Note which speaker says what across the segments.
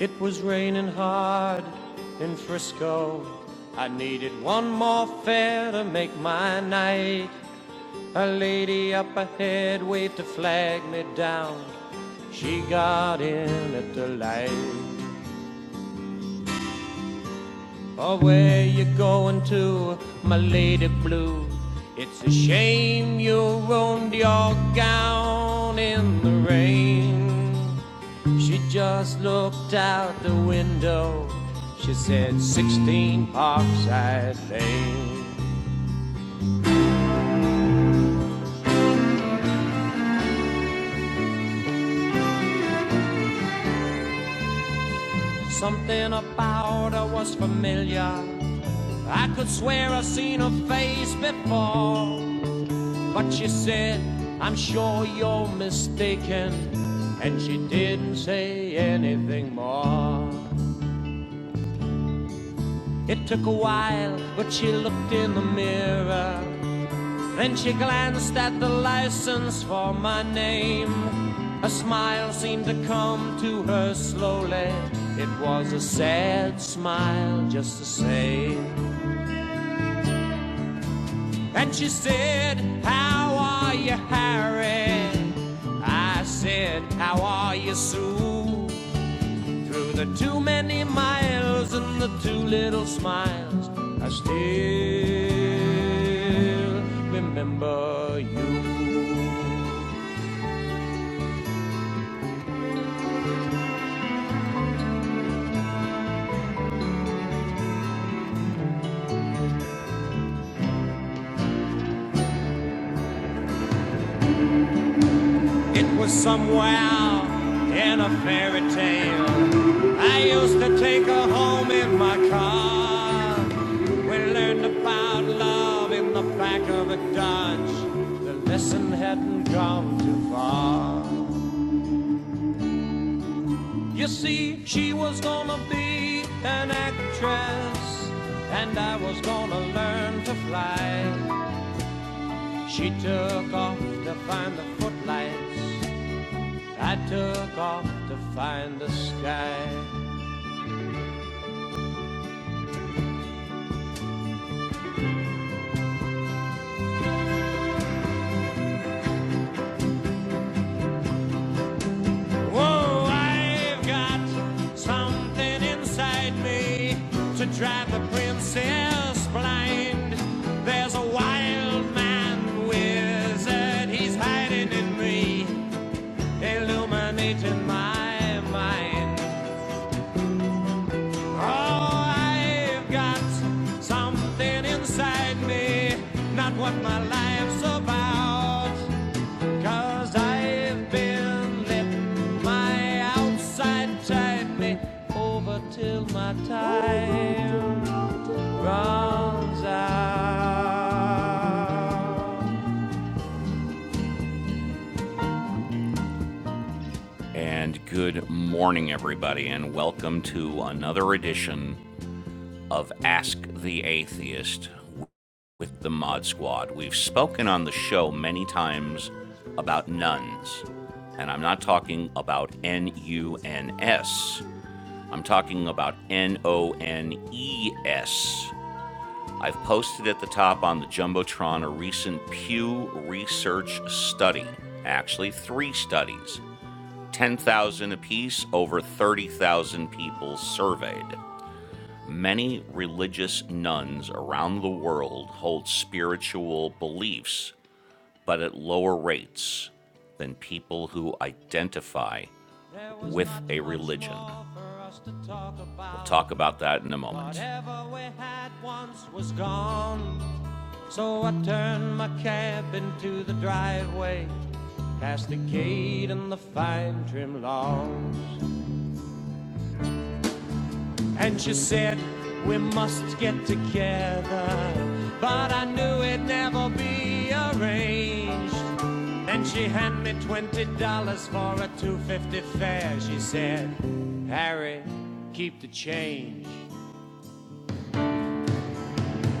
Speaker 1: It was raining hard in Frisco. I needed one more fare to make my night. A lady up ahead waved a flag me down. She got in at the light. Or where you going to, my lady blue? It's a shame you ruined your gown in the rain. She just looked out the window. She said, 16 Parkside Lane. Something about her was familiar. I could swear I seen her face before. But she said, I'm sure you're mistaken. And she didn't say anything more. It took a while, but she looked in the mirror. Then she glanced at the license for my name. A smile seemed to come to her slowly. It was a sad smile, just the same. And she said, How are you, Harry? I said, How are you, Sue? Through the too many miles and the too little smiles, I still remember you. It was somewhere in a fairy tale. I used to take her home in my car. We learned about love in the back of a Dodge. The lesson hadn't gone too far. You see, she was gonna be an actress, and I was gonna learn to fly. She took off to find the footlights. I took off to find the sky. Whoa, I've got something inside me to drive the princess blind. There's a wild man wizard, he's hiding in me, illuminating my mind. Oh, I've got something inside me, not what my life's about. Cause I've been letting my outside tide me over till my time runs out. And good morning, everybody, and welcome to another edition of Ask the Atheist with the Mod Squad. We've spoken on the show many times about nuns, and I'm not talking about N U N S. I'm talking about N O N E S. I've posted at the top on the Jumbotron a recent Pew Research study, actually, three studies, 10,000 apiece, over 30,000 people surveyed. Many religious nuns around the world hold spiritual beliefs but at lower rates than people who identify with a religion. We'll talk about that in a moment. Whatever we had once was gone. So I turned my cab into the driveway, past the gate and the fine trim lawns. And she said, We must get together. But I knew it'd never be arranged. Then she handed me $20 for a 250 fare. She said, Harry, keep the change.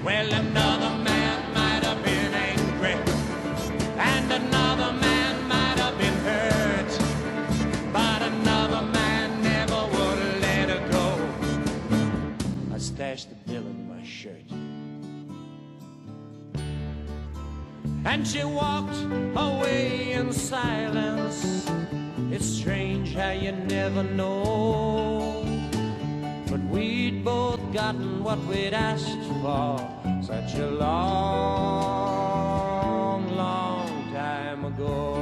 Speaker 1: Well, another man might have been angry, and another man might have been hurt. But another man never would have let her go. I stashed the bill in my shirt. And she walked away in silence. It's strange how you never know. But we'd both gotten what we'd asked for such a long, long time ago.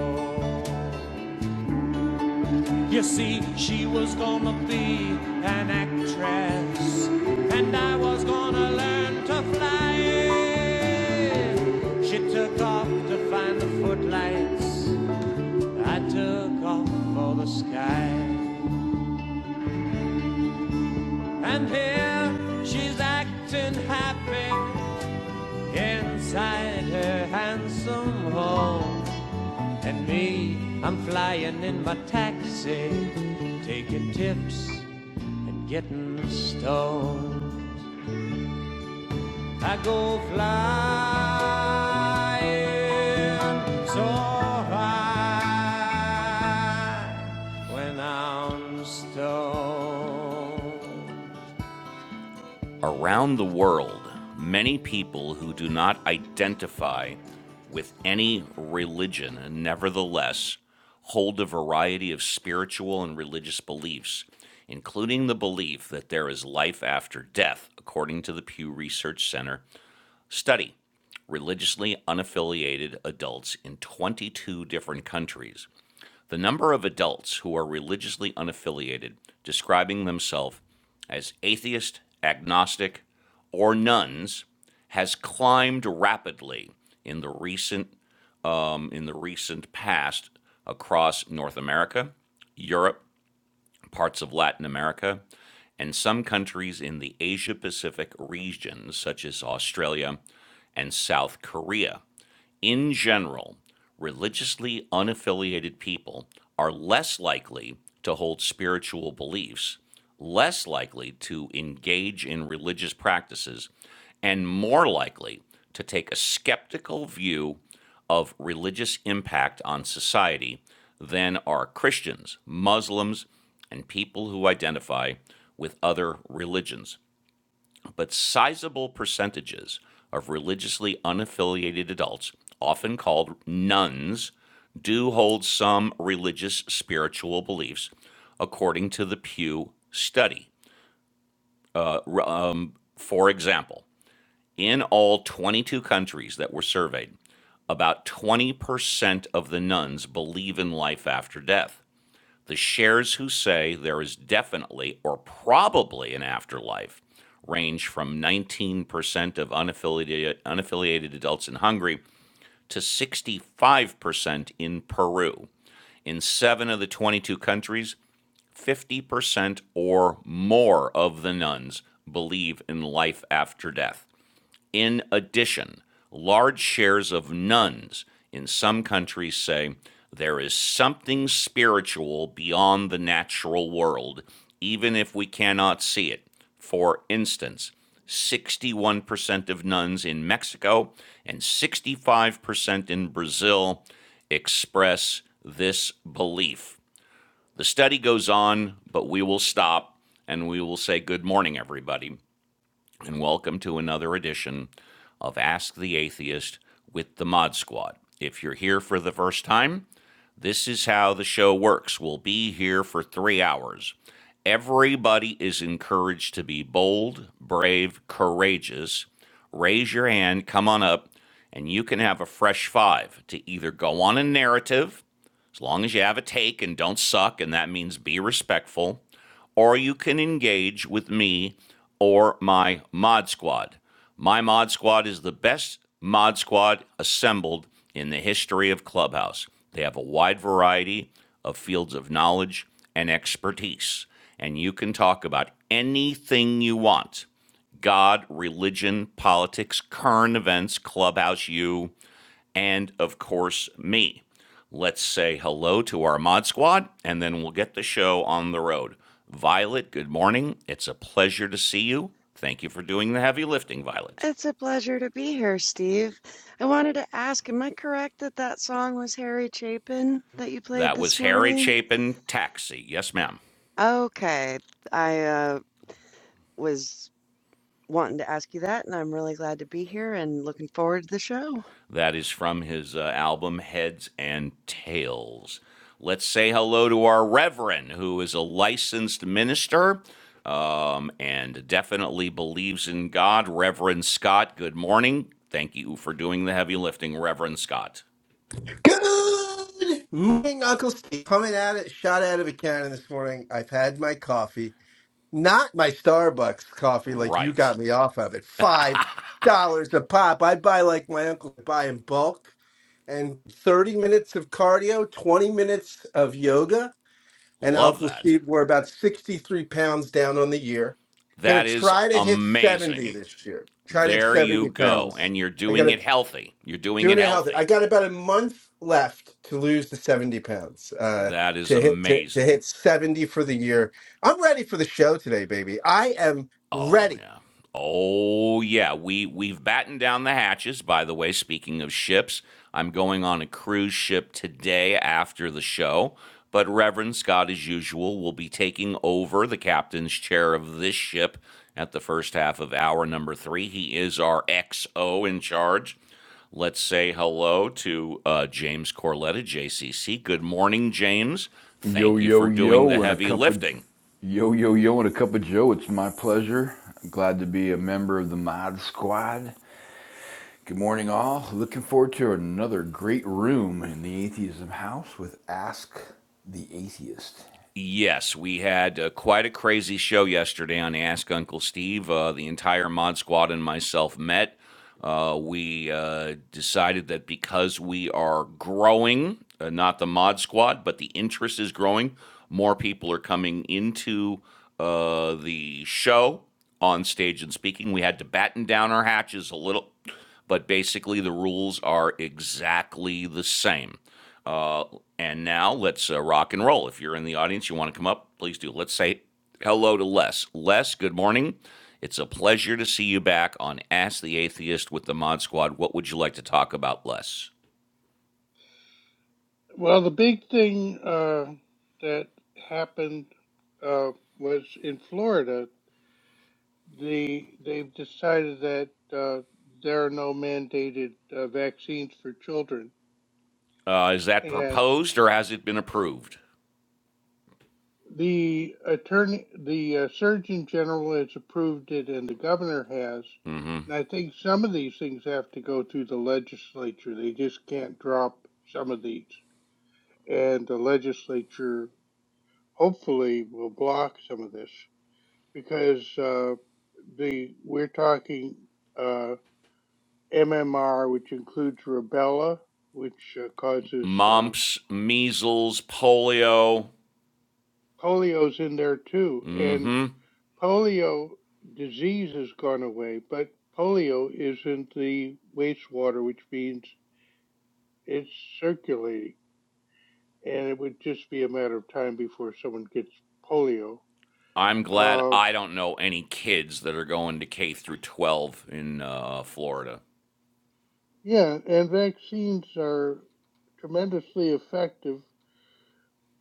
Speaker 1: You see, she was gonna be an actress, and I was gonna learn to fly. She took off to find the footlights. I took off for the sky. And here she's acting happy inside her handsome home. And me, I'm flying in my taxi, taking tips and getting stoned. I go flying so high when I'm stoned. Around the world, many people who do not identify with any religion nevertheless hold a variety of spiritual and religious beliefs, including the belief that there is life after death, according to the Pew Research Center study religiously unaffiliated adults in 22 different countries. The number of adults who are religiously unaffiliated describing themselves as atheist, agnostic, or nuns has climbed rapidly in the recent um, in the recent past across North America, Europe, parts of Latin America, and some countries in the Asia Pacific region, such as Australia and South Korea. In general, religiously unaffiliated people are less likely to hold spiritual beliefs, less likely to engage in religious practices, and more likely to take a skeptical view of religious impact on society than are Christians, Muslims, and people who identify with other religions but sizable percentages of religiously unaffiliated adults, often called nuns, do hold some religious spiritual beliefs, according to the Pew study. Uh, um, for example, in all 22 countries that were surveyed, about 20% of the nuns believe in life after death the shares who say there is definitely or probably an afterlife range from 19% of unaffiliated, unaffiliated adults in Hungary to 65% in Peru. In seven of the 22 countries, 50% or more of the nuns believe in life after death. In addition, large shares of nuns in some countries say there is something spiritual beyond the natural world, even if we cannot see it. For instance, 61% of nuns in Mexico and 65% in Brazil express this belief. The study goes on, but we will stop and we will say good morning, everybody and welcome to another edition of Ask the Atheist with the Mod Squad. If you're here for the first time, this is how the show works. We'll be here for three hours. Everybody is encouraged to be bold, brave, courageous. Raise your hand, come on up, and you can have a fresh five to either go on a narrative, as long as you have a take and don't suck, and that means be respectful or you can engage with me or my mod squad. My mod squad is the best mod squad assembled in the history of Clubhouse. They have a wide variety of fields of knowledge and expertise, and you can talk about anything you want God, religion, politics, current events, Clubhouse, you, and of course, me. Let's say hello to our mod squad, and then we'll get the show on the road. Violet, good morning. It's a pleasure to see you. Thank you for doing the heavy lifting, Violet.
Speaker 2: It's a pleasure to be here, Steve. I wanted to ask, am I correct that that song was Harry Chapin that you played
Speaker 1: That was
Speaker 2: this
Speaker 1: Harry
Speaker 2: morning?
Speaker 1: Chapin, Taxi. Yes, ma'am.
Speaker 2: Okay, I uh, was wanting to ask you that, and I'm really glad to be here and looking forward to the show.
Speaker 1: That is from his uh, album Heads and Tails. Let's say hello to our Reverend, who is a licensed minister um, and definitely believes in God. Reverend Scott, good morning. Thank you for doing the heavy lifting, Reverend Scott.
Speaker 3: Good morning, Uncle Steve. Coming at it, shot out of a cannon this morning. I've had my coffee, not my Starbucks coffee like you
Speaker 1: Right.
Speaker 3: got me off of it. Five dollars a pop. I buy like my uncle would buy in bulk, and thirty minutes of cardio, twenty minutes of yoga, and
Speaker 1: Love
Speaker 3: Uncle
Speaker 1: that.
Speaker 3: Steve were about sixty-three pounds down on the year. Gonna
Speaker 1: That is
Speaker 3: try to hit seventy
Speaker 1: amazing.
Speaker 3: this year. Try to hit
Speaker 1: There you
Speaker 3: seventy
Speaker 1: go.
Speaker 3: pounds.
Speaker 1: And you're
Speaker 3: I
Speaker 1: doing it
Speaker 3: gotta.
Speaker 1: healthy. You're doing it
Speaker 3: Doing it healthy.
Speaker 1: healthy.
Speaker 3: I got about a month left to lose the seventy pounds. Uh,
Speaker 1: That is
Speaker 3: to hit to, to
Speaker 1: amazing.
Speaker 3: hit seventy for the year. I'm ready for the show today, baby. I am
Speaker 1: Oh
Speaker 3: ready.
Speaker 1: yeah. Oh yeah. We we've battened down the hatches. By the way, speaking of ships, I'm going on a cruise ship today after the show. But Reverend Scott, as usual, will be taking over the captain's chair of this ship at the first half of hour number three. He is our XO in charge. Let's say hello to uh, James Corletta, JCC. Good morning, James.
Speaker 4: Yo,
Speaker 1: Thank you for
Speaker 4: yo,
Speaker 1: doing the
Speaker 4: yo, and a
Speaker 1: heavy
Speaker 4: cup of
Speaker 1: lifting.
Speaker 4: yo, yo, yo, and a cup of Joe. It's my pleasure. I'm glad to be a member of the Mod Squad. Good morning, all. Looking forward to another great room in the Atheism House with Ask the Atheist.
Speaker 1: Yes, we had uh, quite a crazy show yesterday on Ask Uncle Steve. Uh, the entire mod squad and myself met. Uh, we uh, decided that because we are growing, uh, not the mod squad, but the interest is growing, more people are coming into uh, the show on stage and speaking. We had to batten down our hatches a little but basically the rules are exactly the same. Uh, and now let's uh, rock and roll. If you're in the audience, you want to come up, please do. Let's say hello to Les. Les, good morning. It's a pleasure to see you back on Ask the Atheist with the Mod Squad. What would you like to talk about, Les?
Speaker 5: Well, the big thing uh, that happened uh, was in Florida. The they've decided that uh, there are no mandated uh, vaccines for children,
Speaker 1: Uh, is that
Speaker 5: and
Speaker 1: proposed or has it been approved?
Speaker 5: the attorney, the uh, Surgeon General has approved it, and the governor has. And I think some of these things have to go through the legislature. They just can't drop some of these, and the legislature hopefully will block some of this. because uh, the we're talking uh, MMR, which includes rubella, which uh, causes uh,
Speaker 1: Mumps, measles, polio.
Speaker 5: polio's in there too, and polio disease has gone away, but polio is in the wastewater, which means it's circulating, and it would just be a matter of time before someone gets polio.
Speaker 1: I'm glad
Speaker 5: Uh,
Speaker 1: I don't know any kids that are going to K through 12 in uh, Florida.
Speaker 5: yeah, and vaccines are tremendously effective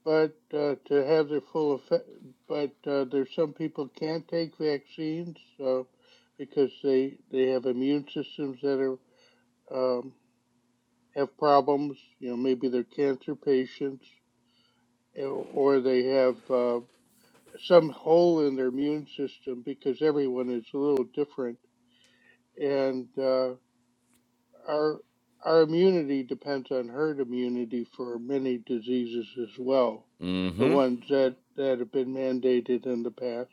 Speaker 5: but uh, to have their full effect, but uh, there's some people can't take vaccines so because they they have immune systems that are um, have problems. You know, maybe they're cancer patients, eh, or they have uh, some hole in their immune system because everyone is a little different, and uh, our our immunity depends on herd immunity for many diseases as well, the ones that, that have been mandated in the past.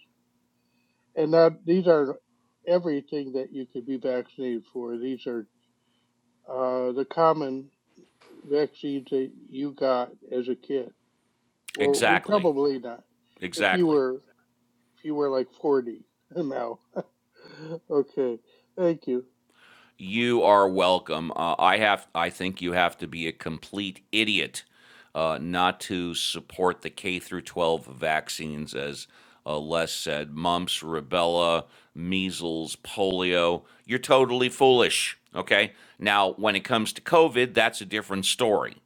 Speaker 5: and that these are everything that you could be vaccinated for. These are uh, the common vaccines that you got as a kid, Well, we
Speaker 1: Exactly.
Speaker 5: probably not. If you
Speaker 1: Exactly.
Speaker 5: were if you were like forty now, okay, thank you.
Speaker 1: You are welcome. Uh, I have. I think you have to be a complete idiot uh, not to support the K through 12 vaccines, as uh, Les said. Mumps, rubella, measles, polio. You're totally foolish. Okay. Now, when it comes to COVID, that's a different story.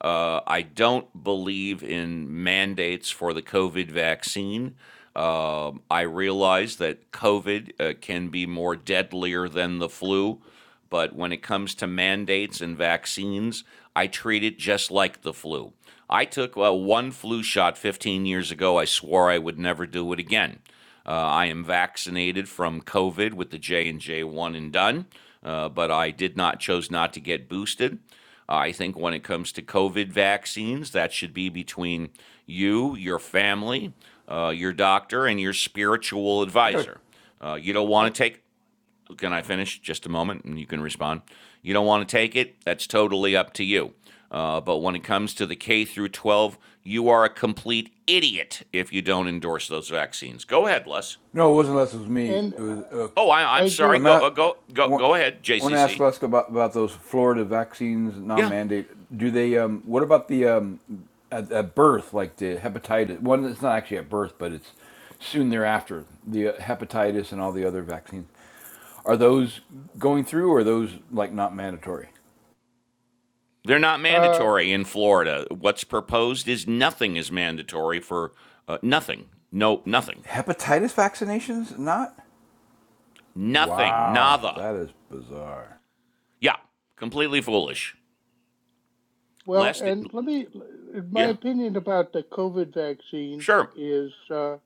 Speaker 1: Uh, I don't believe in mandates for the COVID vaccine. Um, I realize that COVID uh, can be more deadlier than the flu, but when it comes to mandates and vaccines, I treat it just like the flu. I took uh, one flu shot 15 years ago. I swore I would never do it again. Uh, I am vaccinated from COVID with the J and J one and done, uh, but I did not chose not to get boosted. I think when it comes to COVID vaccines, that should be between you, your family, uh, your doctor, and your spiritual
Speaker 4: I got a,
Speaker 1: advisor. Uh, you don't
Speaker 5: I
Speaker 1: want to take. Can I finish just a moment and you can respond? You don't want to take it? That's totally up to you. Uh, but when it comes to the K through 12, you are a complete idiot if you don't endorse those vaccines. Go ahead, Les.
Speaker 4: no, it wasn't unless it was me.
Speaker 5: and
Speaker 4: It was
Speaker 5: uh,
Speaker 4: a
Speaker 1: Oh, I,
Speaker 5: I
Speaker 1: I'm sorry.
Speaker 4: I'm
Speaker 5: agree.
Speaker 1: Go,
Speaker 4: at,
Speaker 1: uh, go,
Speaker 4: I
Speaker 1: go,
Speaker 4: want,
Speaker 1: go ahead,
Speaker 4: I want to ask
Speaker 1: JCC.
Speaker 4: Lesk about, about those Florida vaccines
Speaker 1: Yeah.
Speaker 4: non-mandate. Do they? Um, what about the um, at, at birth, like the hepatitis? One that's not actually at birth, but it's soon thereafter. The uh, hepatitis and all the other vaccines. Are those going through, or are those like not mandatory?
Speaker 1: They're not
Speaker 5: Uh,
Speaker 1: mandatory in Florida. What's proposed is nothing is mandatory for uh, nothing. No, nothing.
Speaker 4: Hepatitis vaccinations not?
Speaker 1: Nothing.
Speaker 4: Wow,
Speaker 1: Nada.
Speaker 4: that is bizarre.
Speaker 1: Yeah. Completely foolish.
Speaker 5: well,
Speaker 1: Lest it,
Speaker 5: and let me. My
Speaker 1: yeah.
Speaker 5: opinion about the COVID vaccine
Speaker 1: Sure.
Speaker 5: is uh,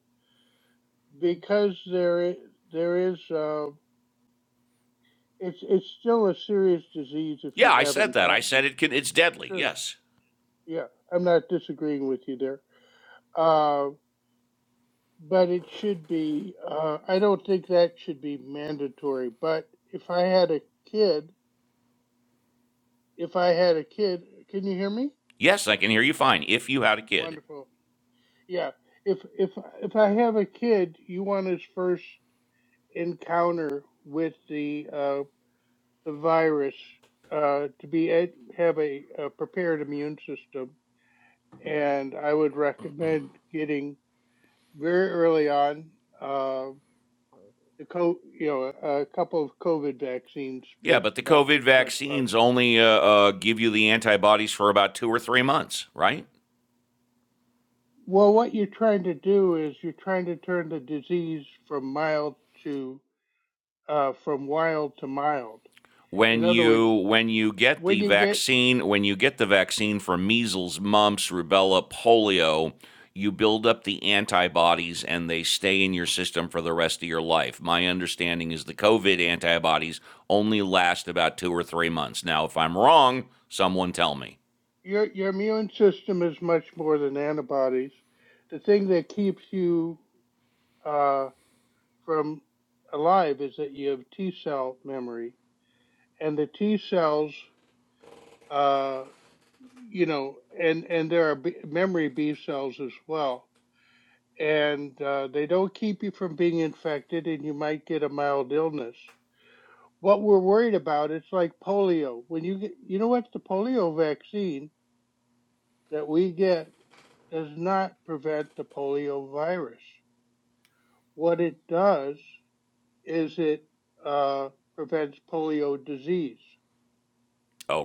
Speaker 5: because there i- there is. uh, It's it's still a serious disease if
Speaker 1: Yeah,
Speaker 5: you
Speaker 1: I said
Speaker 5: haven't
Speaker 1: that. I
Speaker 5: gotten
Speaker 1: said
Speaker 5: it.
Speaker 1: it can, it's deadly.
Speaker 5: Sure.
Speaker 1: Yes.
Speaker 5: Yeah, I'm not disagreeing with you there. Uh, but it should be. Uh, I don't think that should be mandatory. But if I had a kid, if I had a kid, can you hear me?
Speaker 1: Yes, I can hear you fine if you had a kid.
Speaker 5: Wonderful. Yeah. If if if I have a kid, you want his first encounter with the uh, the virus uh, to be ed- have a, a prepared immune system and I would recommend getting very early on uh, the co- you know a couple of COVID vaccines
Speaker 1: Yeah, but
Speaker 5: spaced
Speaker 1: the
Speaker 5: about
Speaker 1: COVID
Speaker 5: six months apart.
Speaker 1: vaccines only uh, uh, give you the antibodies for about two or three months, right?
Speaker 5: Well, what you're trying to do is you're trying to turn the disease from mild to uh, from wild to mild.
Speaker 1: when
Speaker 5: In other words,
Speaker 1: you when you get
Speaker 5: when
Speaker 1: the
Speaker 5: you get
Speaker 1: vaccine when you get the vaccine for measles mumps rubella polio you build up the antibodies and they stay in your system for the rest of your life my understanding is the covid antibodies only last about 2 or 3 months now if i'm wrong someone tell me
Speaker 5: your your immune system is much more than antibodies. The thing that keeps you uh, from alive is that you have T cell memory and the T cells, uh, you know, and and there are B, memory B cells as well, and uh, they don't keep you from being infected, and you might get a mild illness. What we're worried about, it's like polio. When you get, you know what, the polio vaccine that we get does not prevent the polio virus. What it does is it uh, prevents polio disease.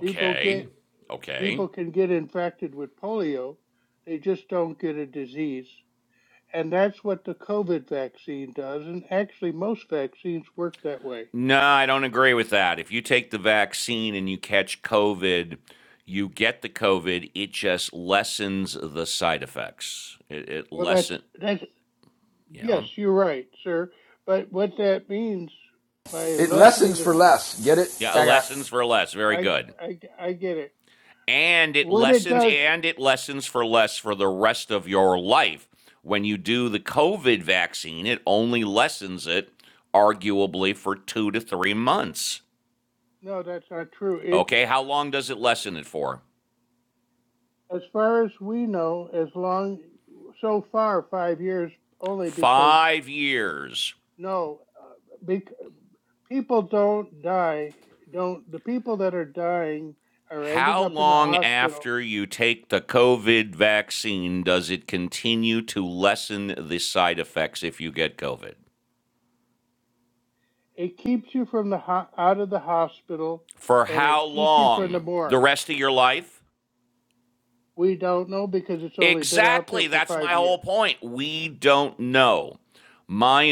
Speaker 5: People get
Speaker 1: okay
Speaker 5: people can get infected with polio, they just don't get a disease. And that's what the COVID vaccine does, and actually most vaccines work that way.
Speaker 1: No, I don't agree with that. If you take the vaccine and you catch COVID, you get the COVID. It just lessens the side effects. It, it
Speaker 5: Well, that's
Speaker 1: lessen,
Speaker 5: that's yes,
Speaker 1: yeah,
Speaker 5: you're right, sir. But what that means by
Speaker 4: It
Speaker 5: lessening
Speaker 4: lessens
Speaker 5: this,
Speaker 4: for less. Get it?
Speaker 1: yeah, it
Speaker 4: I
Speaker 1: lessens
Speaker 4: got.
Speaker 1: for less. Very
Speaker 5: I
Speaker 1: good.
Speaker 5: I I get it.
Speaker 1: And it
Speaker 5: What it
Speaker 1: lessens,
Speaker 5: does,
Speaker 1: and it lessens for less for the rest of your life. When you do the COVID vaccine, it only lessens it, arguably, for two to three months.
Speaker 5: no, that's not true. It,
Speaker 1: Okay, how long does it lessen it for?
Speaker 5: as far as we know, as long so far five years only because
Speaker 1: Five years.
Speaker 5: no, uh, be. people don't die don't the people that are dying are
Speaker 1: How
Speaker 5: ending up in the
Speaker 1: long
Speaker 5: hospital
Speaker 1: after you take the COVID vaccine does it continue to lessen the side effects if you get COVID?
Speaker 5: it keeps you from the ho- out of the hospital
Speaker 1: For
Speaker 5: and
Speaker 1: how
Speaker 5: it keeps you from the
Speaker 1: long? The
Speaker 5: morgue
Speaker 1: rest of your life?
Speaker 5: we don't know because it's only been out there
Speaker 1: Exactly.
Speaker 5: for
Speaker 1: That's my
Speaker 5: five
Speaker 1: whole
Speaker 5: years
Speaker 1: point. We don't know. My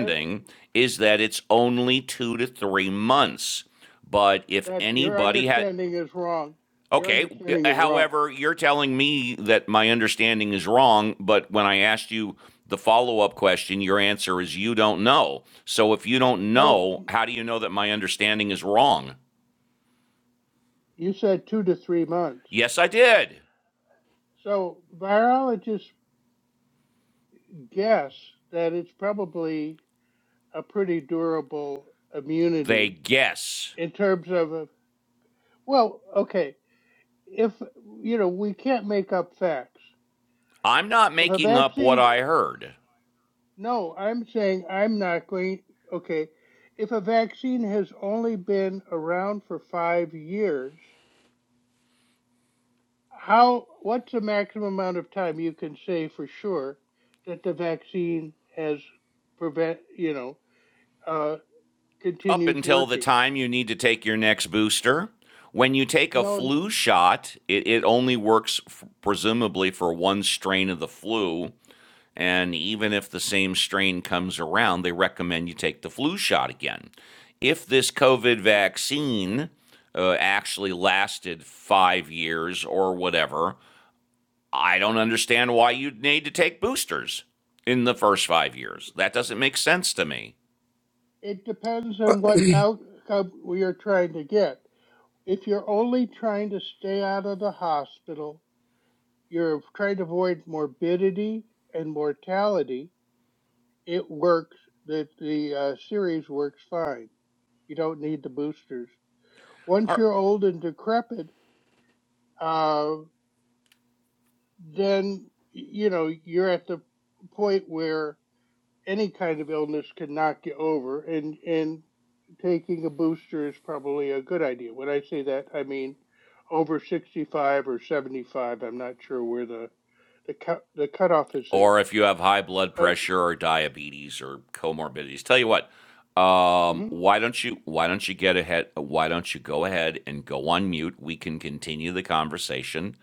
Speaker 5: Uh,
Speaker 1: is that it's only two to three months. But if
Speaker 5: that your
Speaker 1: anybody had,
Speaker 5: understanding is wrong your
Speaker 1: Okay. uh,
Speaker 5: understanding is wrong
Speaker 1: However, you're telling me that my understanding is wrong, but when I asked you the follow up question, your answer is you don't know. So if you don't
Speaker 5: no
Speaker 1: know, how do you know that my understanding is wrong?
Speaker 5: you said two to three months
Speaker 1: Yes, I did.
Speaker 5: so virologists guess that it's probably a pretty durable
Speaker 1: They
Speaker 5: immunity
Speaker 1: guess.
Speaker 5: in terms of Well, okay. If, you know, we can't make up facts.
Speaker 1: I'm not
Speaker 5: If a
Speaker 1: making up what
Speaker 5: vaccine,
Speaker 1: I heard.
Speaker 5: no, I'm saying I'm not going, okay. If a vaccine has only been around for five years, how, what's the maximum amount of time you can say for sure that the vaccine has prevent, you know, uh,
Speaker 1: Up
Speaker 5: continues
Speaker 1: until the
Speaker 5: working?
Speaker 1: time you need to take your next booster, when you take a
Speaker 5: No,
Speaker 1: flu shot, it, it only works f- presumably for one strain of the flu And even if the same strain comes around, they recommend you take the flu shot again. If this COVID vaccine uh, actually lasted five years or whatever, I don't understand why you'd need to take boosters in the first five years. That doesn't make sense to me.
Speaker 5: it depends on what outcome we are trying to get. if you're only trying to stay out of the hospital, you're trying to avoid morbidity and mortality, it works. The, the uh, series works fine. You don't need the boosters. Once
Speaker 1: Are
Speaker 5: you're old and decrepit, uh, then, you know, you're at the point where any kind of illness can knock you over, and and taking a booster is probably a good idea. When I say that, I mean over 65 or 75. I'm not sure where the the cut the cutoff is there.
Speaker 1: or if you have high blood
Speaker 5: But
Speaker 1: pressure or diabetes or comorbidities. Tell you what, um,
Speaker 5: mhm.
Speaker 1: why don't you why don't you get ahead? Why don't you go ahead and go on mute? We can continue the conversation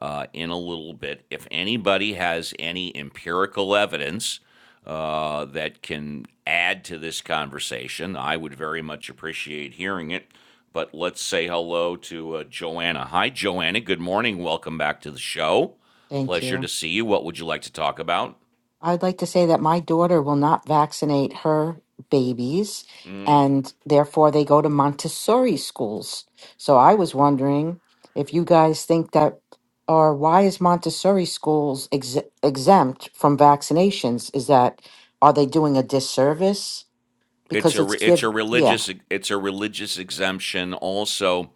Speaker 1: uh, in a little bit. If anybody has any empirical evidence uh, that can add to this conversation, I would very much appreciate hearing it. But let's say hello to uh, Joanna. Hi, Joanna. Good morning. Welcome back to the show.
Speaker 6: Thank
Speaker 1: Pleasure to
Speaker 6: you.
Speaker 1: see you. What would you like to talk about?
Speaker 6: I would like to say that my daughter will not vaccinate her babies, and therefore they go to Montessori schools. So I was wondering if you guys think that, or why is Montessori schools ex- exempt from vaccinations? Is that, are they doing a disservice?
Speaker 1: It's
Speaker 6: Because
Speaker 1: a
Speaker 6: it's
Speaker 1: re- it's
Speaker 6: give,
Speaker 1: a
Speaker 6: yeah.
Speaker 1: religious it's a religious exemption. Also,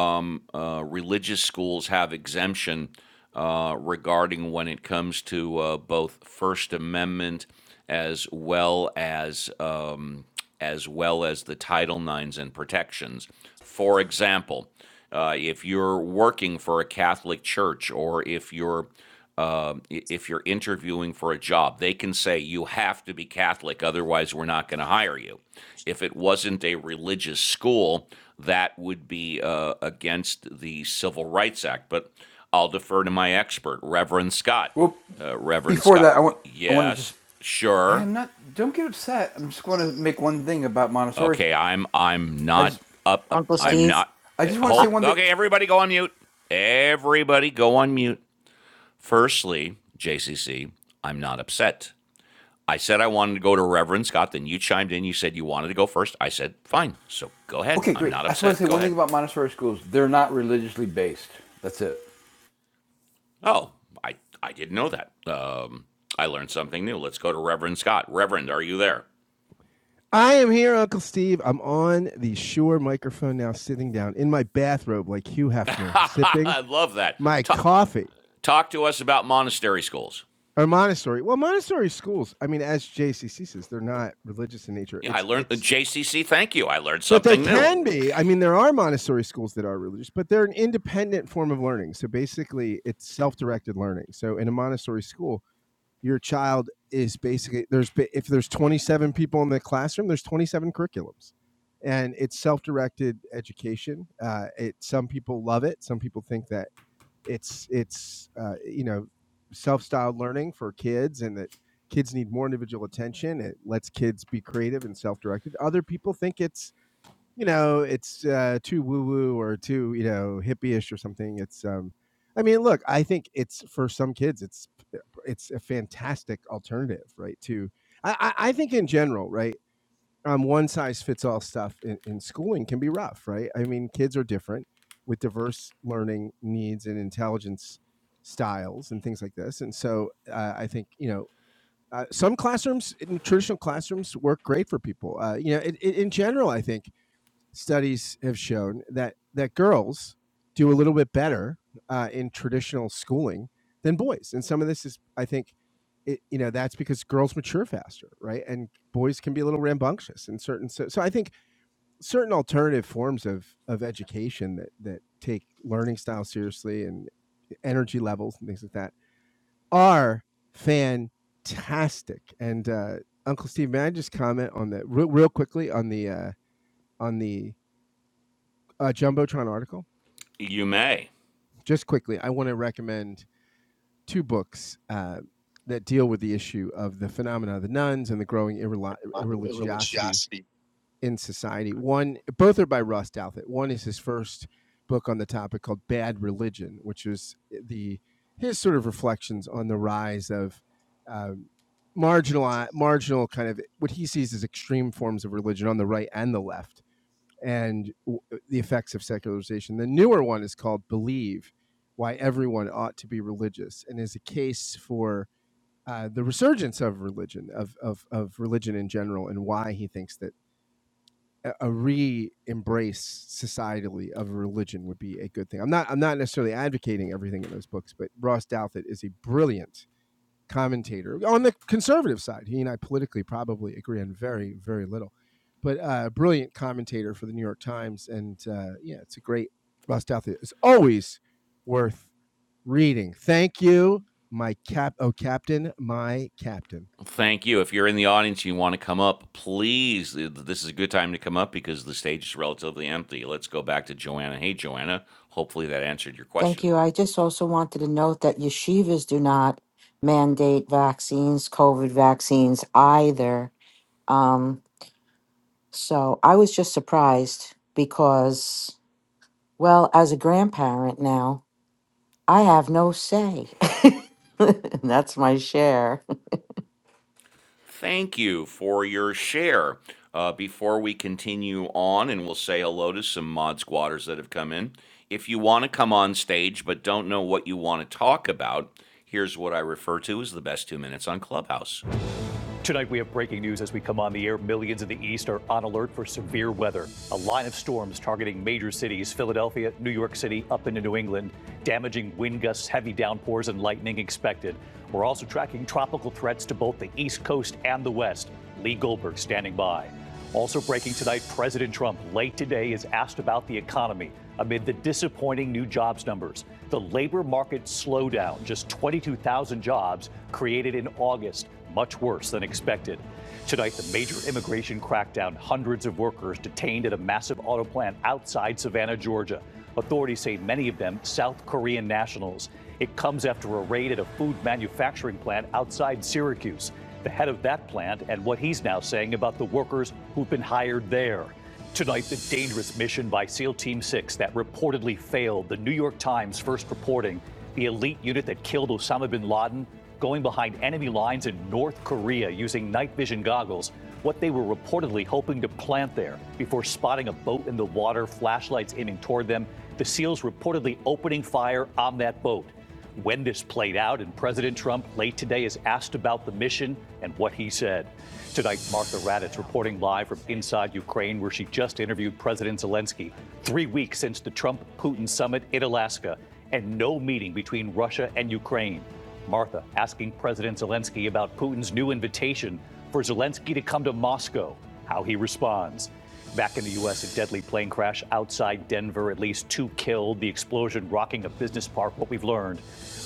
Speaker 1: um, uh, religious schools have exemption uh, regarding when it comes to uh, both First Amendment as well as um, as well as the Title Nines and protections. For example, uh, if you're working for a Catholic church or if you're um, if you're interviewing for a job, they can say you have to be Catholic, otherwise, we're not going to hire you. If it wasn't a religious school, that would be uh, against the Civil Rights Act. But I'll defer to my expert, Reverend Scott.
Speaker 4: Well,
Speaker 1: Uh, Reverend
Speaker 4: before
Speaker 1: Scott,
Speaker 4: that, I want I want to
Speaker 1: yes,
Speaker 4: just I
Speaker 1: sure,
Speaker 4: am not. Don't get upset. I'm just going to make one thing about Montessori.
Speaker 1: okay. I'm I'm
Speaker 4: I just,
Speaker 1: not up. up-
Speaker 6: Uncle
Speaker 4: I,
Speaker 1: I'm
Speaker 6: Steve?
Speaker 1: not.
Speaker 4: I
Speaker 1: eh,
Speaker 4: just want to say
Speaker 6: Uh,
Speaker 1: Hold.
Speaker 4: one thing.
Speaker 1: Okay, everybody, go on mute. Everybody, go on mute. Firstly, JCC, I'm not upset. I said I wanted to go to Reverend Scott. Then you chimed in. You said you wanted to go first. I said, fine. So go ahead.
Speaker 4: Okay,
Speaker 1: I'm
Speaker 4: great.
Speaker 1: not
Speaker 4: I just want to
Speaker 1: upset.
Speaker 4: say
Speaker 1: Go
Speaker 4: one thing
Speaker 1: ahead.
Speaker 4: about Montessori schools. They're not religiously based. That's it.
Speaker 1: Oh, I, I didn't know that. Um, I learned something new. Let's go to Reverend Scott. Reverend, are you there?
Speaker 3: I am here, Uncle Steve. I'm on the microphone now,
Speaker 1: Ha ha!
Speaker 3: sipping
Speaker 1: I love that.
Speaker 3: my
Speaker 1: Talk,
Speaker 3: coffee.
Speaker 1: talk to us about monastery schools.
Speaker 3: Or my, I mean,
Speaker 1: Yeah, I
Speaker 3: it's
Speaker 1: learned
Speaker 3: it's
Speaker 1: JCC. Thank you. I learned
Speaker 3: but
Speaker 1: something new.
Speaker 3: it's learning. So Montessori school, your child is basically there's ba- if there's 27 people in the classroom, there's 27 curriculums, and it's self-directed education. Uh, it some people love it, some people think that. it's it's uh, you know self-styled learning for kids and that kids need more individual attention it lets kids be creative and self-directed other people think it's you know it's uh, too woo-woo or too you know hippie-ish or something it's um i mean look i think it's for some kids it's it's a fantastic alternative right to i i I think in general right um, one size fits all stuff in, in schooling can be rough, right? I mean, kids are different with diverse learning needs and intelligence styles and things like this. And so uh, I think, you know, uh, some classrooms, in traditional classrooms, work great for people. Uh, you know, it, it, in general, I think studies have shown that that girls do a little bit better uh, in traditional schooling than boys, and some of this is, I think, it, you know, that's because girls mature faster, right? And boys can be a little rambunctious in certain. So, so I think certain alternative forms of of education that that take learning style seriously and energy levels and things like that are fantastic. And uh, Uncle Steve, may I just comment on the real, real quickly on the uh, on the uh, jumbotron article?
Speaker 1: You may.
Speaker 3: just quickly, I want to recommend two books uh, that deal with the issue of the phenomena of the nuns and the growing irreli- irreligiosity in society. One, both are by Ross Douthat. One is his first book on the topic called Bad Religion, which is eh, the his sort of reflections on the rise of um, marginal, marginal kind of what he sees as extreme forms of religion on the right and the left and w- uh, the effects of secularization. The newer one is called Believe Why Everyone Ought to Be Religious and is a case for uh, the resurgence of religion, of, of, of religion in general, and why he thinks that a a re-embrace societally of religion would be a good thing. I'm not I'm not necessarily advocating everything in those books, but Ross Douthat is a brilliant commentator on the conservative side. He and I politically probably agree on very, very little, but uh, brilliant commentator for the New York Times. And uh, yeah, it's a great Russ Douthat. It's always worth reading. Thank you, my cap. Oh, captain, my captain.
Speaker 1: Thank you. If you're in the audience, you want to come up, please. This is a good time to come up because the stage is relatively empty. Let's go back to Joanna. Hey, Joanna. Hopefully that answered your
Speaker 6: Thank
Speaker 1: question.
Speaker 6: you. I just also wanted to note that yeshivas do not mandate vaccines, COVID vaccines either Um, so I was just surprised because, well, as a grandparent now, I have no say. That's my share.
Speaker 1: Thank you for your share. Uh, before we continue on, and we'll say hello to some mod squatters that have come in. If you want to come on stage but don't know what you want to talk about, here's what I refer to as the best two minutes on Clubhouse. Tonight, we have breaking news as we come on the air. Millions in the East are on alert for severe weather. A line of storms targeting major cities Philadelphia, New York City, up into New England. Damaging wind gusts, heavy downpours, and lightning expected. We're also tracking tropical threats to both the East Coast and the West. Lee Goldberg standing by. Also breaking tonight, President Trump late today is asked about the economy amid the disappointing new jobs numbers. The labor market slowdown, just 22,000 jobs created in August, much worse than expected. Tonight, the major immigration crackdown, hundreds of workers detained at a massive auto plant outside Savannah, Georgia. Authorities say many of them South Korean nationals. It comes after a raid at a food manufacturing plant outside Syracuse the head of that plant, and what he's now saying about the workers who've been hired there. Tonight, the dangerous mission by SEAL Team 6 that reportedly failed, the New York Times first reporting the elite unit that killed Osama bin Laden going behind enemy lines in North Korea using night vision goggles, what they were reportedly hoping to plant there before spotting a boat in the water, flashlights aiming toward them, the SEALs reportedly opening fire on that boat when this played out, and President Trump late today is asked about the mission and what he said. Tonight, Martha Raddatz reporting live from inside Ukraine, where she just interviewed President Zelensky. Three weeks since the Trump Putin summit in Alaska, and no meeting between Russia and Ukraine. Martha asking President Zelensky about Putin's new invitation for Zelensky to come to Moscow, how he responds. Back in the U.S., a deadly plane crash outside Denver, at least two killed, the explosion rocking a business park, what we've learned.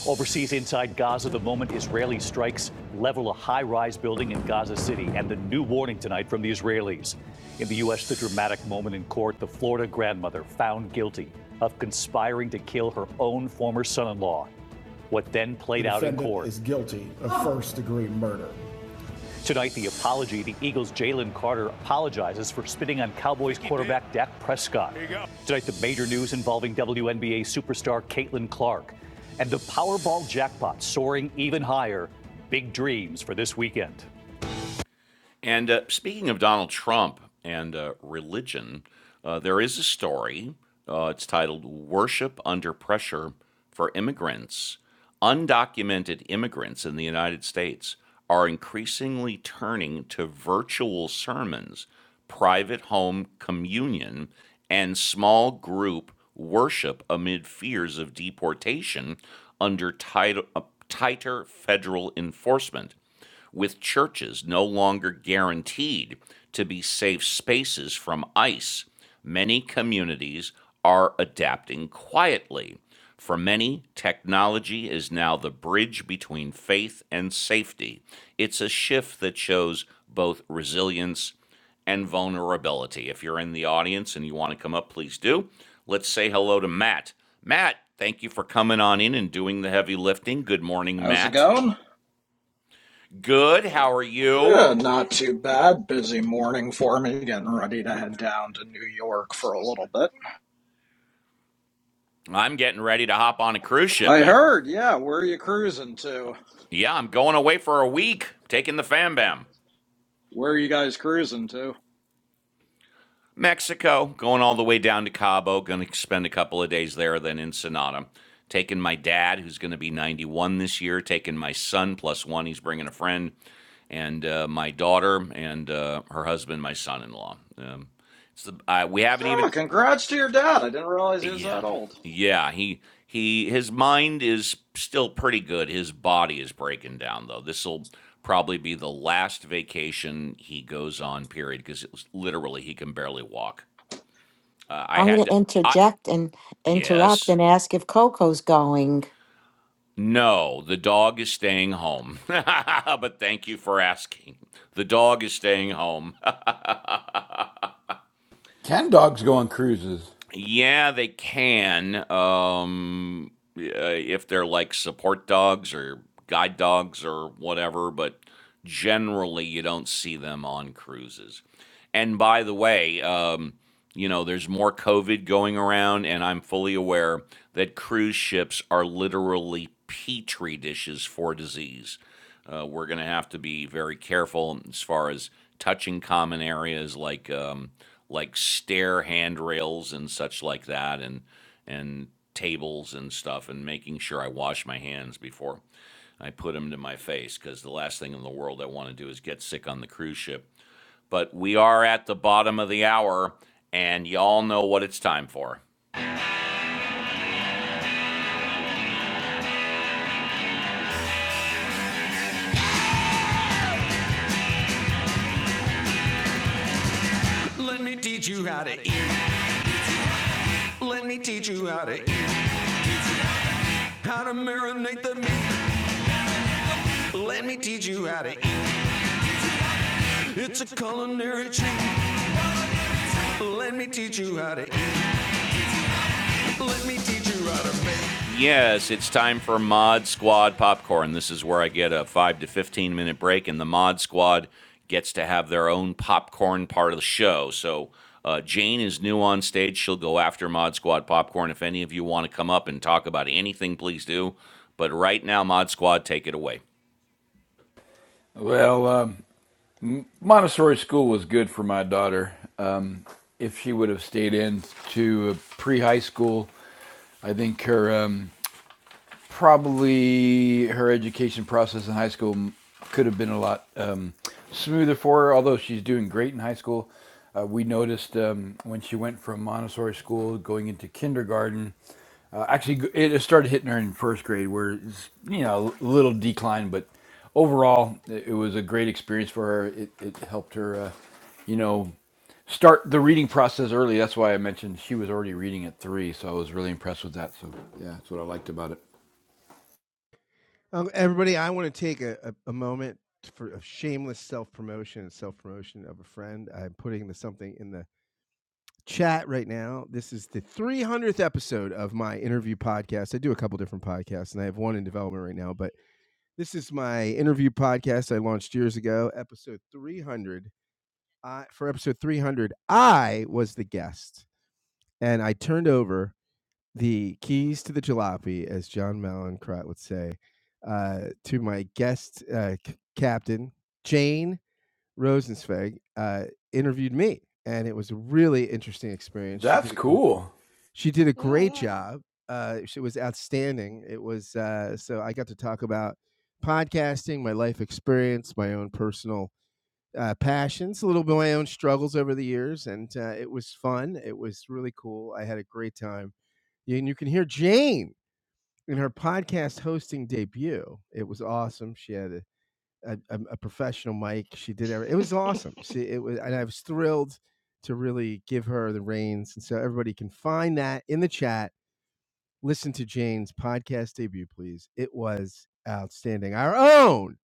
Speaker 1: Overseas, inside Gaza, the moment Israeli strikes level a high rise building in Gaza City, and the new warning tonight from the Israelis. In the U.S., the dramatic moment in court the Florida grandmother found guilty of conspiring to kill her own former son in law. What then played out in court? The defendant Is guilty of first degree murder. Tonight, the apology. The Eagles' Jalen Carter apologizes for spitting on Cowboys quarterback Dak Prescott. Tonight, the major news involving WNBA superstar Caitlin Clark. And the Powerball jackpot soaring even higher. Big dreams for this weekend. And uh, speaking of Donald Trump and uh, religion, uh, there is a story. Uh, it's titled Worship Under Pressure for Immigrants. Undocumented immigrants in the United States are increasingly turning to virtual sermons, private home communion, and small group worship amid fears of deportation under uh, tighter federal enforcement with churches no longer guaranteed to be safe spaces from ICE, many communities are adapting quietly. For many, technology is now the bridge between faith and safety. It's a shift that shows both resilience and vulnerability. If you're in the audience and you want to come up, please do. Let's say hello to Matt. Matt, thank you for coming on in and doing the heavy lifting. Good morning,
Speaker 7: How's it
Speaker 1: Matt.
Speaker 7: going?
Speaker 1: Good. How are you?
Speaker 7: Eh, not too bad. Busy morning for me, getting ready to head down to New York for a little bit.
Speaker 1: I'm getting ready to hop on a cruise ship,
Speaker 7: I
Speaker 1: babe.
Speaker 7: heard, yeah. Where are you cruising to?
Speaker 1: Yeah, I'm going away for a week, taking the fam bam.
Speaker 7: Where are you guys cruising to?
Speaker 1: Mexico, going all the way down to Cabo, going to spend a couple of days there, then Ensenada. Taking my dad, who's going to be 91 this year, taking my son plus one, he's bringing a friend, and uh, my daughter and uh, her husband, my son in law. Um, it's the, uh, we haven't
Speaker 7: Oh,
Speaker 1: even
Speaker 7: congrats to your dad. I didn't realize he was
Speaker 1: Yeah.
Speaker 7: that old.
Speaker 1: Yeah, he he his mind is still pretty good. His body is breaking down though. This will probably be the last vacation he goes on period because it was literally he can barely walk. Uh, I
Speaker 6: I'm going
Speaker 1: had
Speaker 6: to
Speaker 1: to I
Speaker 6: interject and interrupt
Speaker 1: yes.
Speaker 6: and ask if Coco's going
Speaker 1: No, the dog is staying home. but thank you for asking. The dog is staying home.
Speaker 4: Can dogs go on cruises?
Speaker 1: Yeah, they can. Um, uh, if they're like support dogs or guide dogs or whatever, but generally you don't see them on cruises. And by the way, um, you know, there's more COVID going around, and I'm fully aware that cruise ships are literally petri dishes for disease. Uh, we're going to have to be very careful as far as touching common areas like um, like stair handrails and such like that, and and tables and stuff, and making sure I wash my hands before I put them to my face, because the last thing in the world I want to do is get sick on the cruise ship. But we are at the bottom of the hour, and y'all know what it's time for. Let me teach you how to eat. Let me teach you how to eat. How to marinate the meat. Let me teach you how to eat. It's a culinary treat. Let me teach you how to eat. Let me teach you how to make. Yes, it's time for Mod Squad popcorn. This is where I get a 5 to 15 minute break, and the Mod Squad gets to have their own popcorn part of the show. So, uh, Jane is new on stage. She'll go after Mod Squad popcorn. If any of you want to come up and talk about anything, please do. But right now, Mod Squad, take it away.
Speaker 4: Well, um, Montessori school was good for my daughter. Um, if she would have stayed in to pre high school, I think her. Um, probably her education process in high school could have been a lot um, smoother for her. Although she's doing great in high school, uh, we noticed um, when she went from Montessori school going into kindergarten. Uh, actually, it started hitting her in first grade, where it's you know a little decline, but overall it it was a great experience for her. It, it helped her, uh, you know, start the reading process early. That's why I mentioned she was already reading at three, so I was really impressed with that. So yeah, that's what I liked about it.
Speaker 3: Um, everybody, I want to take a, a, a moment for a shameless self promotion and self promotion of a friend. I'm putting the, something in the chat right now. This is the 300th episode of my interview podcast. I do a couple different podcasts, and I have one in development right now. But this is my interview podcast I launched years ago, episode 300. Uh, for episode 300, I was the guest, and I turned over the keys to the jalopy, as John Malincrot would say, uh, to my guest uh, c- captain, Jane Rosenzweig, uh, interviewed me. And it was a really interesting experience. She
Speaker 4: That's
Speaker 3: did a gr-
Speaker 4: cool.
Speaker 3: she did a great
Speaker 8: Yeah,
Speaker 3: job. Uh, she was outstanding. It was uh, so I got to talk about podcasting, my life experience, my own personal uh, passions, a little bit of my own struggles over the years, and uh, it was fun. It was really cool. I had a great time, and you can hear Jane in her podcast hosting debut. It was awesome. She had a a, um, a professional mic. She did everything. it
Speaker 8: yeah.
Speaker 3: was awesome. She it was, and I was thrilled to really give her the reins. And so everybody can find that in the chat listen to Jane's podcast debut, please. It was outstanding. Our own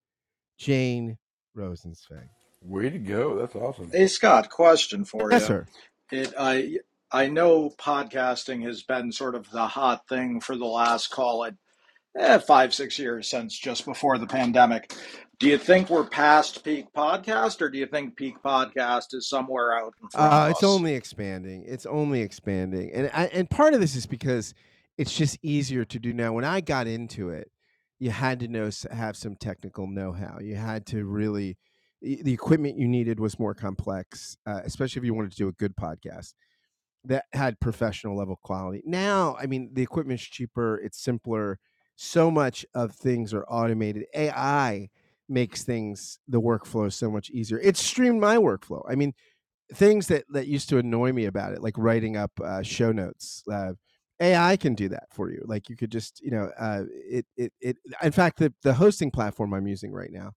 Speaker 3: Jane Rosenzweig.
Speaker 4: Way to go. That's awesome.
Speaker 7: Hey, Scott, question for
Speaker 3: Yes,
Speaker 7: you.
Speaker 3: sir.
Speaker 7: It, I, I know podcasting has been sort of the hot thing for the last, call it eh, five, six years since just before the pandemic. Do you think we're past peak podcast, or do you think peak podcast is somewhere out in front of
Speaker 3: Uh, it's
Speaker 7: us?
Speaker 3: only expanding. It's only expanding, and I, and part of this is because it's just easier to do now. When I got into it, you had to know have some technical know-how. You had to really. The the equipment you needed was more complex, uh, especially if you wanted to do a good podcast that had professional level quality. Now, I mean, the equipment's cheaper, it's simpler. So much of things are automated. AI makes things the workflow so much easier. It's streamed my workflow. I mean, things that that used to annoy me about it, like writing up uh, show notes. Uh, AI can do that for you. Like you could just, you know, uh, it, it, it. In fact, the the hosting platform I'm using right now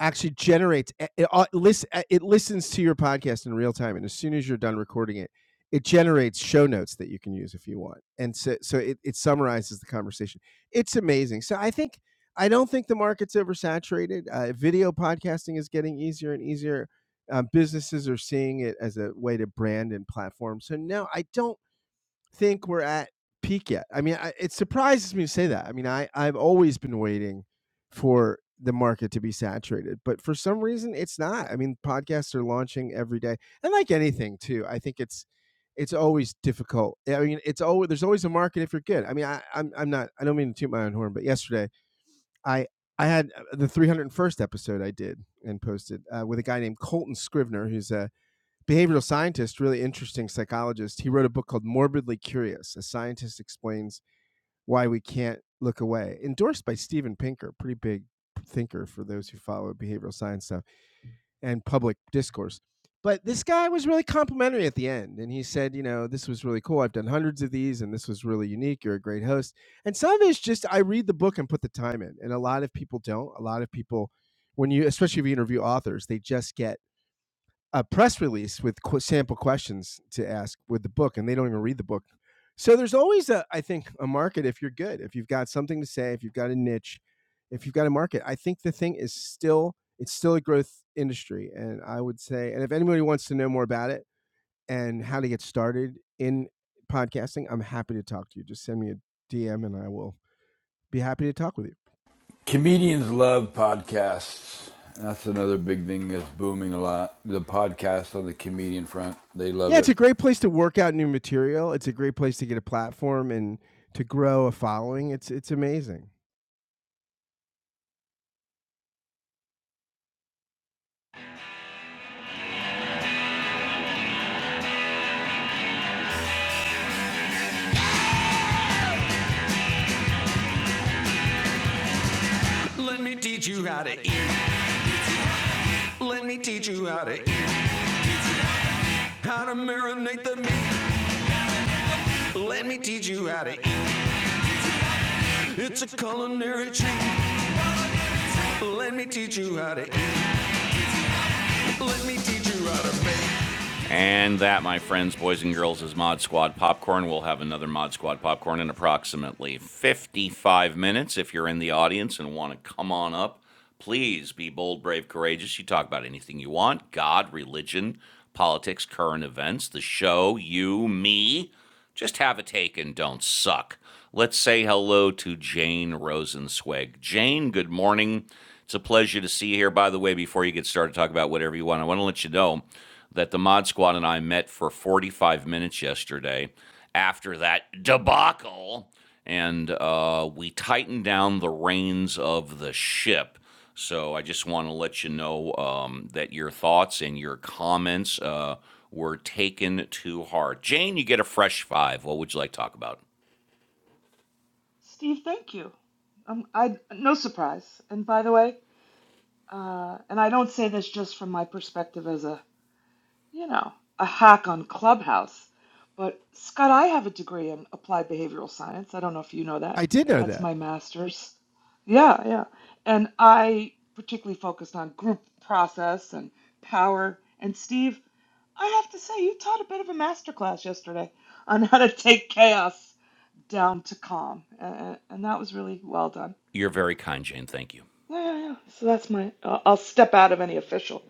Speaker 3: actually generates it, it, uh, uh, it listens to your podcast in real time and as soon as you're done recording it it generates show notes that you can use if you want and so, so it, it summarizes the conversation it's amazing so i think i don't think the market's oversaturated uh, video podcasting is getting easier and easier uh, businesses are seeing it as a way to brand and platform so no i don't think we're at peak yet. I mean, I, it surprises me to say that. I mean, I I've always been waiting for the market to be saturated, but for some reason it's not. I mean, podcasts are launching every day, and like anything too, I think it's it's always difficult. I mean, it's always there's always a market if you're good. I mean, I, I'm I'm not. I don't mean to toot my own horn, but yesterday I I had uh, the 301st episode I did and posted uh, with a guy named Colton Scrivener, who's a behavioral scientist, really interesting psychologist, he wrote a book called Morbidly Curious: A Scientist Explains Why We Can't Look Away, endorsed by Steven Pinker, pretty big thinker for those who follow behavioral science stuff and public discourse. But this guy was really complimentary at the end, and he said, you know, this was really cool. I've done hundreds of these, and this was really unique. You're a great host. And some of it's just I read the book and put the time in, and a lot of people don't. A lot of people, when you, especially if you interview authors, they just get a press release with qu- sample questions to ask with the book, and they don't even read the book. So there's always a, I think, a market if you're good, if you've got something to say, if you've got a niche, if you've got a market. I think the thing is still, it's still a growth industry, and I would say, and if anybody wants to know more about it and how to get started in podcasting, I'm happy to talk to you. Just send me a DM, and I will be happy to talk with you.
Speaker 4: Comedians love podcasts. That's another big thing that's booming a lot. The podcast on the comedian front, they love
Speaker 3: Yeah, it's
Speaker 4: it.
Speaker 3: a great place to work out new material. It's a great place to get a platform and to grow a following. It's it's amazing.
Speaker 1: Let me teach you how to eat. Let me teach you how to eat. How to marinate the meat. Let me teach you how to eat. It's a culinary treat. Let me teach you how to eat. Let me teach you how to make. And that, my friends, boys and girls, is Mod Squad Popcorn. We'll have another Mod Squad Popcorn in approximately 55 minutes. If you're in the audience and want to come on up, please be bold, brave, courageous. You talk about anything you want God, religion, politics, current events, the show, you, me. Just have a take and don't suck. Let's say hello to Jane Rosenzweig. Jane, good morning. It's a pleasure to see you here. By the way, before you get started, talk about whatever you want. I want to let you know that the Mod Squad and I met for 45 minutes yesterday after that debacle, and uh, we tightened down the reins of the ship. So I just want to let you know um, that your thoughts and your comments uh, were taken to heart. Jane, you get a fresh five. What would you like to talk about?
Speaker 8: Steve, thank you. Um, I no surprise. And by the way, uh, and I don't say this just from my perspective as a, you know, a hack on Clubhouse, but Scott, I have a degree in applied behavioral science. I don't know if you know that.
Speaker 3: I did know
Speaker 8: That's
Speaker 3: that.
Speaker 8: my master's. Yeah, yeah. And I particularly focused on group process and power. And Steve, I have to say, you taught a bit of a master class yesterday on how to take chaos. down to calm, and, and that was really well done.
Speaker 1: You're very kind, Jane. Thank you.
Speaker 8: Yeah, yeah, yeah. So that's my. I'll I'll step out of any official.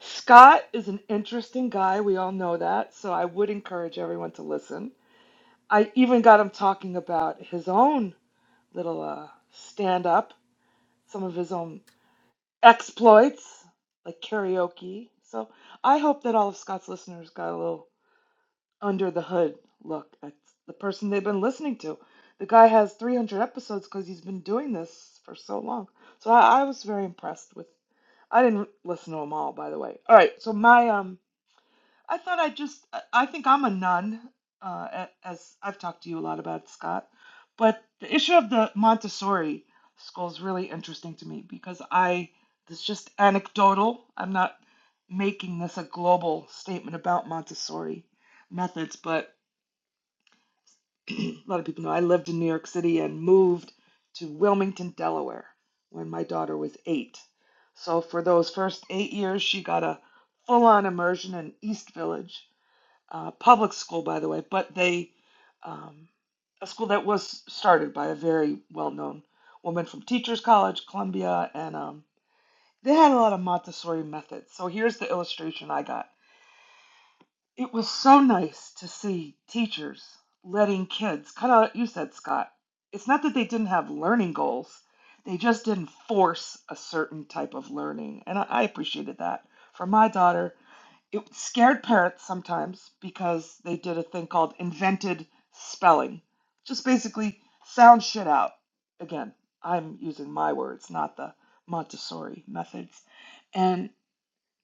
Speaker 8: Scott is an interesting guy. We all know that. So I would encourage everyone to listen. I even got him talking about his own little uh, stand up, some of his own exploits, like karaoke. So I hope that all of Scott's listeners got a little under the hood look at the person they've been listening to. The guy has 300 episodes because he's been doing this for so long. So I, I was very impressed with. I didn't listen to them all, by the way. All right, so my um I thought I just, I I think I'm a nun, uh, a- as I've talked to you a lot about Scott. But the issue of the Montessori school is really interesting to me because I, this is just anecdotal. I'm not making this a global statement about Montessori methods, but a lot of people know I lived in New York City and moved to Wilmington, Delaware when my daughter was eight. So for those first eight years, she got a full on immersion in East Village uh, public school, by the way, but they, um, a school that was started by a very well known woman from Teachers College, Columbia, and um, they had a lot of Montessori methods. So here's the illustration I got. It was so nice to see teachers letting kids, kind of like you said, Scott, it's not that they didn't have learning goals, they just didn't force a certain type of learning. And I, I appreciated that for my daughter. It scared parents sometimes because they did a thing called invented spelling. Just basically sound shit out. Again, I'm using my words, not the Montessori methods. And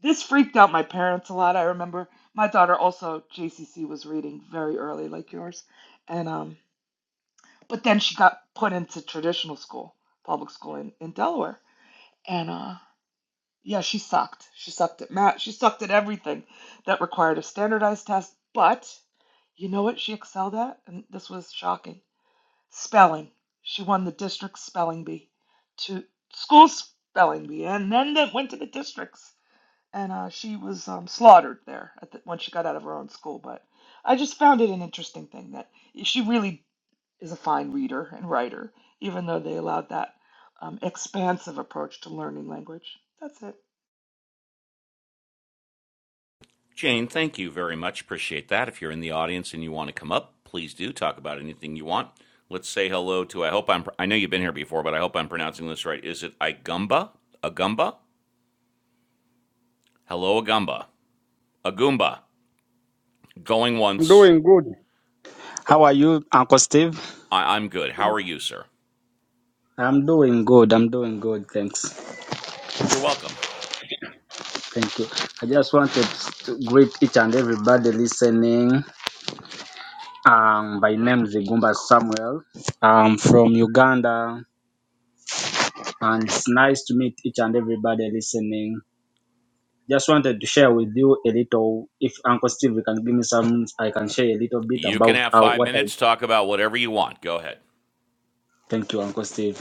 Speaker 8: this freaked out my parents a lot. I remember my daughter also JCC was reading very early, like yours, and um, but then she got put into traditional school, public school in, in Delaware, and uh, yeah, she sucked. She sucked at math. She sucked at everything that required a standardized test. But you know what she excelled at? And this was shocking. Spelling. She won the district spelling bee to school spelling bee, and then that went to the districts. And uh, she was um, slaughtered there at the, when she got out of her own school. But I just found it an interesting thing that she really is a fine reader and writer, even though they allowed that um, expansive approach to learning language. That's it.
Speaker 1: Jane, thank you very much. Appreciate that. If you're in the audience and you want to come up, please do talk about anything you want. Let's say hello to. I hope I'm. I know you've been here before, but I hope I'm pronouncing this right. Is it Agumba? Agumba? Hello, Agumba. Agumba. Going
Speaker 9: I'm
Speaker 1: once.
Speaker 9: doing good. How are you, Uncle Steve?
Speaker 1: I, I'm good. How are you, sir?
Speaker 9: I'm doing good. I'm doing good. Thanks.
Speaker 1: You're welcome.
Speaker 9: Thank you. I just wanted to greet each and everybody listening. Um, my name is Igumba Samuel. I'm from Uganda, and it's nice to meet each and everybody listening. Just wanted to share with you a little. If Uncle Steve can give me some, I can share a little bit
Speaker 1: You can
Speaker 9: about
Speaker 1: have
Speaker 9: how
Speaker 1: five
Speaker 9: what I.
Speaker 1: minutes. Talk about whatever you want. Go ahead.
Speaker 9: Thank you, Uncle Steve.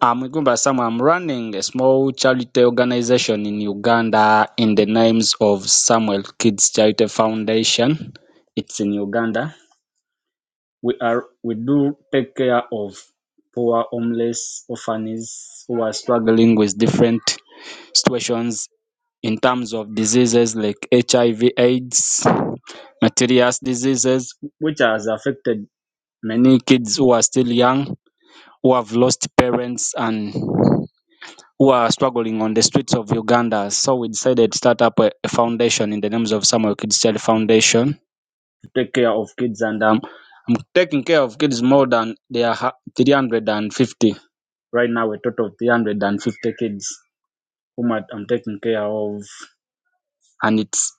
Speaker 9: I'm Igumba Sam. I'm running a small charity organization in Uganda in the names of Samuel Kids Charity Foundation. It's in Uganda. We are we do take care of poor homeless orphans who are struggling with different situations in terms of diseases like HIV, AIDS, materials diseases, which has affected many kids who are still young, who have lost parents and who are struggling on the streets of Uganda. So we decided to start up a, a foundation in the names of Samuel Kids Child Foundation to take care of kids. And um, I'm taking care of kids more than they are ha- 350 right now, a total of 350 kids whom I- I'm taking care of. And it's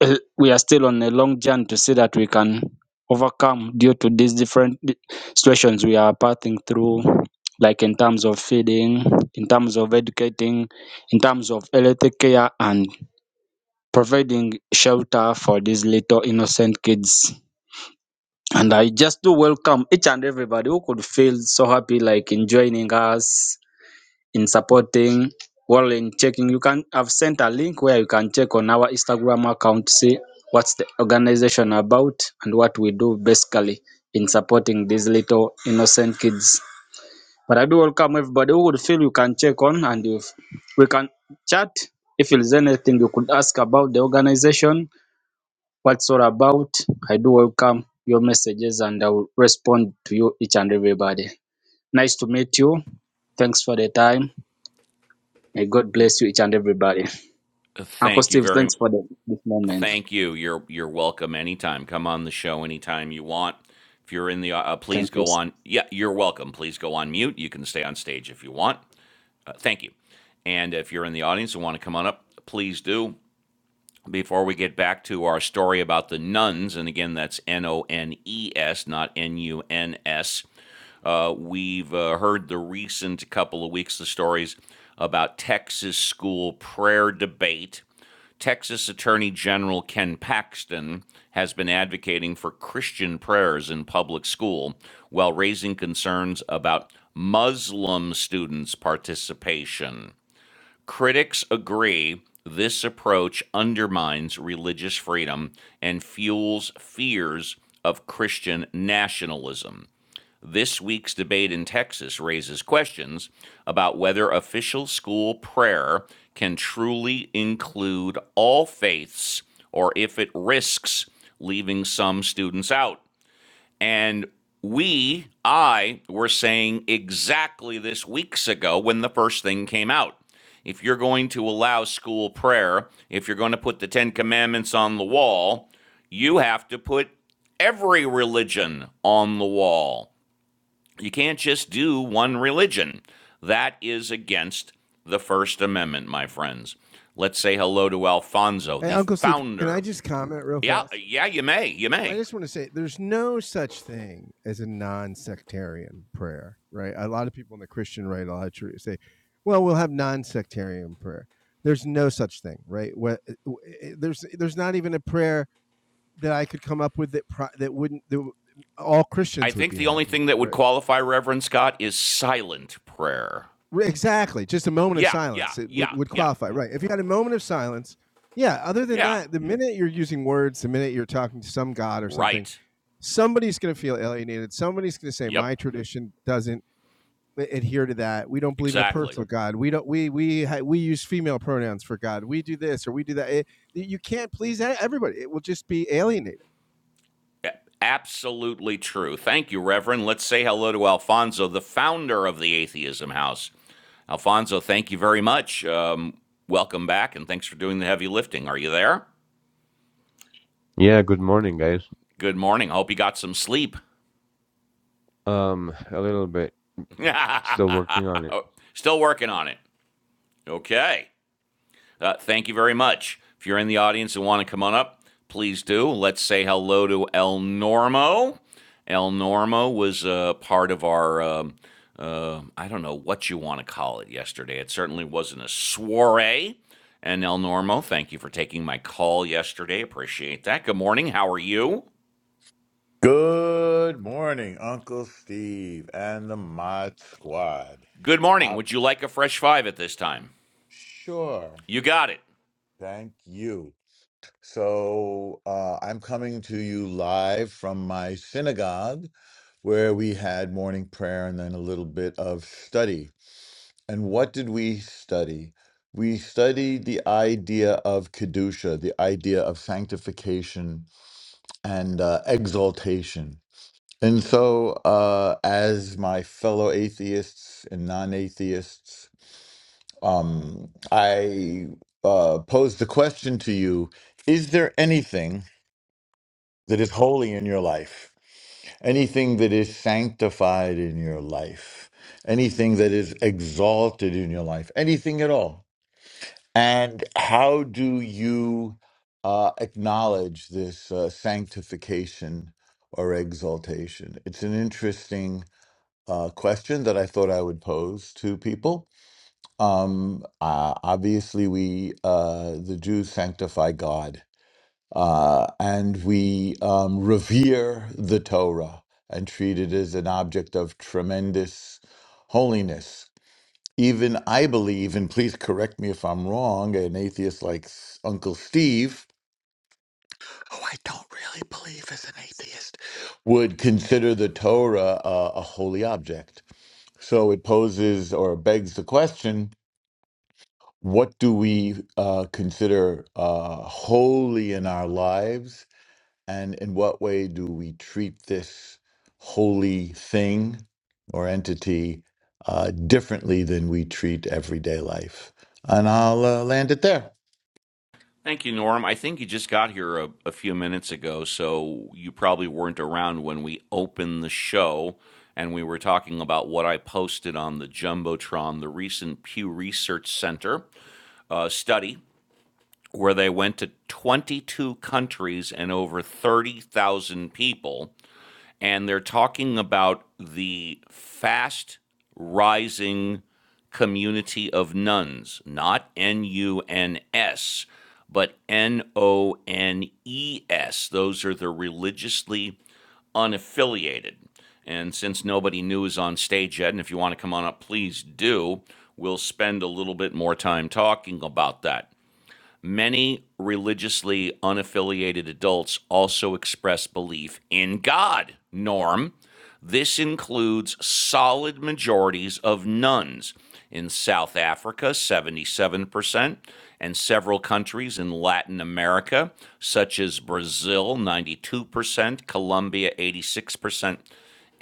Speaker 9: uh, we are still on a long journey to see that we can overcome due to these different di- situations we are passing through, like in terms of feeding, in terms of educating, in terms of health care, and providing shelter for these little innocent kids. And I just do welcome each and everybody who could feel so happy, like in joining us in supporting while in checking you can have sent a link where you can check on our instagram account see what's the organization about and what we do basically in supporting these little innocent kids but i do welcome everybody who would feel you can check on and if we can chat if there's anything you could ask about the organization what's all about i do welcome your messages and i will respond to you each and everybody nice to meet you thanks for the time May God bless you, each and everybody. Uncle
Speaker 1: Thank you
Speaker 9: Steve,
Speaker 1: very.
Speaker 9: thanks for the, this moment.
Speaker 1: Thank you. You're you're welcome anytime. Come on the show anytime you want. If you're in the, uh, uh,
Speaker 9: Thank
Speaker 1: please
Speaker 9: you.
Speaker 1: go on. Yeah, you're welcome. Please go on mute. You can stay on stage if you want. Uh, thank you. And if you're in the audience and want to come on up, please do before we get back to our story about the nuns, and again, that's N O N E S, not N U N S. Uh, we've uh, heard the recent couple of weeks the stories about Texas school prayer debate. Texas Attorney General Ken Paxton has been advocating for Christian prayers in public school while raising concerns about Muslim students' participation. Critics agree this approach undermines religious freedom and fuels fears of Christian nationalism. This week's debate in Texas raises questions about whether official school prayer can truly include all faiths or if it risks leaving some students out. And we, I, were saying exactly this weeks ago when the first thing came out. If you're going to allow school prayer, if you're going to put the Ten Commandments on the wall, you have to put every religion on the wall. You can't just do one religion. That is against the First Amendment, my friends. Let's say hello to Alfonso,
Speaker 3: Hey,
Speaker 1: the
Speaker 3: Uncle Steve, can I
Speaker 1: founder.
Speaker 3: just comment real
Speaker 1: Yeah,
Speaker 3: fast?
Speaker 1: yeah, you may, you
Speaker 3: I
Speaker 1: may.
Speaker 3: just want to say there's no such thing as a non-sectarian prayer, right? A lot of people in the Christian right, a lot of churches say, "Well, we'll have non-sectarian prayer." There's no such thing, right? Where, there's there's not even a prayer that I could come up with that pro, that wouldn't that all
Speaker 1: I
Speaker 3: Christians would
Speaker 1: think
Speaker 3: be
Speaker 1: the only
Speaker 3: happy
Speaker 1: thing
Speaker 3: with,
Speaker 1: that would
Speaker 3: right?
Speaker 1: qualify Reverend Scott is silent prayer.
Speaker 3: Exactly. Just a moment of
Speaker 1: Yeah, yeah,
Speaker 3: silence it would,
Speaker 1: yeah,
Speaker 3: would
Speaker 1: yeah,
Speaker 3: qualify. Right. If you had a moment of silence, yeah, other than
Speaker 1: yeah.
Speaker 3: that, the minute you're using words, the minute you're talking to some god or something,
Speaker 1: Right.
Speaker 3: somebody's going to feel alienated. Somebody's going to say,
Speaker 1: Yep.
Speaker 3: my tradition doesn't adhere to that. We don't believe in a
Speaker 1: Exactly.
Speaker 3: personal God. We don't. We we we use female pronouns for God. We do this or we do that. It, you can't please e- everybody. It will just be alienated.
Speaker 1: Absolutely true. Thank you, Reverend. Let's say hello to Alfonso, the founder of the Atheism House. Alfonso, thank you very much. Um, welcome back, and thanks for doing the heavy lifting. Are you there?
Speaker 10: Yeah, good morning, guys.
Speaker 1: Good morning. I hope you got some sleep.
Speaker 10: Um, a little bit. Still working on it.
Speaker 1: Still working on it. Okay. uh, thank you very much. If you're in the audience and want to come on up, please do. Let's say hello to El Normo. El Normo was uh, part of our, um, uh, I don't know what you want to call it yesterday. It certainly wasn't a soiree. And El Normo, thank you for taking my call yesterday. Appreciate that. Good morning. How are you?
Speaker 11: Good morning, Uncle Steve and the Mod Squad.
Speaker 1: Good morning.
Speaker 11: I,
Speaker 1: Would you like a fresh five at this time?
Speaker 11: sure,
Speaker 1: You got it.
Speaker 11: thank you. So uh, I'm coming to you live from my synagogue where we had morning prayer and then a little bit of study. And what did we study? We studied the idea of Kedusha, the idea of sanctification and uh, exaltation. And so, uh, as my fellow atheists and non atheists, um, I uh, pose the question to you Is there anything that is holy in your life? Anything that is sanctified in your life? Anything that is exalted in your life? Anything at all? And how do you uh, acknowledge this uh, sanctification or exaltation? It's an interesting uh, question that I thought I would pose to people. Um, uh, obviously, we, uh, the Jews, sanctify God uh, and we um, revere the Torah and treat it as an object of tremendous holiness. Even I believe, and please correct me if I'm wrong, an atheist like S- Uncle Steve, who I don't really believe is an atheist, would consider the Torah uh, a holy object. So it poses or begs the question what do we uh, consider uh, holy in our lives? And in what way do we treat this holy thing or entity uh, differently than we treat everyday life? And I'll uh, land it there.
Speaker 1: Thank you, Norm. I think you just got here a, a few minutes ago, so you probably weren't around when we opened the show and we were talking about what I posted on the Jumbotron, the recent Pew Research Center uh, study, where they went to 22 countries and over 30,000 people and they're talking about the fast rising community of nuns, not N U N S, but N O N E S. Those are the religiously unaffiliated. And since nobody new is on stage yet, and if you want to come on up, please do, we'll spend a little bit more time talking about that. Many religiously unaffiliated adults also express belief in God. Norm, this includes solid majorities of nuns in South Africa, 77%, and several countries in Latin America, such as Brazil, 92%, Colombia, 86%,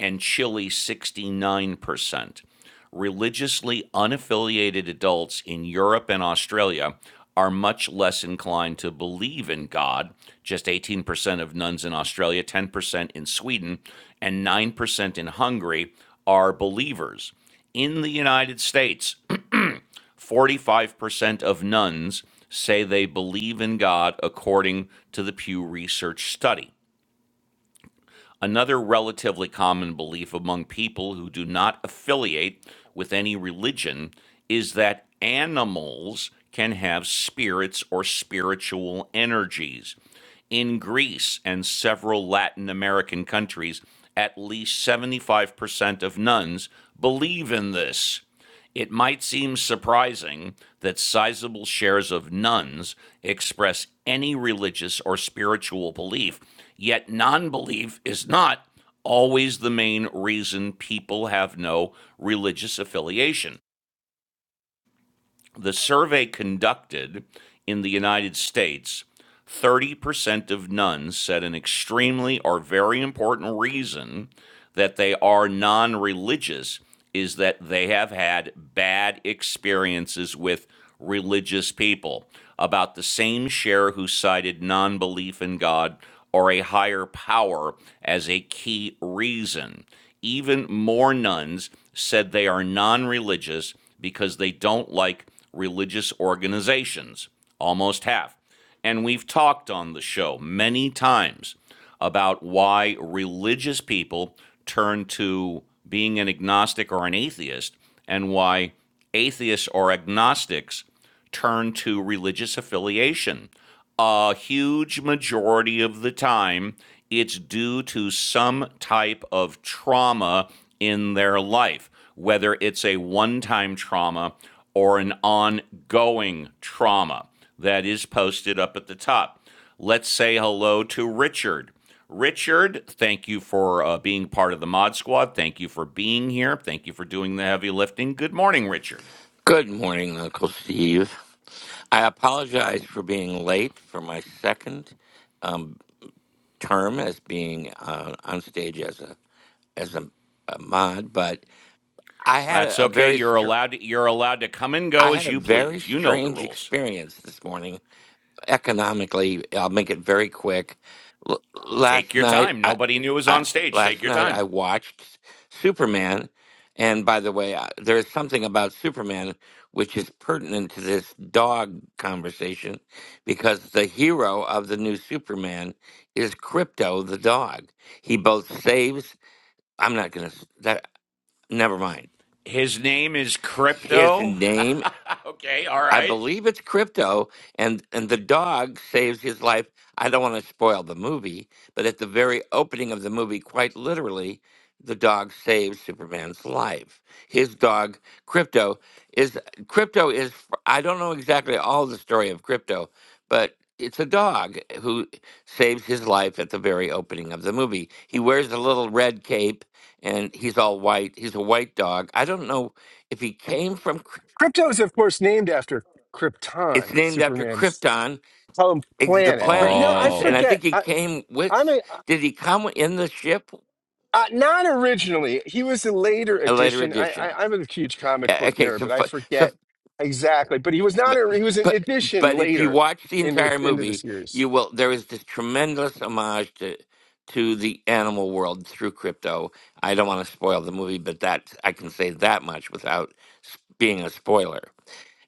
Speaker 1: and Chile, 69% religiously unaffiliated adults in Europe and Australia are much less inclined to believe in God. Just 18% of nuns in Australia, 10% in Sweden, and 9% in Hungary are believers. In the United States, 45% of nuns say they believe in God according to the Pew Research study. Another relatively common belief among people who do not affiliate with any religion is that animals can have spirits or spiritual energies. In Greece and several Latin American countries, at least 75% of nuns believe in this. It might seem surprising that sizable shares of nuns express any religious or spiritual belief, yet non belief is not always the main reason people have no religious affiliation. The survey conducted in the United States, 30% of nuns said an extremely or very important reason that they are non religious is that they have had bad experiences with religious people. About the same share who cited non belief in God or a higher power as a key reason. Even more nuns said they are non religious because they don't like religious organizations, almost half. And we've talked on the show many times about why religious people turn to being an agnostic or an atheist and why atheists or agnostics turn to religious affiliation. A huge majority of the time, it's due to some type of trauma in their life, whether it's a one time trauma or an ongoing trauma that is posted up at the top. Let's say hello to Richard. Richard, thank you for uh, being part of the Mod Squad. Thank you for being here. Thank you for doing the heavy lifting. Good morning, Richard.
Speaker 12: Good morning, Uncle Steve. I apologize for being late for my second um, term as being uh, on stage as a as a, a mod, but I had
Speaker 1: That's
Speaker 12: a, a
Speaker 1: okay.
Speaker 12: very
Speaker 1: You're
Speaker 12: str-
Speaker 1: allowed to, you're allowed to come and
Speaker 12: I
Speaker 1: go
Speaker 12: had
Speaker 1: as
Speaker 12: a
Speaker 1: you
Speaker 12: very
Speaker 1: please. You know the
Speaker 12: strange
Speaker 1: rules.
Speaker 12: experience this morning economically, I'll make it very quick. L-
Speaker 1: Take
Speaker 12: last
Speaker 1: your
Speaker 12: night,
Speaker 1: time.
Speaker 12: I,
Speaker 1: Nobody knew it was
Speaker 12: I
Speaker 1: on stage. Take
Speaker 12: last
Speaker 1: your
Speaker 12: night
Speaker 1: time.
Speaker 12: I watched Superman, and by the way, I, there is something about Superman which is pertinent to this dog conversation because the hero of the new Superman is Crypto the dog. He both saves. I'm not gonna s- that. Never mind.
Speaker 1: His name is
Speaker 12: His
Speaker 1: Crypto.
Speaker 12: name
Speaker 1: okay, all
Speaker 12: I
Speaker 1: right.
Speaker 12: believe it's crypto, and and the dog saves his life. I don't want to spoil the movie, but at the very opening of the movie, quite literally, the dog saves Superman's life. His dog, Crypto, is Crypto is I don't know exactly all the story of Crypto, but it's a dog who saves his life at the very opening of the movie. He wears a little red cape and he's all white. He's a white dog. I don't know if he came from
Speaker 3: Krypto is, of course, named after
Speaker 12: it's
Speaker 3: Krypton,
Speaker 12: named after
Speaker 3: Superman's
Speaker 12: Krypton,
Speaker 3: home
Speaker 12: ex- the
Speaker 3: planet. But you know,
Speaker 12: planet, and
Speaker 3: I
Speaker 12: and I
Speaker 1: Oh,
Speaker 3: forget.
Speaker 12: think he
Speaker 3: I,
Speaker 12: came
Speaker 3: I'm a
Speaker 12: with. Did he come in the ship?
Speaker 3: Uh, not originally. He was a later
Speaker 12: A later
Speaker 3: addition. I,
Speaker 12: edition.
Speaker 3: I, I'm a huge comic
Speaker 12: Yeah,
Speaker 3: book
Speaker 12: Okay,
Speaker 3: nerd,
Speaker 12: so
Speaker 3: but I
Speaker 12: f-
Speaker 3: forget
Speaker 12: so,
Speaker 3: exactly. But he was not.
Speaker 12: but
Speaker 3: A, he was an
Speaker 12: but
Speaker 3: addition
Speaker 12: but if you
Speaker 3: later
Speaker 12: watch the
Speaker 3: in the
Speaker 12: entire movie,
Speaker 3: years.
Speaker 12: you will. There is this tremendous homage to to the animal world through crypto. I don't want to spoil the movie, but that I can say that much without s- being a spoiler.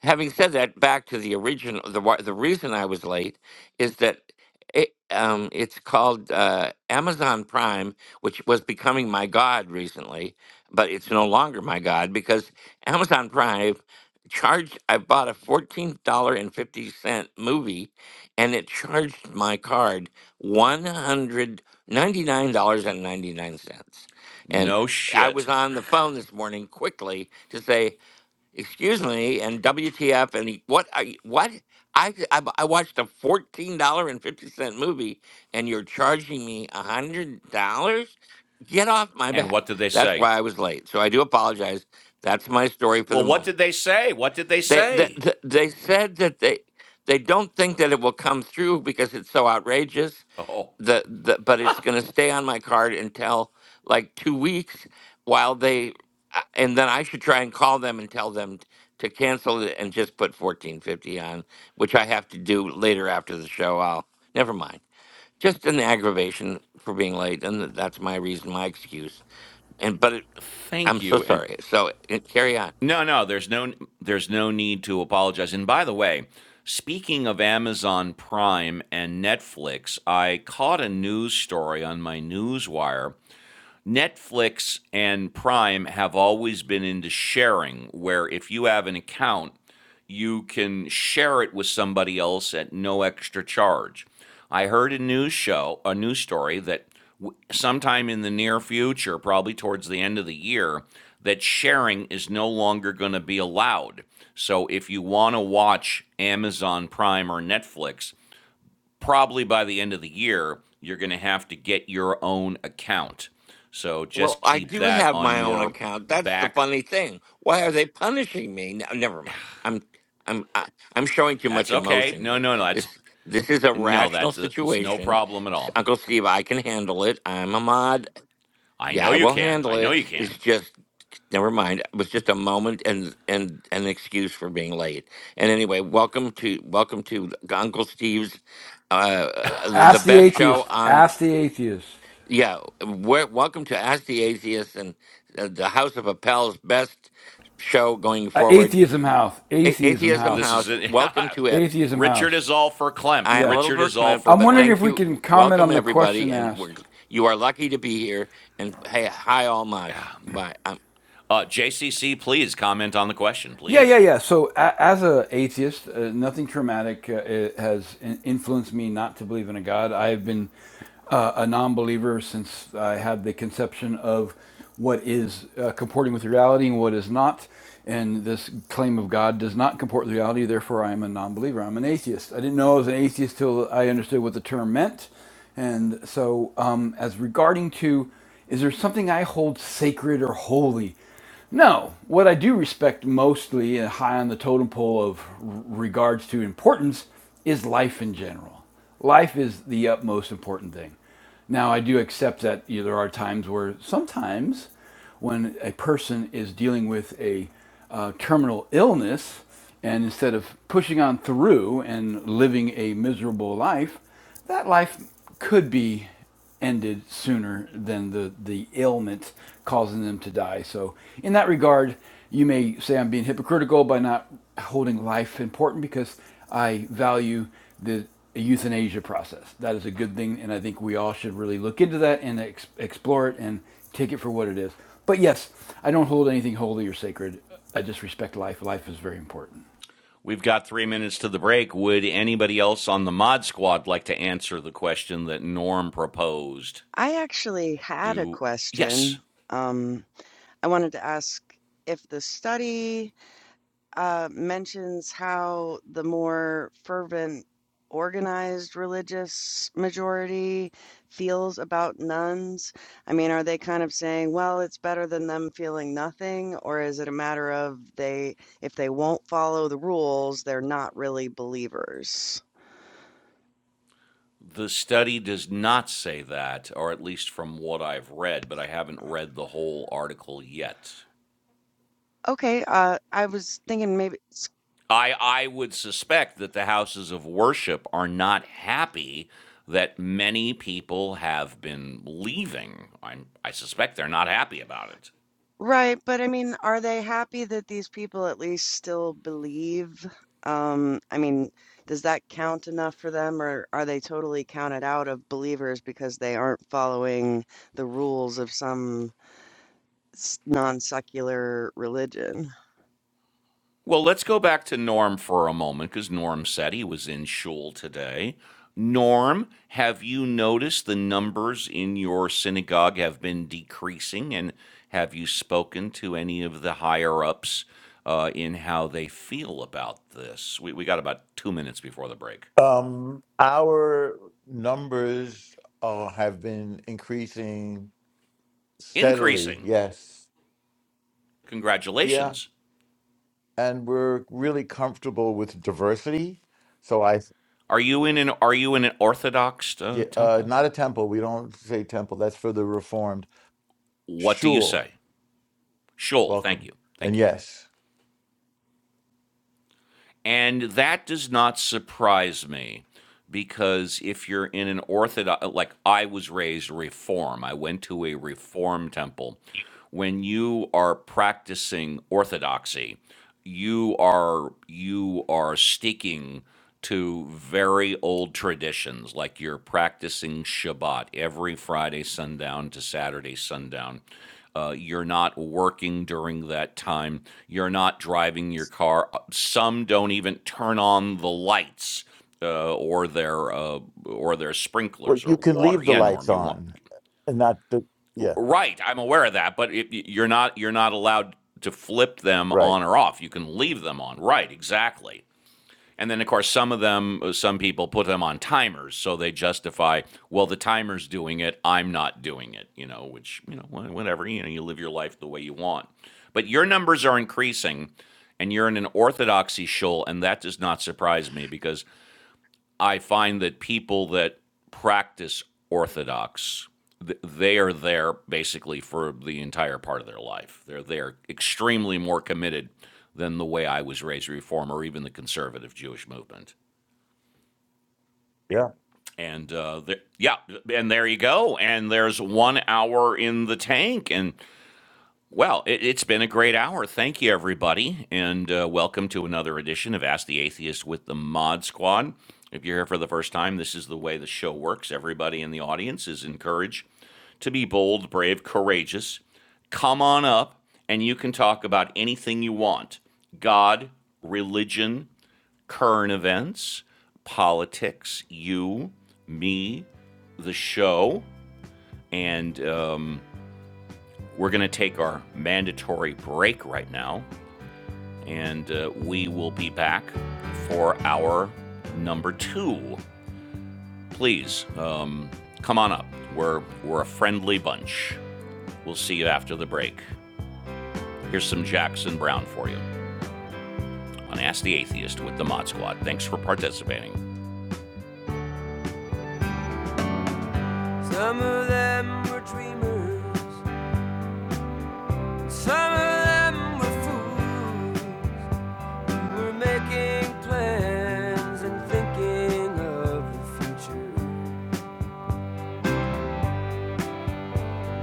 Speaker 12: having said that, back to the original, the why- the reason I was late is that it, um, it's called uh, Amazon Prime, which was becoming my god recently, but it's no longer my god because Amazon Prime charged. I bought a fourteen dollar and fifty cent movie, and it charged my card one hundred ninety nine dollars and ninety nine cents, and
Speaker 1: no
Speaker 12: I was
Speaker 1: shit.
Speaker 12: on the phone this morning quickly to say excuse me, and WTF, and he- what? Are you, what? I, I b- I watched a fourteen dollar and fifty cent movie, and you're charging me a hundred dollars? Get off my
Speaker 1: And
Speaker 12: back!
Speaker 1: what did they
Speaker 12: That's
Speaker 1: say?
Speaker 12: why I was late. So I do apologize. That's my story for the
Speaker 1: Well, what did
Speaker 12: moment.
Speaker 1: they say? What did they
Speaker 12: They they,
Speaker 1: say?
Speaker 12: they they said that they they don't think that it will come through because it's so outrageous,
Speaker 1: Oh,
Speaker 12: the, the but it's going to stay on my card until like two weeks while they uh, and then i should try and call them and tell them t- to cancel it and just put 1450 on which i have to do later after the show i'll never mind just an aggravation for being late and th- that's my reason my excuse and but it,
Speaker 1: thank
Speaker 12: i'm so
Speaker 1: you. And
Speaker 12: sorry so uh, carry on
Speaker 1: No, no, there's no there's no need to apologize. And by the way, speaking of Amazon Prime and Netflix, I caught a news story on my newswire Netflix and Prime have always been into sharing, where if you have an account, you can share it with somebody else at no extra charge. I heard a news show, a news story that w- sometime in the near future, probably towards the end of the year, that sharing is no longer going to be allowed. So if you want to watch Amazon Prime or Netflix, probably by the end of the year, you're going to have to get your own account. So
Speaker 12: Well,
Speaker 1: just
Speaker 12: I
Speaker 1: keep
Speaker 12: do
Speaker 1: that
Speaker 12: have
Speaker 1: on
Speaker 12: my own
Speaker 1: your
Speaker 12: account. That's the
Speaker 1: back.
Speaker 12: funny thing. Why are they punishing me? No, never mind. I'm I'm I, I'm showing too
Speaker 1: That's
Speaker 12: much
Speaker 1: okay.
Speaker 12: emotion
Speaker 1: No,
Speaker 12: here.
Speaker 1: no, no.
Speaker 12: This
Speaker 1: That's
Speaker 12: this is a
Speaker 1: no,
Speaker 12: rational
Speaker 1: that's a, it's no
Speaker 12: situation.
Speaker 1: problem at
Speaker 12: S-
Speaker 1: all.
Speaker 12: Uncle Steve, I can handle it. I'm a mod.
Speaker 1: I
Speaker 12: Yeah,
Speaker 1: know
Speaker 12: I
Speaker 1: you
Speaker 12: will
Speaker 1: can. I
Speaker 12: handle
Speaker 1: know
Speaker 12: it.
Speaker 1: you
Speaker 12: It's
Speaker 1: can.
Speaker 12: just never mind. It was just a moment and and an excuse for being late. And anyway, welcome to welcome to Uncle Steve's uh uh, the, the
Speaker 4: Ask the
Speaker 12: best show
Speaker 4: atheist.
Speaker 12: on
Speaker 4: Ask the atheist.
Speaker 12: yeah, we welcome to Ask the Atheist and uh, the House of Appel's best show going
Speaker 4: Uh,
Speaker 12: forward.
Speaker 4: atheism house.
Speaker 12: A-
Speaker 4: Atheism
Speaker 12: Atheism
Speaker 1: This
Speaker 4: house.
Speaker 1: is
Speaker 12: House,
Speaker 1: it.
Speaker 12: welcome to it.
Speaker 4: Atheism
Speaker 1: Richard
Speaker 4: house.
Speaker 1: is all for Klempt.
Speaker 12: I am a
Speaker 4: Yeah.
Speaker 12: little
Speaker 1: Richard is all
Speaker 12: verklempt,
Speaker 1: for
Speaker 4: I'm
Speaker 12: but
Speaker 4: wondering
Speaker 1: Klempt.
Speaker 4: if
Speaker 12: thank
Speaker 4: we
Speaker 12: you.
Speaker 4: can
Speaker 12: W-
Speaker 4: comment
Speaker 12: Welcome
Speaker 4: on the
Speaker 12: everybody,
Speaker 4: question
Speaker 12: and
Speaker 4: asked.
Speaker 12: we're you are lucky to be here. And hey, hi all mods. Goodbye.
Speaker 1: Uh, JCC, please comment on the question,
Speaker 4: Yeah, yeah,
Speaker 1: please.
Speaker 4: yeah. So a- as a atheist, uh, nothing traumatic uh, i- has in- influenced me not to believe in a god. I have been uh, a non-believer since I had the conception of what is uh, comporting with reality and what is not. And this claim of God does not comport with reality. Therefore, I am a non-believer. I'm an atheist. I didn't know I was an atheist till I understood what the term meant. And so, um, as regarding to, is there something I hold sacred or holy? No, what I do respect mostly and high on the totem pole of regards to importance is life in general. Life is the utmost important thing. Now, I do accept that you know, there are times where sometimes when a person is dealing with a uh, terminal illness, and instead of pushing on through and living a miserable life, that life could be ended sooner than the, the ailment causing them to die. So, in that regard, you may say I'm being hypocritical by not holding life important because I value the euthanasia process. That is a good thing, and I think we all should really look into that and ex- explore it and take it for what it is. But yes, I don't hold anything holy or sacred. I just respect life. Life is very important.
Speaker 1: We've got three minutes to the break. Would anybody else on the mod squad like to answer the question that Norm proposed?
Speaker 2: I actually had a
Speaker 1: Do, yes,
Speaker 2: question. Um, I wanted to ask if the study. uh, mentions how the more fervent, organized religious majority feels about nuns. I mean, are they kind of saying, well, it's better than them feeling nothing, or is it a matter of they, if they won't follow the rules, they're not really believers?
Speaker 1: the study does not say that, or at least from what I've read, but I haven't read the whole article yet.
Speaker 2: Okay, uh, I was thinking maybe.
Speaker 1: I, I would suspect that the houses of worship are not happy that many people have been leaving. I, I suspect they're not happy about it.
Speaker 2: Right, but I mean, are they happy that these people at least still believe? Um, I mean, does that count enough for them, or are they totally counted out of believers because they aren't following the rules of some s- non-secular religion?
Speaker 1: Well, let's go back to Norm for a moment because Norm said he was in shul today. Norm, have you noticed the numbers in your synagogue have been decreasing? And have you spoken to any of the higher ups uh, in how they feel about this? We, we got about two minutes before the break.
Speaker 11: Um, our numbers uh, have been increasing steadily.
Speaker 1: Increasing.
Speaker 11: Yes. yeah.
Speaker 1: Congratulations.
Speaker 11: and we're really comfortable with diversity. So I,
Speaker 1: Are you in an Are you in an Orthodox
Speaker 11: yeah,
Speaker 1: uh,
Speaker 11: uh,
Speaker 1: temple?
Speaker 11: not a temple. We don't say temple. That's for the reformed
Speaker 1: What do you
Speaker 11: shul.
Speaker 1: say? Shul. Thank
Speaker 11: Welcome.
Speaker 1: you.
Speaker 11: And
Speaker 1: Thank you.
Speaker 11: yes,
Speaker 1: And that does not surprise me because if you're in an orthodox, like I was raised reform, I went to a reform temple. When you are practicing orthodoxy, you are you are sticking to very old traditions, like you're practicing Shabbat every Friday sundown to Saturday sundown. Uh, you're not working during that time. You're not driving your car. Uh, Some don't even turn on the lights uh, or their uh, or their
Speaker 11: well,
Speaker 1: sprinklers or
Speaker 11: you can
Speaker 1: water.
Speaker 11: leave the
Speaker 1: Yeah, Norm,
Speaker 11: lights
Speaker 1: you want
Speaker 11: on and not the yeah
Speaker 1: right? I'm aware of that, but it, you're not you're not allowed to flip them
Speaker 11: right
Speaker 1: on or off. You can leave them on. Right? Exactly. And then, of course, some of them, uh, some people put them on timers, so they justify, well, the timer's doing it, I'm not doing it, you know, which, you know, whatever, you know, you live your life the way you want. But your numbers are increasing, and you're in an orthodoxy shoal, and that does not surprise me because I find that people that practice Orthodox, they are there basically for the entire part of their life. They're they're extremely more committed than the way I was raised, Reform or even the conservative Jewish movement. And uh, yeah, and there you go. And there's one hour in the tank, and Well, it, it's been a great hour. Thank you, everybody, and uh, welcome to another edition of Ask the Atheist with the Mod Squad. If you're here for the first time, this is the way the show works. Everybody in the audience is encouraged to be bold, brave, courageous. Come on up, and you can talk about anything you want God, religion, current events, politics, you, me, the show, and. Um, we're going to take our mandatory break right now, and uh, we will be back for our number two. Please um, come on up. We're, we're a friendly bunch. We'll see you after the break. Here's some Jackson Brown for you on Ask the Atheist with the Mod Squad. Thanks for participating. Some of them were dreamers, some of them were fools. We're making plans and thinking of the future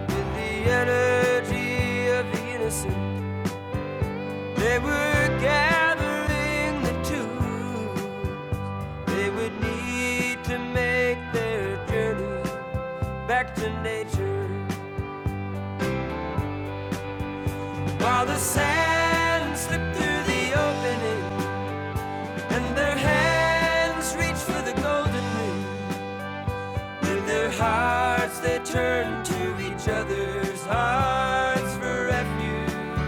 Speaker 1: with the energy of the innocent. They were gathering the two. They would need to make their journey back to nature while the sand slipped through the opening and their hands reached for the golden ring. To their hearts they turn to each other's hearts for refuge.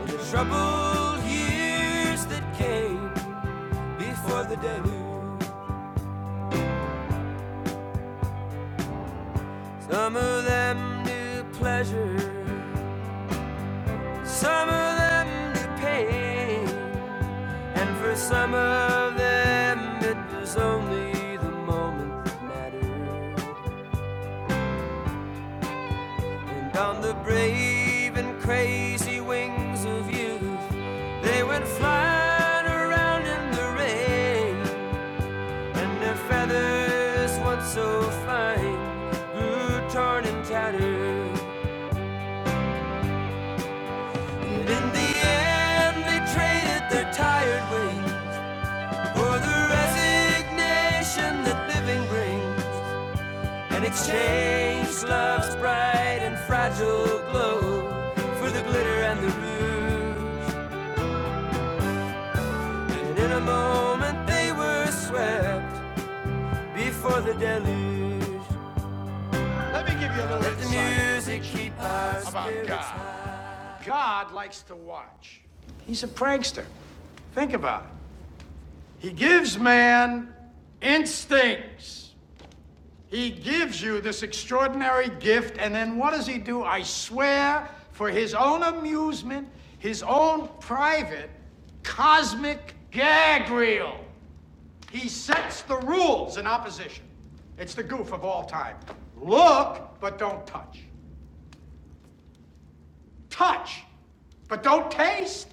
Speaker 1: In the troubled years that came before the deluge, some of them knew pleasure, some of them knew pain, and for some of them it was only the moment that mattered. And on the brave and crazy wings of youth, they went flying around in the rain. And their feathers, once so fine, grew torn and tattered. And in the end, they traded their tired wings for the resignation that living brings. And exchanged love's bright and fragile glow for the glitter and the rouge. And in a moment they were swept before the deluge. The music keeps our spirits high. God likes to watch. He's a prankster. Think about it. He gives man instincts. He gives you this extraordinary gift, and then what does he do? I swear, for his own amusement, his own private cosmic gag reel. He sets the rules in opposition. It's the goof of all time. Look, but don't touch. Touch, but don't taste.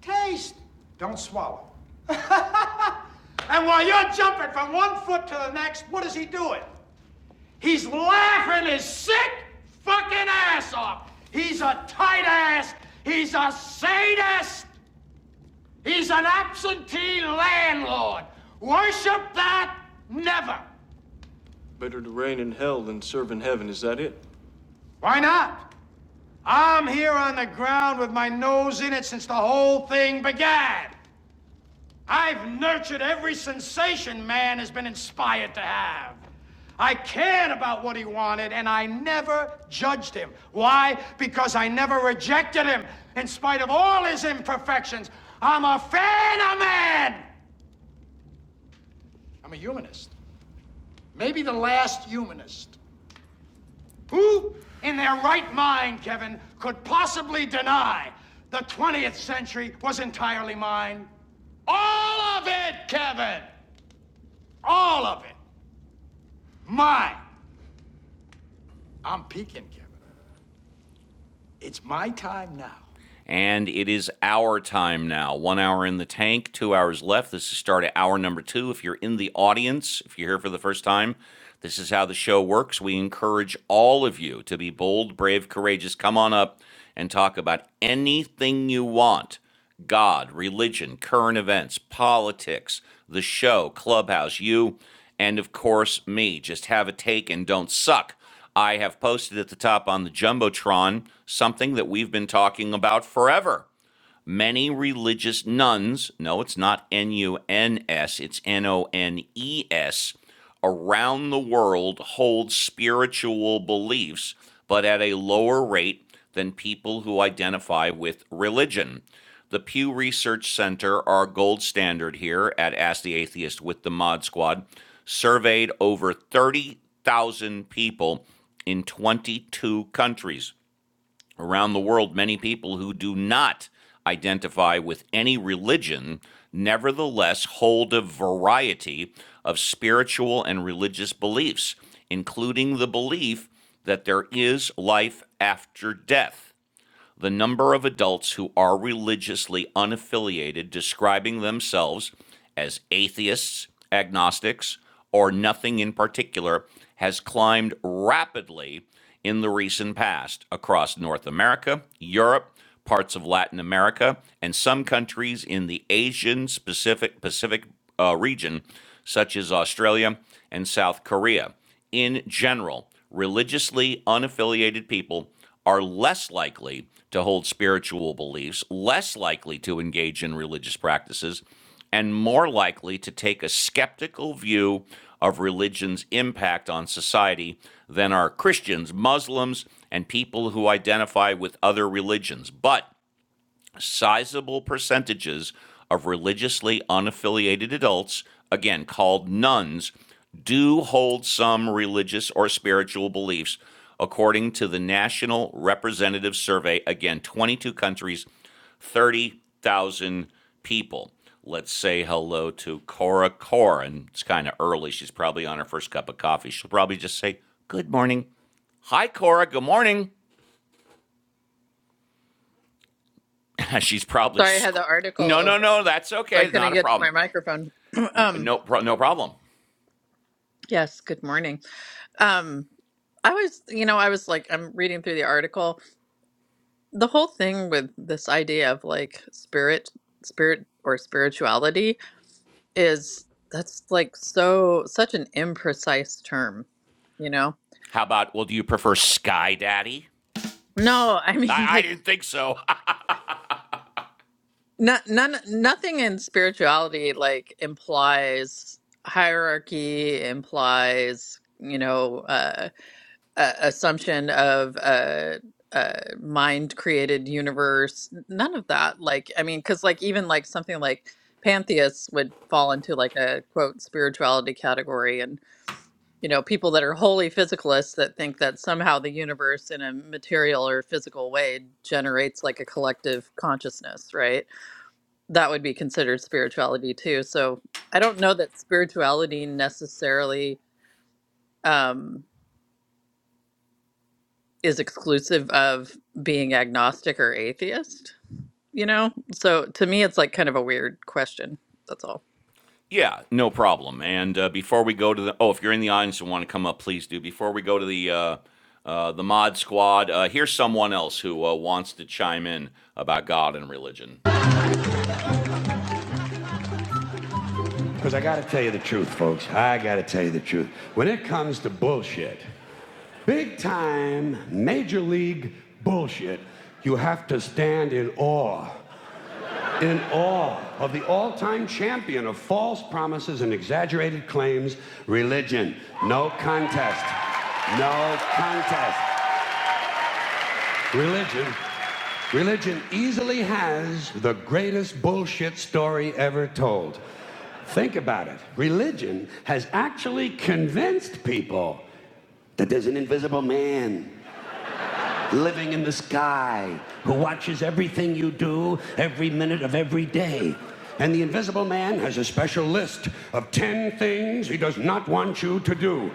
Speaker 1: Taste, don't swallow. And while you're jumping from one foot to the next, what is he doing? He's laughing his sick fucking ass off. He's a tight ass. He's a sadist. He's an absentee landlord. Worship that never. Better to reign in hell than serve in heaven. Is that it? Why not? I'm here on the ground with my nose in it since the whole thing began. I've nurtured every sensation man has been inspired to have. I cared about what he wanted and I never judged him. Why? Because I never rejected him. In spite of all his imperfections, I'm a fan of man. I'm a humanist. Maybe the last humanist. Who in their right mind, Kevin, could possibly deny the 20th century was entirely mine? All of it, Kevin! All of it! Mine! I'm peeking, Kevin. It's my time now. And it is our time now. One hour in the tank, two hours left. This is start at hour number two. If you're in the audience, if you're here for the first time, this is how the show works. We encourage all of you to be bold, brave, courageous. Come on up and talk about anything you want. God, religion, current events, politics, the show, Clubhouse, you, and of course me. Just have a take and don't suck. I have posted at the top on the Jumbotron something that we've been talking about forever Many religious nuns, no, it's not N U N S, it's N O N E S, around the world hold spiritual beliefs, but at a lower rate than people who identify with religion. The Pew Research Center, our gold standard here at Ask the Atheist with the Mod Squad, surveyed over 30,000 people in 22 countries. Around the world, many people who do not identify with any religion nevertheless hold a variety of spiritual and religious beliefs, including the belief that there is life after death the number of adults who are religiously unaffiliated describing themselves as atheists, agnostics, or nothing in particular has climbed rapidly in the recent past across North America, Europe, parts of Latin America, and some countries in the Asian Pacific Pacific uh, region, such as Australia and South Korea in general, religiously unaffiliated people are less likely to hold spiritual beliefs, less likely to engage in religious practices, and more likely to take a skeptical view of religion's impact on society than are Christians, Muslims, and people who identify with other religions. But sizable percentages of religiously unaffiliated adults, again called nuns, do hold some religious or spiritual beliefs, according to the National Representative Survey. Again, 22 countries, 30,000 people. Let's say hello to Cora Corin. It's kind of early. She's probably on her first cup of coffee. She'll probably just say, Good morning. Hi, Cora. Good morning. She's probably,
Speaker 13: Sorry, I had
Speaker 1: sc-
Speaker 13: the article
Speaker 1: no, no,
Speaker 13: open,
Speaker 1: no. That's
Speaker 13: so I
Speaker 1: okay. Not
Speaker 13: couldn't
Speaker 1: a
Speaker 13: get to
Speaker 1: problem.
Speaker 13: my microphone. um,
Speaker 1: No, pro- no problem.
Speaker 13: yes, good morning. Um, I was, you know, I was like, I'm reading through the article. The whole thing with this idea of like spirit, spirit or spirituality is that's like so such an imprecise term, you know?
Speaker 1: How about, well, do you prefer Sky Daddy?
Speaker 13: No, I
Speaker 1: I,
Speaker 13: mean
Speaker 1: I
Speaker 13: like
Speaker 1: didn't think so.
Speaker 13: not none nothing in spirituality like implies hierarchy, implies, you know, uh uh, assumption of uh, uh, mind created universe n- none of that like i mean because like even like something like pantheists would fall into like a quote spirituality category and you know people that are wholly physicalists that think that somehow the universe in a material or physical way generates like a collective consciousness right that would be considered spirituality too so i don't know that spirituality necessarily Um, is exclusive of being agnostic or atheist, you know? So to me, it's like kind of a weird question. That's all.
Speaker 1: yeah, no problem. And uh, before we go to the, oh, if you're in the audience and want to come up, please do. Before we go to the, uh, uh, the mod squad, uh, here's someone else who uh, wants to chime in about God and religion. Because I got to tell you the truth, folks. I got to tell you the truth. When it comes to bullshit, big time, major league bullshit, you have to stand in awe. in awe of the all time champion of false promises and exaggerated claims, religion. No contest. No contest. Religion. Religion easily has the greatest bullshit story ever told. Think about it. Religion has actually convinced people that there's an invisible man living in the sky, who watches everything you do every minute of every day. And the invisible man has a special list of 10 things he does not want you to do.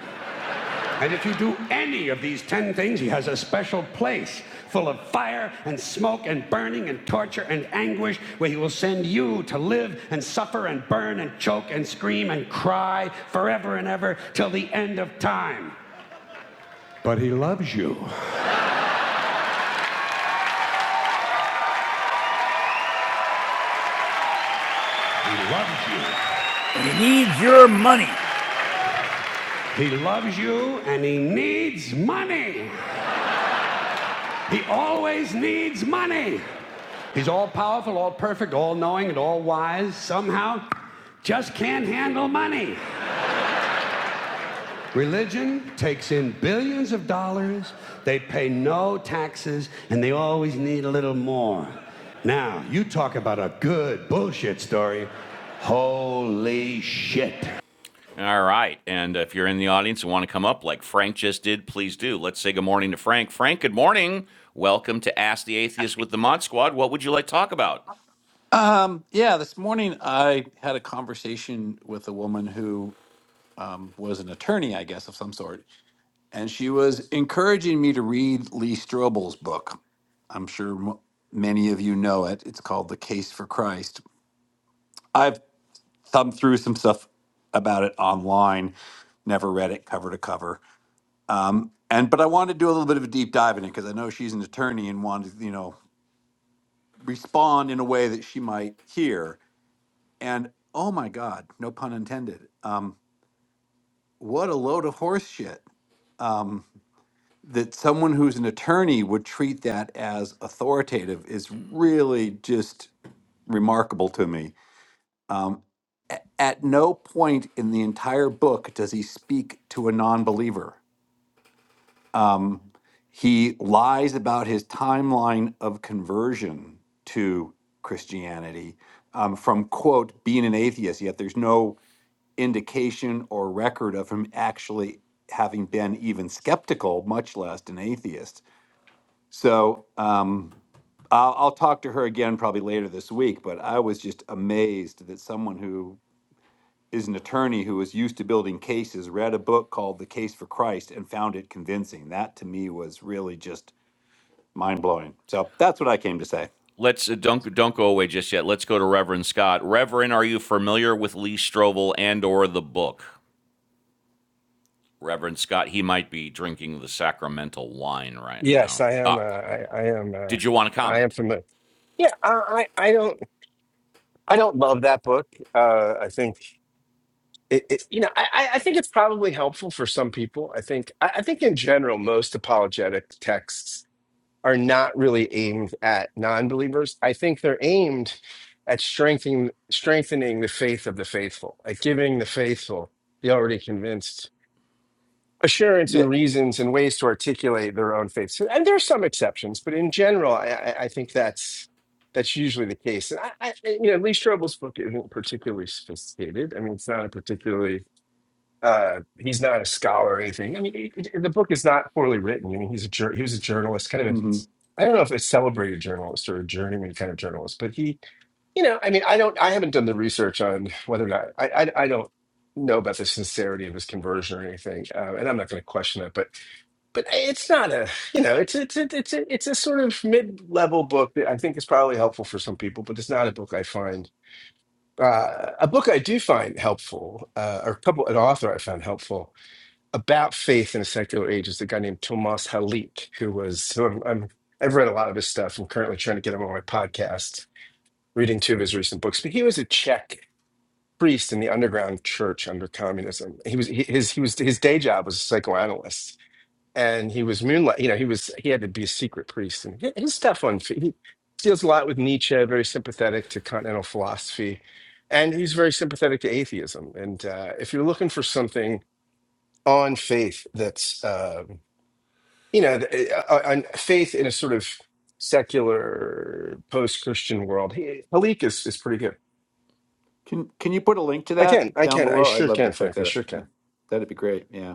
Speaker 1: And if you do any of these 10 things, he has a special place full of fire and smoke and burning and torture and anguish where he will send you to live and suffer and burn and choke and scream and cry forever and ever till the end of time. But he loves you. He loves you.
Speaker 4: And he needs your money.
Speaker 1: He loves you and he needs money. He always needs money. He's all powerful, all perfect, all knowing, and all wise. Somehow, just can't handle money. Religion takes in billions of dollars, they pay no taxes, and they always need a little more. Now, you talk about a good bullshit story. Holy shit. All right. And if you're in the audience and want to come up like Frank just did, please do. Let's say good morning to Frank. Frank, good morning. Welcome to Ask the Atheist with the Mod Squad. What would you like to talk about?
Speaker 14: Um, yeah, this morning I had a conversation with a woman who um, was an attorney, I guess, of some sort, and she was encouraging me to read Lee Strobel's book. I'm sure m- many of you know it. It's called The Case for Christ. I've thumbed through some stuff about it online, never read it cover to cover. Um, and but I wanted to do a little bit of a deep dive in it because I know she's an attorney and wanted, you know, respond in a way that she might hear. And oh my God, no pun intended. Um, what a load of horse shit. Um, that someone who's an attorney would treat that as authoritative is really just remarkable to me. Um, a- at no point in the entire book does he speak to a non believer. Um, he lies about his timeline of conversion to Christianity um, from, quote, being an atheist, yet there's no indication or record of him actually having been even skeptical, much less an atheist. So um, I'll, I'll talk to her again probably later this week, but I was just amazed that someone who is an attorney who is used to building cases read a book called The Case for Christ and found it convincing. That to me was really just mind blowing. So that's what I came to say.
Speaker 1: Let's uh, don't don't go away just yet. Let's go to Reverend Scott. Reverend, are you familiar with Lee Strobel and or the book? Reverend Scott, he might be drinking the sacramental wine right
Speaker 3: Yes,
Speaker 1: now.
Speaker 3: I am. Uh,
Speaker 1: Ah,
Speaker 3: I, I am. Uh,
Speaker 1: did you want to
Speaker 3: I am
Speaker 1: comment?
Speaker 3: familiar. Yeah, I, I, I don't. I don't love that book. Uh, I think it, it. You know, I, I I think it's probably helpful for some people. I think. I, I think in general, most apologetic texts are not really aimed at non-believers. I think they're aimed at strengthening strengthening the faith of the faithful, at giving the faithful, the already convinced, assurance
Speaker 14: Yeah.
Speaker 3: and reasons and ways to articulate their own faith. So, and there are some exceptions, but in general, I, I I think that's that's usually the case. And I, I, you know, Lee Strobel's book isn't particularly sophisticated. I mean, it's not a particularly uh, he's not a scholar or anything. I mean, it, it- the book is not poorly written. I mean, he's a jour- he was a journalist, kind of. A,
Speaker 14: hmm
Speaker 3: I don't know if a celebrated journalist or a journeyman kind of journalist, but he, you know, I mean, I don't, I haven't done the research on whether or not I, I, I don't know about the sincerity of his conversion or anything, uh, and I'm not going to question it. But, but it's not a, you know, it's it's it's it's a, it's a sort of mid-level book that I think is probably helpful for some people, but it's not a book I find uh, a book I do find helpful, uh, or a couple, an author I found helpful about faith in a secular age is a guy named Tomas Halik, who was who I'm, I'm I've read a lot of his stuff. I'm currently trying to get him on my podcast, reading two of his recent books. But he was a Czech priest in the underground church under communism. He was he, his he was his day job was a psychoanalyst, and he was moonlight. You know, he was he had to be a secret priest, and his, his stuff on fa- he deals a lot with Nietzsche, very sympathetic to continental philosophy. And he's very sympathetic to atheism. And uh, if you're looking for something on faith that's um, you know, the- uh, uh, on faith in a sort of secular post-Christian world. He, Halik is, is pretty good.
Speaker 14: Can, can you put a link to
Speaker 3: I can,
Speaker 14: that
Speaker 3: I
Speaker 14: down
Speaker 3: can, I
Speaker 14: below? I'd
Speaker 3: sure
Speaker 14: love to
Speaker 3: can,
Speaker 14: check
Speaker 3: Frank. I
Speaker 14: that out.
Speaker 3: sure
Speaker 14: Yeah.
Speaker 3: can.
Speaker 14: That'd be great. Yeah.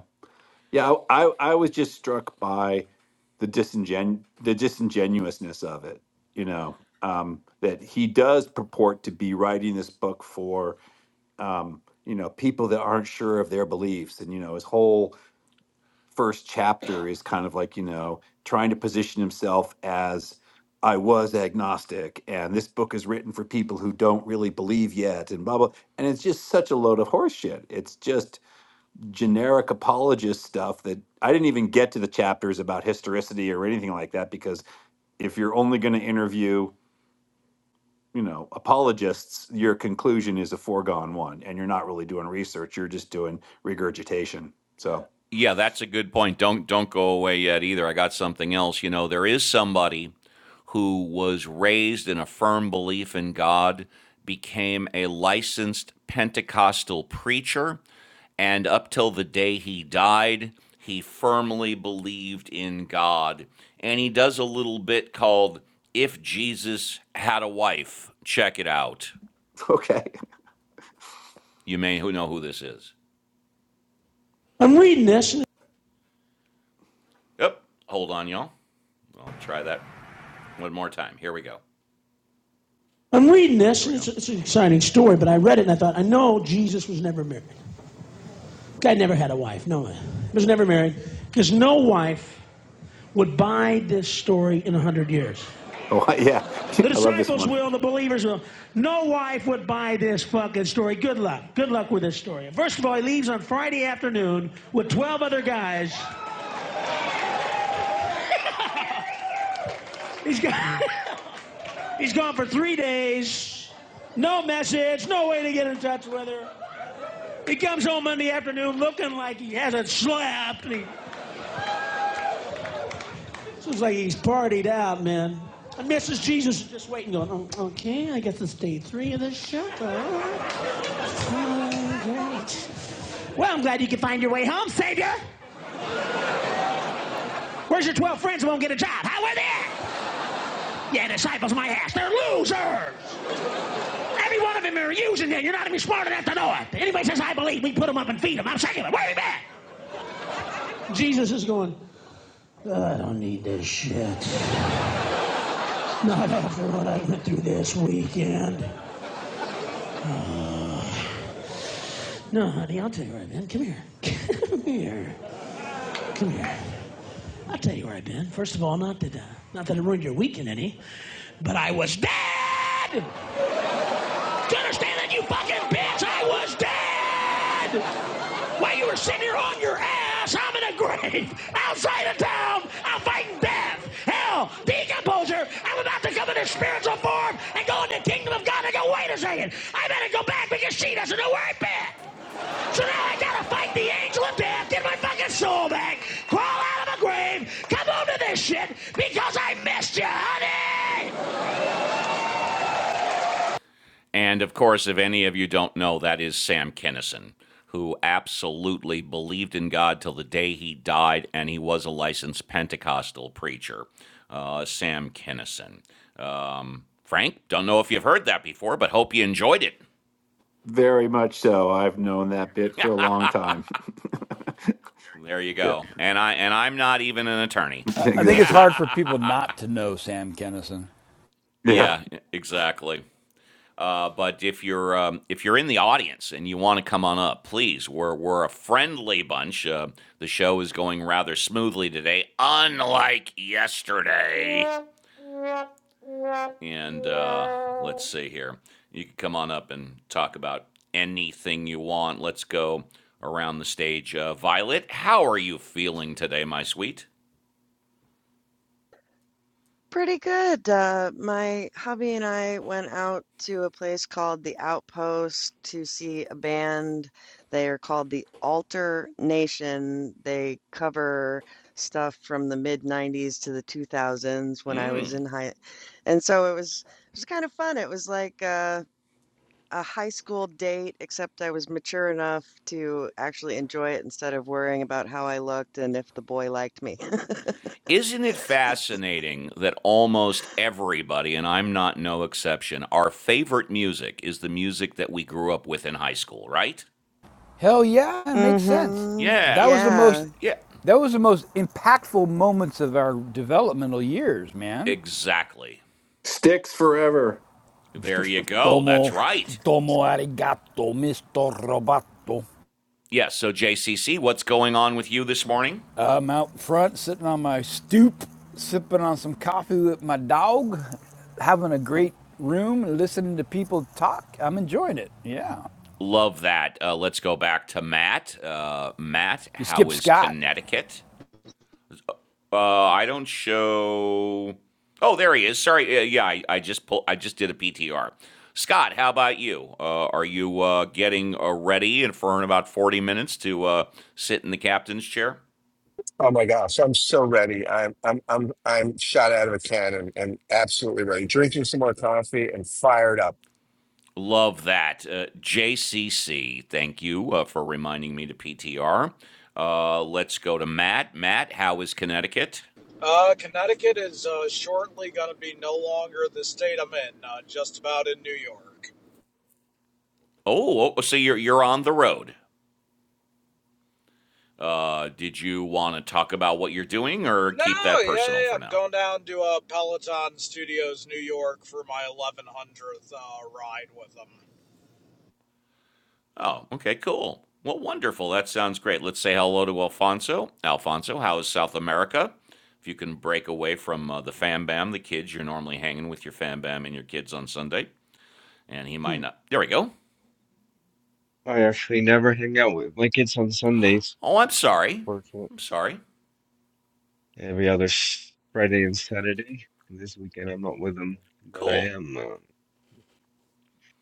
Speaker 14: Yeah, I I I was just struck by the disingen the disingenuousness of it. You know um, that he does purport to be writing this book for um, you know people that aren't sure of their beliefs, and you know his whole first chapter is kind of like you know trying to position himself as I was agnostic, and this book is written for people who don't really believe yet, and blah blah. And it's just such a load of horseshit. It's just generic apologist stuff that I didn't even get to the chapters about historicity or anything like that because if you're only going to interview, you know, apologists, your conclusion is a foregone one and you're not really doing research, you're just doing regurgitation. So,
Speaker 1: Yeah, that's a good point. Don't don't go away yet either. I got something else. You know, there is somebody who was raised in a firm belief in God, became a licensed Pentecostal preacher, and up till the day he died, he firmly believed in God. And he does a little bit called If Jesus Had a Wife. Check it out.
Speaker 14: okay.
Speaker 1: You may who know who this is. I'm reading this. Yep. Hold on, y'all. I'll try that One more time. Here we go. I'm reading this, and it's, it's an exciting story, but I read it and I thought, I know Jesus was never married. The Guy never had a wife. No, he was never married because no wife would buy this story in a 100 years.
Speaker 14: Oh, I- yeah.
Speaker 1: The
Speaker 14: I love this
Speaker 1: disciples
Speaker 14: one.
Speaker 1: will, the believers will. No wife would buy this fucking story. Good luck. Good luck with this story. First of all, he leaves on Friday afternoon with 12 other guys. He's gone, he's gone for three days. No message, no way to get in touch with her. He comes home Monday afternoon looking like he hasn't slept. And he looks like he's partied out, man. And Mrs. Jesus is just waiting, going, "Oh, okay, I guess it's day three of the show. Oh, great. Well, I'm glad you could find your way home, Savior. Where's your 12 friends who won't get a job? How are they? Yeah, disciples, of my ass. They're losers. Every one of them are using them. You're not even smart enough to know it. Anybody says, I believe, we put them up and feed them. I'm saying it. Where are you been? Jesus is going, oh, I don't need this shit. Not after what I went through this weekend. No, honey, I'll tell you where I've been. Come here. Come here. Come here. I'll tell you where I've been. First of all, not that, uh, not that it ruined your weekend any, but I was dead! Do you understand that, you fucking bitch? I was dead! While you were sitting here on your ass, I'm in a grave outside of town. I'm fighting death, hell, decomposure. I'm about to come into spiritual form and go into the kingdom of God. I go, wait a second. I better go back because she doesn't know where I've been. So now I gotta fight the angel of death, get my fucking soul back, crawl out of a grave, come over to this shit because I missed you, honey! And of course, if any of you don't know, that is Sam Kennison, who absolutely believed in God till the day he died, and he was a licensed Pentecostal preacher. Uh, Sam Kennison. Um, Frank, don't know if you've heard that before, but hope you enjoyed it.
Speaker 14: Very much so. I've known that bit for a long time.
Speaker 1: There you
Speaker 14: yeah,
Speaker 1: go. And I and I'm not even an attorney.
Speaker 4: I I think it's
Speaker 14: exactly.
Speaker 4: hard for people not to know Sam Kennison.
Speaker 14: Yeah.
Speaker 1: Yeah, exactly. Uh, but if you're um, if you're in the audience and you want to come on up, please. We're we're a friendly bunch. Uh, the show is going rather smoothly today, unlike yesterday. And uh, let's see here. You can come on up and talk about anything you want. Let's go around the stage. Uh, Violet, how are you feeling today, my sweet?
Speaker 2: Pretty good. Uh, my hubby and I went out to a place called The Outpost to see a band. They are called The Alter Nation. They cover stuff from the mid 90s to the 2000s when I was in high. And so it was it was kind of fun. It was like a, a high school date, except I was mature enough to actually enjoy it instead of worrying about how I looked and if the boy liked me.
Speaker 1: Isn't it fascinating that almost everybody, and I'm not no exception, our favorite music is the music that we grew up with in high school, right?
Speaker 4: Hell yeah, it makes sense.
Speaker 2: Mm-hmm.
Speaker 4: That
Speaker 1: Yeah.
Speaker 4: was the
Speaker 1: Y-
Speaker 2: Yeah.
Speaker 4: most
Speaker 1: yeah.
Speaker 4: that was the most impactful moments of our developmental years, man.
Speaker 1: Exactly.
Speaker 14: Sticks forever.
Speaker 1: There you go. That's
Speaker 4: Domo
Speaker 1: right.
Speaker 4: domo arigato, Mr. Roboto.
Speaker 1: Yes. so, JCC, what's going on with you this morning?
Speaker 4: I'm out front sitting on my stoop, sipping on some coffee with my dog, having a great room and listening to people talk. I'm enjoying it. Yeah.
Speaker 1: Love that. Uh, let's go back to Matt. Uh, Matt,
Speaker 4: You
Speaker 1: how
Speaker 4: skip
Speaker 1: is
Speaker 4: Scott.
Speaker 1: Connecticut? Uh, I don't show. Oh, there he is. Sorry. Uh, yeah, I, I just pull. I just did a PTR. Scott, how about you? Uh, are you uh, getting uh, ready and for in about forty minutes to uh, sit in the captain's chair?
Speaker 3: Oh my gosh, I'm so ready. I'm, I'm, I'm, I'm shot out of a cannon and and absolutely ready. Drinking some more coffee and fired up.
Speaker 1: Love that. Uh, JCC, thank you uh, for reminding me to PTR. Uh, let's go to Matt. Matt, how is Connecticut?
Speaker 7: Uh, Connecticut is uh, shortly going to be no longer the state I'm in, uh, just about in New York.
Speaker 1: Oh, oh, oh, so you're you're on the road. Uh, did you want to talk about what you're doing, or
Speaker 7: No,
Speaker 1: keep that
Speaker 7: yeah, yeah,
Speaker 1: personal
Speaker 7: yeah,
Speaker 1: for
Speaker 7: I'm
Speaker 1: now?
Speaker 7: going down to uh, Peloton Studios, New York for my 1100th uh, ride with them.
Speaker 1: Oh, okay, cool. Well, wonderful. That sounds great. Let's say hello to Alfonso. Alfonso, how is South America? If you can break away from uh, the fam bam, the kids, you're normally hanging with your fam bam and your kids on Sunday, and he might not. There we go.
Speaker 10: I actually never hang out with my kids on Sundays.
Speaker 1: Oh, I'm sorry.
Speaker 10: Work
Speaker 1: I'm sorry.
Speaker 10: every other Friday and Saturday. This weekend I'm not with them, but I
Speaker 1: Cool.
Speaker 10: am. Um,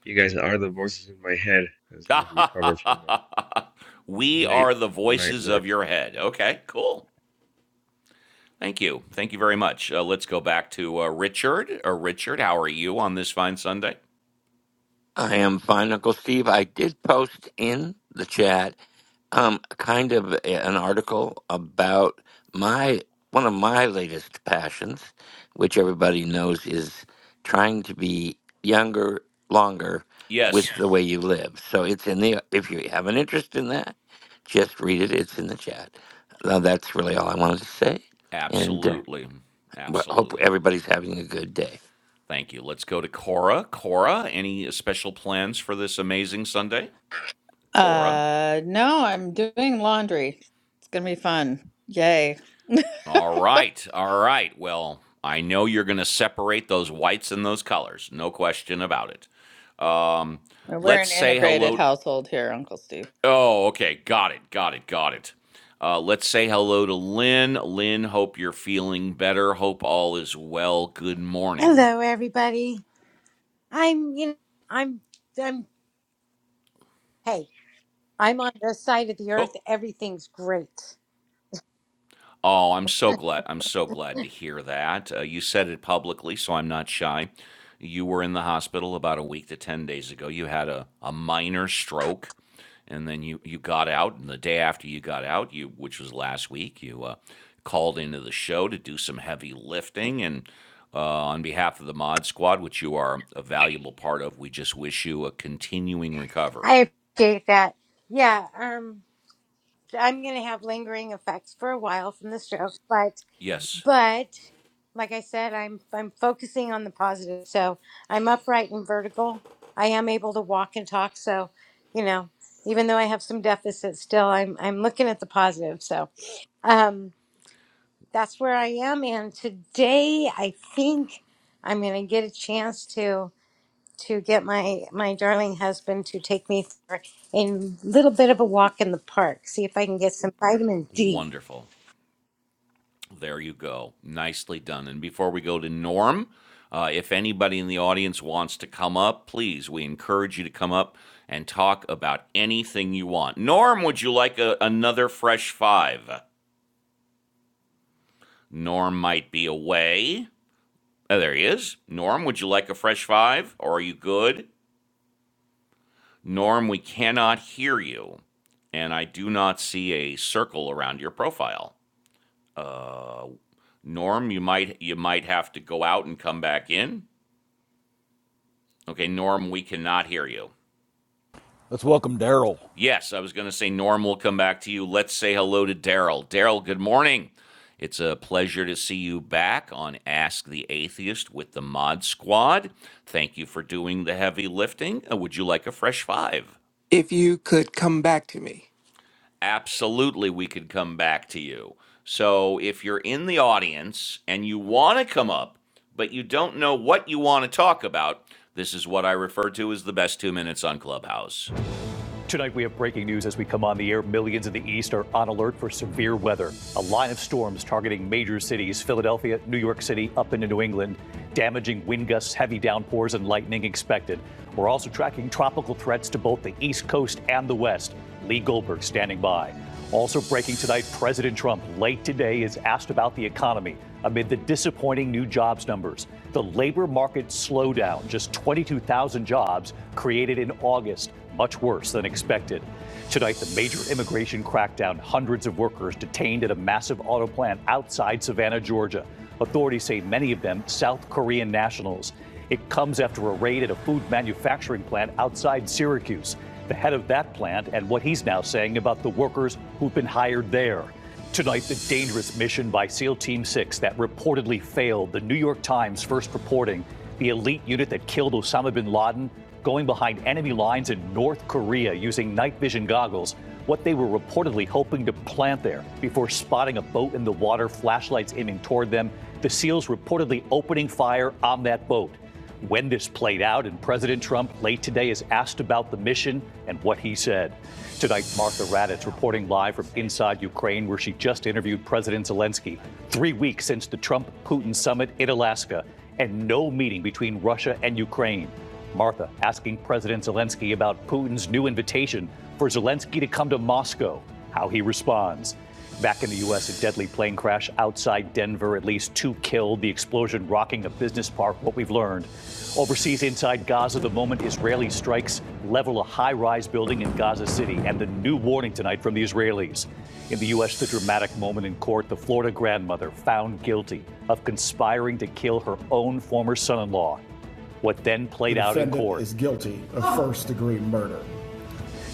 Speaker 10: you guys are the voices in my head as I
Speaker 1: Aha,
Speaker 10: recover from a
Speaker 1: we
Speaker 10: late
Speaker 1: are the
Speaker 10: night
Speaker 1: voices
Speaker 10: work.
Speaker 1: of your head. Okay, cool. Thank you. Thank you very much. Uh, let's go back to uh, Richard. Uh, Richard, how are you on this fine Sunday?
Speaker 12: I am fine, Uncle Steve. I did post in the chat um kind of a- an article about my one of my latest passions, which everybody knows is trying to be younger longer with
Speaker 1: Yes,
Speaker 12: the way you live. So it's in the if you have an interest in that, just read it. It's in the chat. Now that's really all I wanted to say, and uh,
Speaker 1: absolutely.
Speaker 12: well, hope
Speaker 1: Absolutely.
Speaker 12: everybody's having a good day.
Speaker 1: Thank you. Let's go to Cora. Cora, any special plans for this amazing Sunday? Cora.
Speaker 13: Uh, no, I'm doing laundry. It's gonna be fun. Yay.
Speaker 1: All right. All right. Well, I know you're going to separate those whites and those colors. No question about it. Um,
Speaker 13: And We're
Speaker 1: let's
Speaker 13: an
Speaker 1: say
Speaker 13: integrated
Speaker 1: hello.
Speaker 13: household here, Uncle Steve.
Speaker 1: Oh, okay. Got it. Got it. Got it. Uh, let's say hello to Lynn. Lynn, hope you're feeling better. Hope all is well. Good morning.
Speaker 15: Hello, everybody. I'm, you know, I'm, I'm, hey, I'm on this side of the earth.
Speaker 1: Oh,
Speaker 15: Everything's great.
Speaker 1: Oh, I'm so glad. I'm so glad to hear that. Uh, you said it publicly, so I'm not shy. You were in the hospital about a week to 10 days ago. You had a, a minor stroke, and then you, you got out. And the day after you got out, you which was last week, you uh, called into the show to do some heavy lifting. And uh, on behalf of the Mod Squad, which you are a valuable part of, we just wish you a continuing recovery.
Speaker 15: I appreciate that. Yeah, um, I'm going to have lingering effects for a while from the stroke, but,
Speaker 1: Yes,
Speaker 15: but like I said, I'm, I'm focusing on the positive. So I'm upright and vertical. I am able to walk and talk. So, you know, even though I have some deficits still, I'm, I'm looking at the positive. So, um. That's where I am, and today I think I'm going to get a chance to to get my my darling husband to take me for a little bit of a walk in the park. See if I can get some vitamin D.
Speaker 1: wonderful. There you go. Nicely done. And before we go to Norm, uh, if anybody in the audience wants to come up, please, we encourage you to come up and talk about anything you want. Norm, would you like a, another fresh five? Norm might be away. Oh, there he is. Norm, would you like a fresh five? Or are you good? Norm, we cannot hear you. And I do not see a circle around your profile. Uh, Norm, you might you might have to go out and come back in. Okay, Norm, we cannot hear you.
Speaker 4: Let's welcome Daryl.
Speaker 1: Yes, I was going to say, Norm, we'll come back to you. Let's say hello to Daryl. Daryl, good morning. It's a pleasure to see you back on Ask the Atheist with the Mod Squad. Thank you for doing the heavy lifting. Uh, Would you like a fresh five?
Speaker 16: if you could come back to me.
Speaker 1: Absolutely, we could come back to you. So if you're in the audience and you want to come up, but you don't know what you want to talk about, this is what I refer to as the best two minutes on Clubhouse. Tonight, we have breaking news as we come on the air. Millions in the East are on alert for severe weather. A line of storms targeting major cities Philadelphia, New York City, up into New England. Damaging wind gusts, heavy downpours, and lightning expected. We're also tracking tropical threats to both the East Coast and the West. Lee Goldberg standing by. Also breaking tonight, President Trump late today is asked about the economy amid the disappointing new jobs numbers. The labor market slowdown, just 22,000 jobs created in August, much worse than expected. Tonight, the major immigration crackdown, hundreds of workers detained at a massive auto plant outside Savannah, Georgia. Authorities say many of them South Korean nationals. It comes after a raid at a food manufacturing plant outside Syracuse. The head of that plant and what he's now saying about the workers who've been hired there. Tonight, the dangerous mission by SEAL Team 6 that reportedly failed. The New York Times first reporting the elite unit that killed Osama bin Laden going behind enemy lines in North Korea using night vision goggles, what they were reportedly hoping to plant there before spotting a boat in the water, flashlights aiming toward them, the SEALs reportedly opening fire on that boat when this played out, and President Trump late today is asked about the mission and what he said. Tonight, Martha Raddatz reporting live from inside Ukraine, where she just interviewed President Zelensky. Three weeks since the Trump Putin summit in Alaska, and no meeting between Russia and Ukraine. Martha asking President Zelensky about Putin's new invitation for Zelensky to come to Moscow, how he responds. Back in the U.S., a deadly plane crash outside Denver, at least two killed, the explosion rocking a business park, what we've learned. Overseas, inside Gaza, the moment Israeli strikes level a high rise building in Gaza City, and the new warning tonight from the Israelis. In the U.S., the dramatic moment in court the Florida grandmother found guilty of conspiring to kill her own former son in law. What then played out in court? The defendant Is guilty of first degree murder.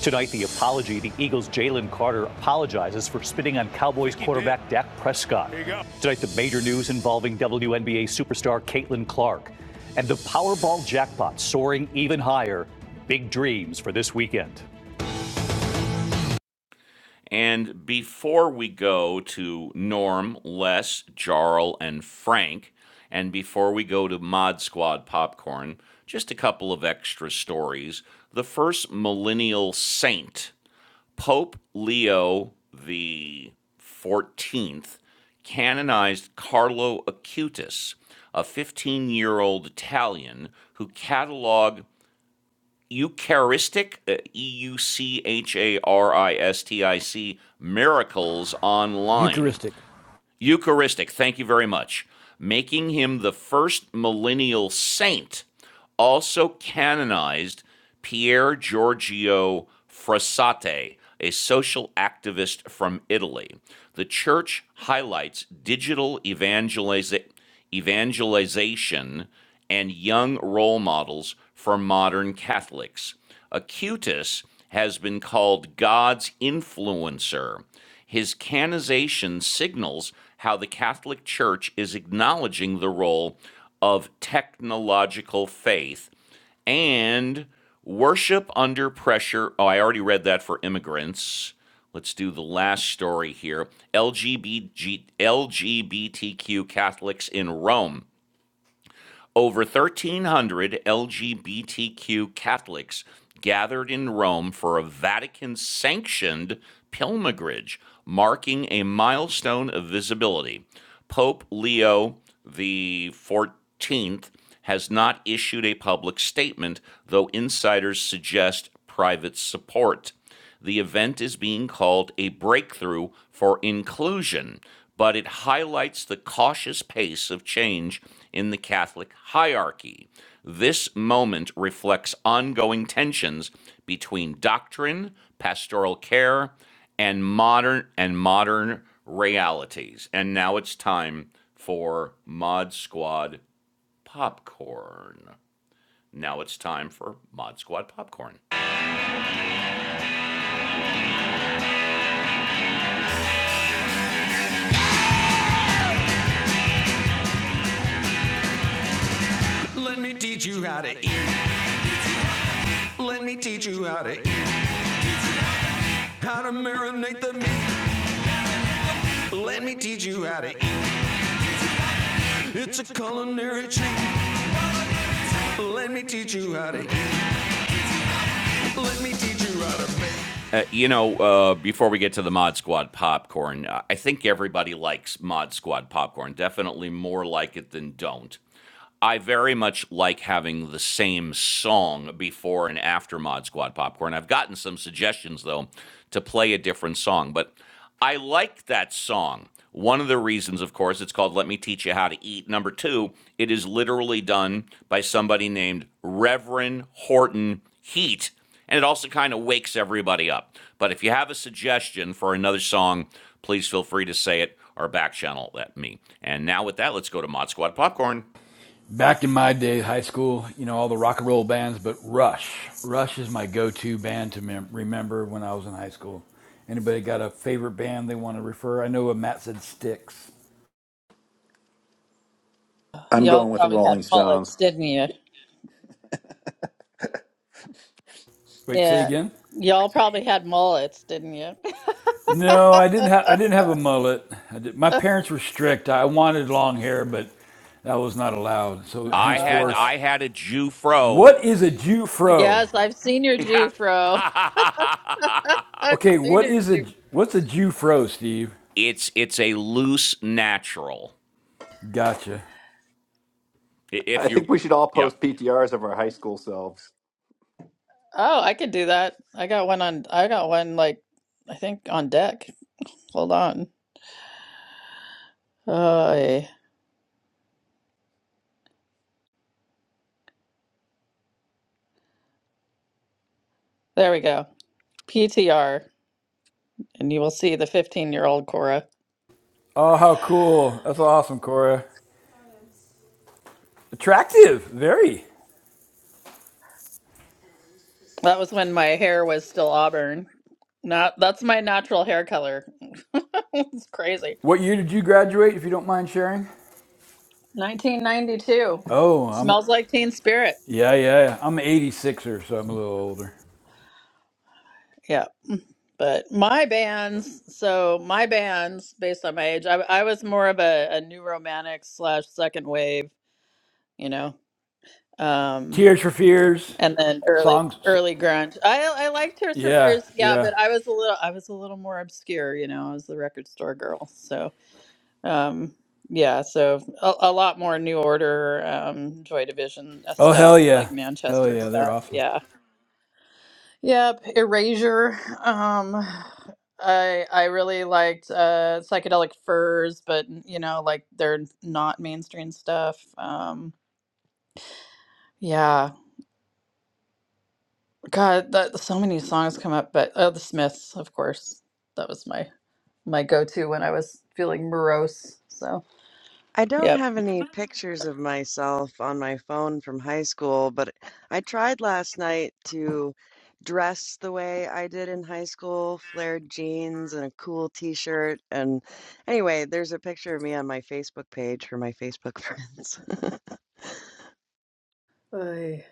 Speaker 1: Tonight, the apology. The Eagles' Jalen Carter apologizes for spitting on Cowboys quarterback Dak Prescott. Tonight, the major news involving WNBA superstar Caitlin Clark. And the Powerball jackpot soaring even higher. Big dreams for this weekend. And before we go to Norm, Les, Jarl, and Frank, and before we go to Mod Squad Popcorn, just a couple of extra stories. The first millennial saint Pope Leo the 14th canonized Carlo Acutis, a 15 year old Italian who cataloged Eucharistic, uh, E U C H A R I S T I C, miracles online.
Speaker 4: Eucharistic.
Speaker 1: Eucharistic, thank you very much. Making him the first millennial saint, also canonized Pier Giorgio Frassate, a social activist from Italy. The church highlights digital evangeliza- evangelization and young role models for modern Catholics. Acutis has been called God's influencer. His canonization signals how the Catholic Church is acknowledging the role of technological faith and worship under pressure. Oh, I already read that for immigrants. Let's do the last story here LGBTQ Catholics in Rome. Over 1,300 LGBTQ Catholics gathered in Rome for a Vatican sanctioned pilgrimage, marking a milestone of visibility. Pope Leo the 14th has not issued a public statement, though insiders suggest private support. The event is being called a breakthrough for inclusion, but it highlights the cautious pace of change in the Catholic hierarchy. This moment reflects ongoing tensions between doctrine, pastoral care, and modern and modern realities. And now it's time for Mod Squad popcorn. Now it's time for Mod Squad popcorn. Let me teach you how to Let me teach you how to eat, how to marinate the meat. Let me teach you how to eat. It's a culinary treat. Let me teach you how to eat. Let me teach you how to. Uh, you know, uh, before we get to the Mod Squad popcorn, uh, I think everybody likes Mod Squad popcorn. Definitely more like it than don't. I very much like having the same song before and after Mod Squad Popcorn. I've gotten some suggestions, though, to play a different song, but I like that song. One of the reasons, of course, it's called Let Me Teach You How to Eat. Number two, it is literally done by somebody named Reverend Horton Heat. And it also kind of wakes everybody up. But if you have a suggestion for another song, please feel free to say it or back channel at me. And now with that, let's go to Mod Squad Popcorn.
Speaker 4: back in my day, high school, you know, all the rock and roll bands, but Rush. Rush is my go to band to mem- remember when I was in high school. Anybody got a favorite band they want to refer? I know Matt said Sticks.
Speaker 14: I'm
Speaker 13: Y'all
Speaker 14: going with the
Speaker 13: probably had
Speaker 14: Rolling Stones.
Speaker 13: mullets, didn't you?
Speaker 4: Wait, say
Speaker 13: Yeah.
Speaker 4: again?
Speaker 13: Y'all probably had mullets, didn't you?
Speaker 4: No, I didn't have I didn't have a mullet. I did- my parents were strict. I wanted long hair, but that was not allowed. So
Speaker 1: I had
Speaker 13: Oh.
Speaker 4: henceforth,
Speaker 1: I had a Jew fro.
Speaker 4: what is a Jew fro?
Speaker 13: Yes, I've seen your Jufro. I've
Speaker 4: Okay,
Speaker 13: seen
Speaker 4: what
Speaker 13: your
Speaker 4: is a
Speaker 13: Jufro.
Speaker 4: what's a Jew fro, Steve?
Speaker 1: it's it's a loose natural.
Speaker 4: Gotcha.
Speaker 1: If
Speaker 14: I
Speaker 1: you
Speaker 14: think we should all
Speaker 1: yeah.
Speaker 14: post PTRs of our high school selves.
Speaker 13: Oh, I could do that. I got one on. I got one like I think on deck. Hold on. Oh, there we go. PTR, and you will see the 15-year-old Cora.
Speaker 4: Oh, how cool! That's awesome, Cora. Attractive, very.
Speaker 13: That was when my hair was still auburn. Not that's my natural hair color. It's crazy.
Speaker 4: What year did you graduate, if you don't mind sharing?
Speaker 13: 1992.
Speaker 4: Oh, I'm
Speaker 13: Smells like Teen Spirit.
Speaker 4: yeah, yeah, yeah. I'm an 86er, so I'm a little older.
Speaker 13: Yeah. But my bands, so my bands, based on my age, I, I was more of a, a new romantic slash second wave, you know, um,
Speaker 4: Tears for Fears,
Speaker 13: and then early
Speaker 4: songs. so-
Speaker 13: early grunge. I I liked Tears for
Speaker 4: yeah,
Speaker 13: Fears, yeah,
Speaker 4: yeah.
Speaker 13: but I was a little I was a little more obscure, you know. I was the record store girl, so um, yeah, so a, a lot more New Order, um, Joy Division uh,
Speaker 4: Oh
Speaker 13: stuff
Speaker 4: hell yeah,
Speaker 13: like
Speaker 4: hell
Speaker 13: Manchester
Speaker 4: yeah, they're
Speaker 13: stuff,
Speaker 4: awesome.
Speaker 13: yeah. Yep, Erasure. Um, I I really liked uh, Psychedelic Furs, but you know, like they're not mainstream stuff. Um, yeah, God, that so many songs come up, but oh, The Smiths, of course, that was my my go-to when I was feeling morose. So,
Speaker 2: I don't
Speaker 13: yep.
Speaker 2: have any pictures of myself on my phone from high school, but I tried last night to dress the way I did in high school, flared jeans and a cool t-shirt. And anyway, there's a picture of me on my Facebook page for my Facebook friends.
Speaker 13: Ay.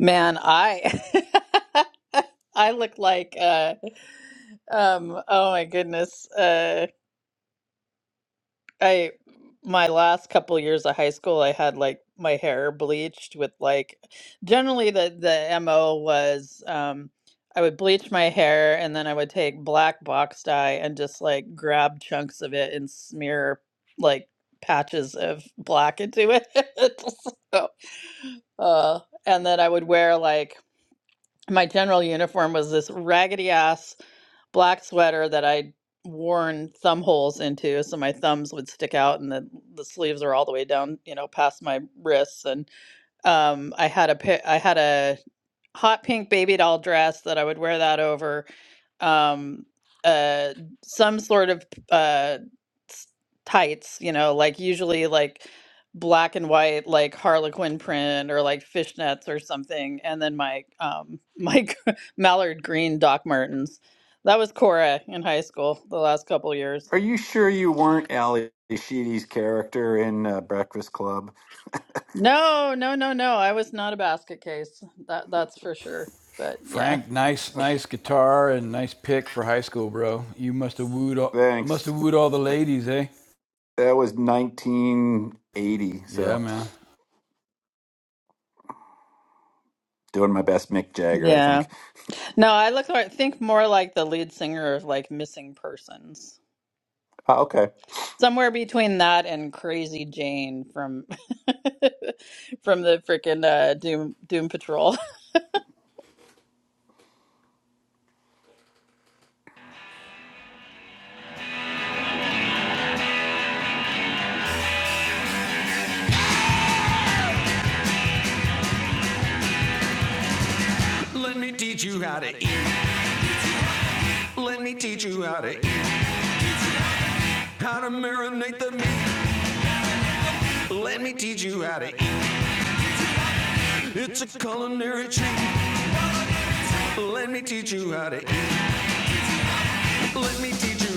Speaker 13: Man, I I look like uh, um, oh my goodness, Uh, I my last couple years of high school, I had like my hair bleached with like generally the the MO was um I would bleach my hair and then I would take black box dye and just like grab chunks of it and smear like patches of black into it. So, uh, and then I would wear like my general uniform was this raggedy ass black sweater that I'd worn thumb holes into so my thumbs would stick out and the, the sleeves are all the way down you know past my wrists and um i had a pa- i had a hot pink baby doll dress that I would wear that over um uh some sort of uh s- tights, you know, like usually like black and white like harlequin print or like fishnets or something and then my um my g- mallard green Doc Martens. That was Cora in high school the last couple years.
Speaker 14: Are you sure you weren't Ali Sheedy's character in uh, Breakfast Club?
Speaker 13: No, no, no, no. I was not a basket case. That that's for sure. But yeah,
Speaker 4: Frank, nice,
Speaker 14: Okay,
Speaker 4: nice guitar and nice pick for high school, bro. You must have wooed, all,
Speaker 14: thanks.
Speaker 4: must have wooed all the ladies, eh?
Speaker 14: That was 1980,
Speaker 4: Yeah,
Speaker 14: so
Speaker 4: man.
Speaker 14: doing my best Mick Jagger, I
Speaker 13: yeah.
Speaker 14: think.
Speaker 13: No, I look like, think more like the lead singer of like Missing Persons.
Speaker 14: Ah, okay.
Speaker 13: Somewhere between that and Crazy Jane from from the frickin' uh, Doom Doom Patrol
Speaker 1: Let me teach you how to eat. Let me teach you how to eat. How to marinate the meat. Let me teach you how to eat. It's a culinary treat. Let me teach you how to eat. Let me teach you how to eat.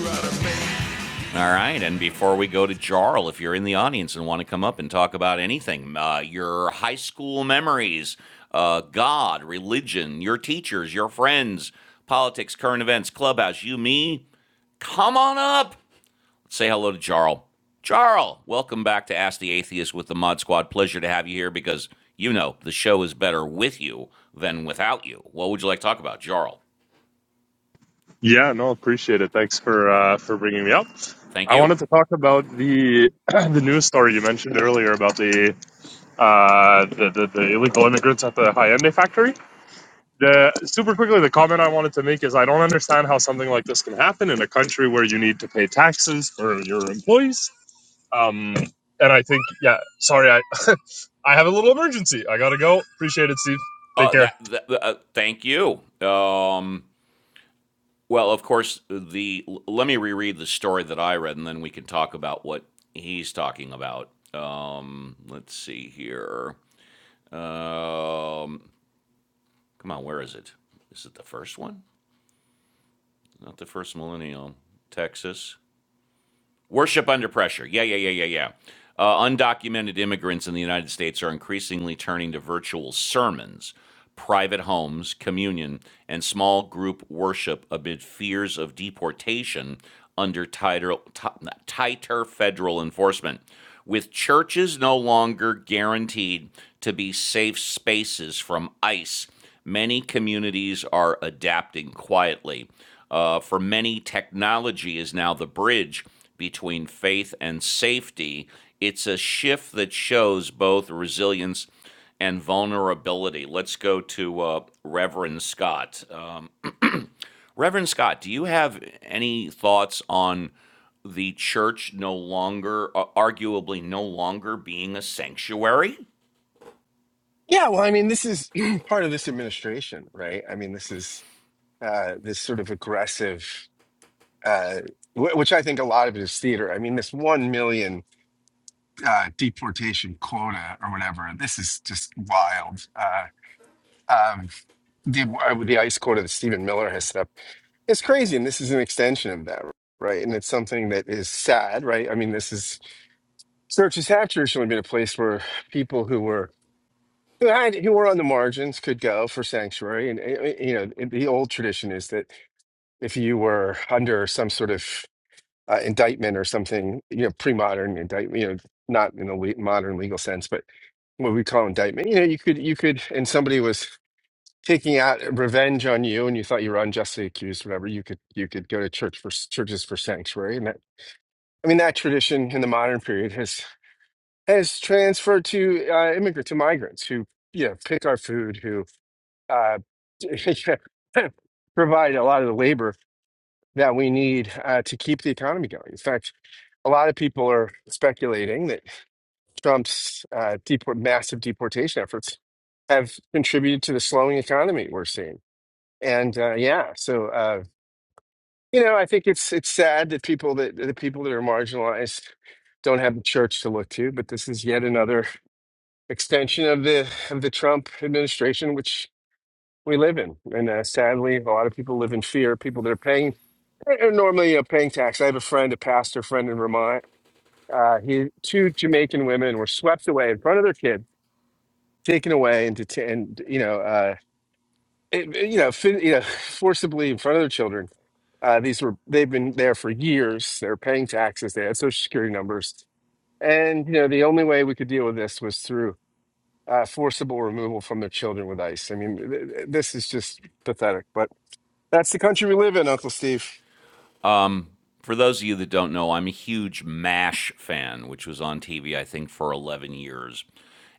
Speaker 1: All right, and before we go to Jarl, if you're in the audience and want to come up and talk about anything, uh, your high school memories, uh, God, religion, your teachers, your friends, politics, current events, clubhouse, you, me, come on up. Say hello to Jarl. Jarl, welcome back to Ask the Atheist with the Mod Squad. Pleasure to have you here because you know the show is better with you than without you. What would you like to talk about, Jarl?
Speaker 17: Yeah, no, appreciate it. Thanks for uh, for bringing me up.
Speaker 1: Thank
Speaker 17: I
Speaker 1: you.
Speaker 17: wanted to talk about the the news story you mentioned earlier about the uh, the, the the illegal immigrants at the Hyundai factory. The super quickly, the comment I wanted to make is I don't understand how something like this can happen in a country where you need to pay taxes for your employees. Um, and I think, yeah, sorry, I I have a little emergency. I gotta go. Appreciate it, Steve. Take
Speaker 1: Uh,
Speaker 17: care.
Speaker 1: that, that uh, thank you. Um, Well, of course, the let me reread the story that I read, and then we can talk about what he's talking about. Um, let's see here. Um, come on, where is it? Is it the first one? Not the first millennial. Texas. Worship under pressure. Yeah, yeah, yeah, yeah, yeah. Uh, undocumented immigrants in the United States are increasingly turning to virtual sermons, private homes, communion, and small group worship amid fears of deportation under tighter, ti- tighter federal enforcement. With churches no longer guaranteed to be safe spaces from ICE Many communities are adapting quietly. Uh, for many, technology is now the bridge between faith and safety. It's a shift that shows both resilience and vulnerability. Let's go to uh, Reverend Scott. Uh, Reverend Scott, do you have any thoughts on the church no longer, uh, arguably no longer being a sanctuary?
Speaker 3: Yeah, well, I mean, this is part of this administration, right? I mean, this is uh, this sort of aggressive, uh, wh- which I think a lot of it is theater. I mean, this one million. uh, deportation quota or whatever. This is just wild. Uh, um, the uh, the ICE quota that Stephen Miller has set up is crazy, and this is an extension of that, right? And it's something that is sad, right? I mean, this is searches have traditionally been a place where people who were who had who were on the margins could go for sanctuary, and uh, you know, the old tradition is that if you were under some sort of uh, indictment or something, you know, pre-modern indictment, you know, not in a le modern legal sense, but what we call indictment. You know, you could, you could, and somebody was taking out revenge on you, and you thought you were unjustly accused, whatever. You could, you could go to church for churches for sanctuary, and that. I mean, that tradition in the modern period has has transferred to uh, immigrant to migrants who, you know, pick our food, who uh, provide a lot of the labor that we need uh, to keep the economy going. In fact, a lot of people are speculating that. Trump's uh, deport massive deportation efforts have contributed to the slowing economy we're seeing. And uh, yeah, so uh, you know, I think it's it's sad that people that the people that are marginalized don't have the church to look to. But this is yet another extension of the of the Trump administration, which we live in. And uh, sadly, a lot of people live in fear. People that are paying are normally you know, paying tax. I have a friend, a pastor friend in Vermont. Uh, he two Jamaican women were swept away in front of their kid taken away and detained, you know, uh, it, you know, fin- you know, forcibly in front of their children. Uh, these were they've been there for years. They're paying taxes. They had social security numbers, and you know, the only way we could deal with this was through uh, forcible removal from their children with ICE. I mean, th- th- this is just pathetic. But that's the country we live in, Uncle Steve.
Speaker 1: for those of you that don't know, I'm a huge MASH fan, which was on TV, I think, for 11 years.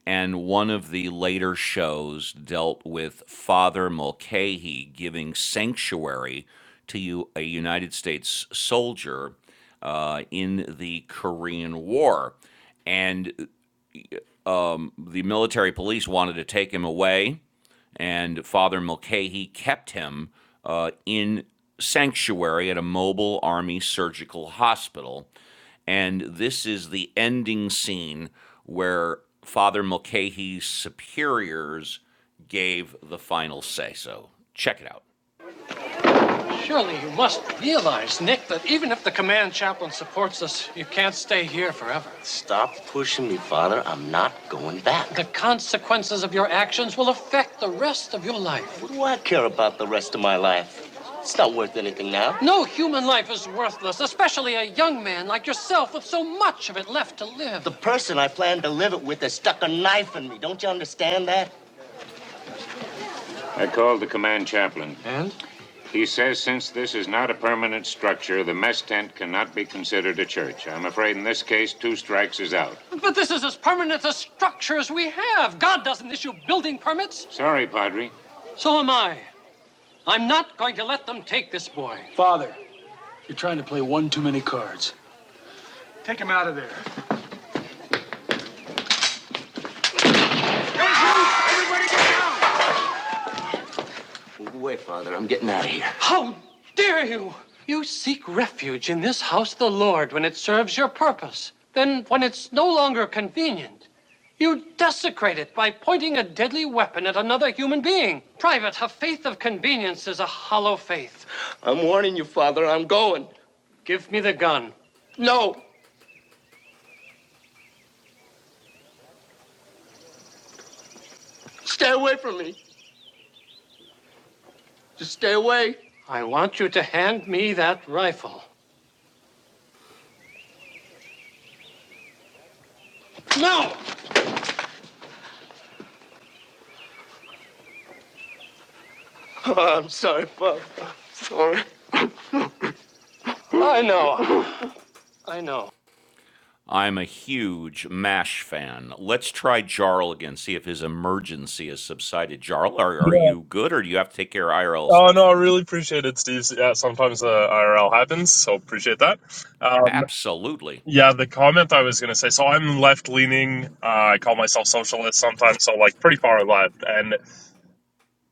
Speaker 1: And one of the later shows dealt with Father Mulcahy giving sanctuary to a United States soldier uh, in the Korean War. And um, the military police wanted to take him away, and Father Mulcahy kept him uh, in sanctuary at a mobile army surgical hospital. And this is the ending scene where Father Mulcahy's superiors gave the final say so. Check it out. The consequences of your actions will affect the rest. worth anything now. No human life is worthless, especially a young man like yourself with so much of it left to live. The pr- I plan to live it with has stuck a knife in me. Don't understand that? going to let them take this. How dare you! You seek refuge in this house the Lord when it serves your purpose. Then, when it's no longer convenient, you desecrate it by pointing a deadly weapon at another human being. Private, a faith of convenience is a hollow faith. Give me the gun. No. Stay away from me. Just stay away. I want you to hand me that rifle. No! Oh, I'm sorry, Bob. I'm Sorry. I'm a huge MASH fan. Let's try Jarl again, see if his emergency has subsided. Jarl, are, are you good or do you have to take care of IRL
Speaker 17: Oh
Speaker 1: stuff?
Speaker 17: no, I really appreciate it, Steve. Yeah, sometimes the IRL happens, so appreciate that. Um,
Speaker 1: Absolutely.
Speaker 17: yeah, the comment I was gonna say. So I'm left leaning. Uh, I call myself socialist sometimes, so like pretty far left, and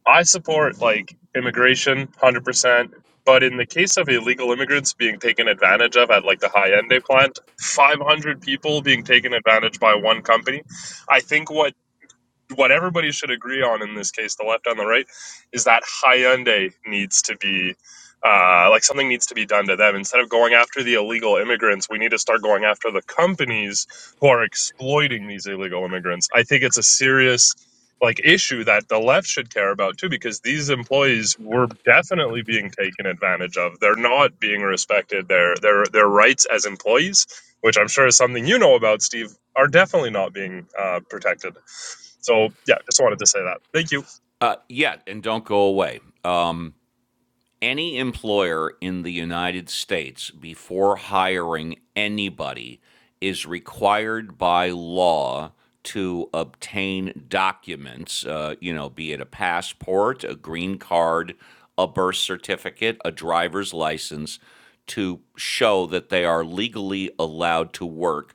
Speaker 17: I support like immigration, hundred percent. But in the case of illegal immigrants being taken advantage of at like the high end they plant, 500 people being taken advantage by one company, I think what what everybody should agree on in this case, the left and the right, is that Hyundai needs to be uh, like something needs to be done to them. Instead of going after the illegal immigrants, we need to start going after the companies who are exploiting these illegal immigrants. I think it's a serious like issue that the left should care about too, because these employees were definitely being taken advantage of. They're not being respected their their their rights as employees, which I'm sure is something you know about, Steve are definitely not being uh, protected. So yeah, just wanted to say that. Thank you.
Speaker 1: Uh, yeah, and don't go away. Um, any employer in the United States before hiring anybody is required by law to obtain documents, uh, you know, be it a passport, a green card, a birth certificate, a driver's license, to show that they are legally allowed to work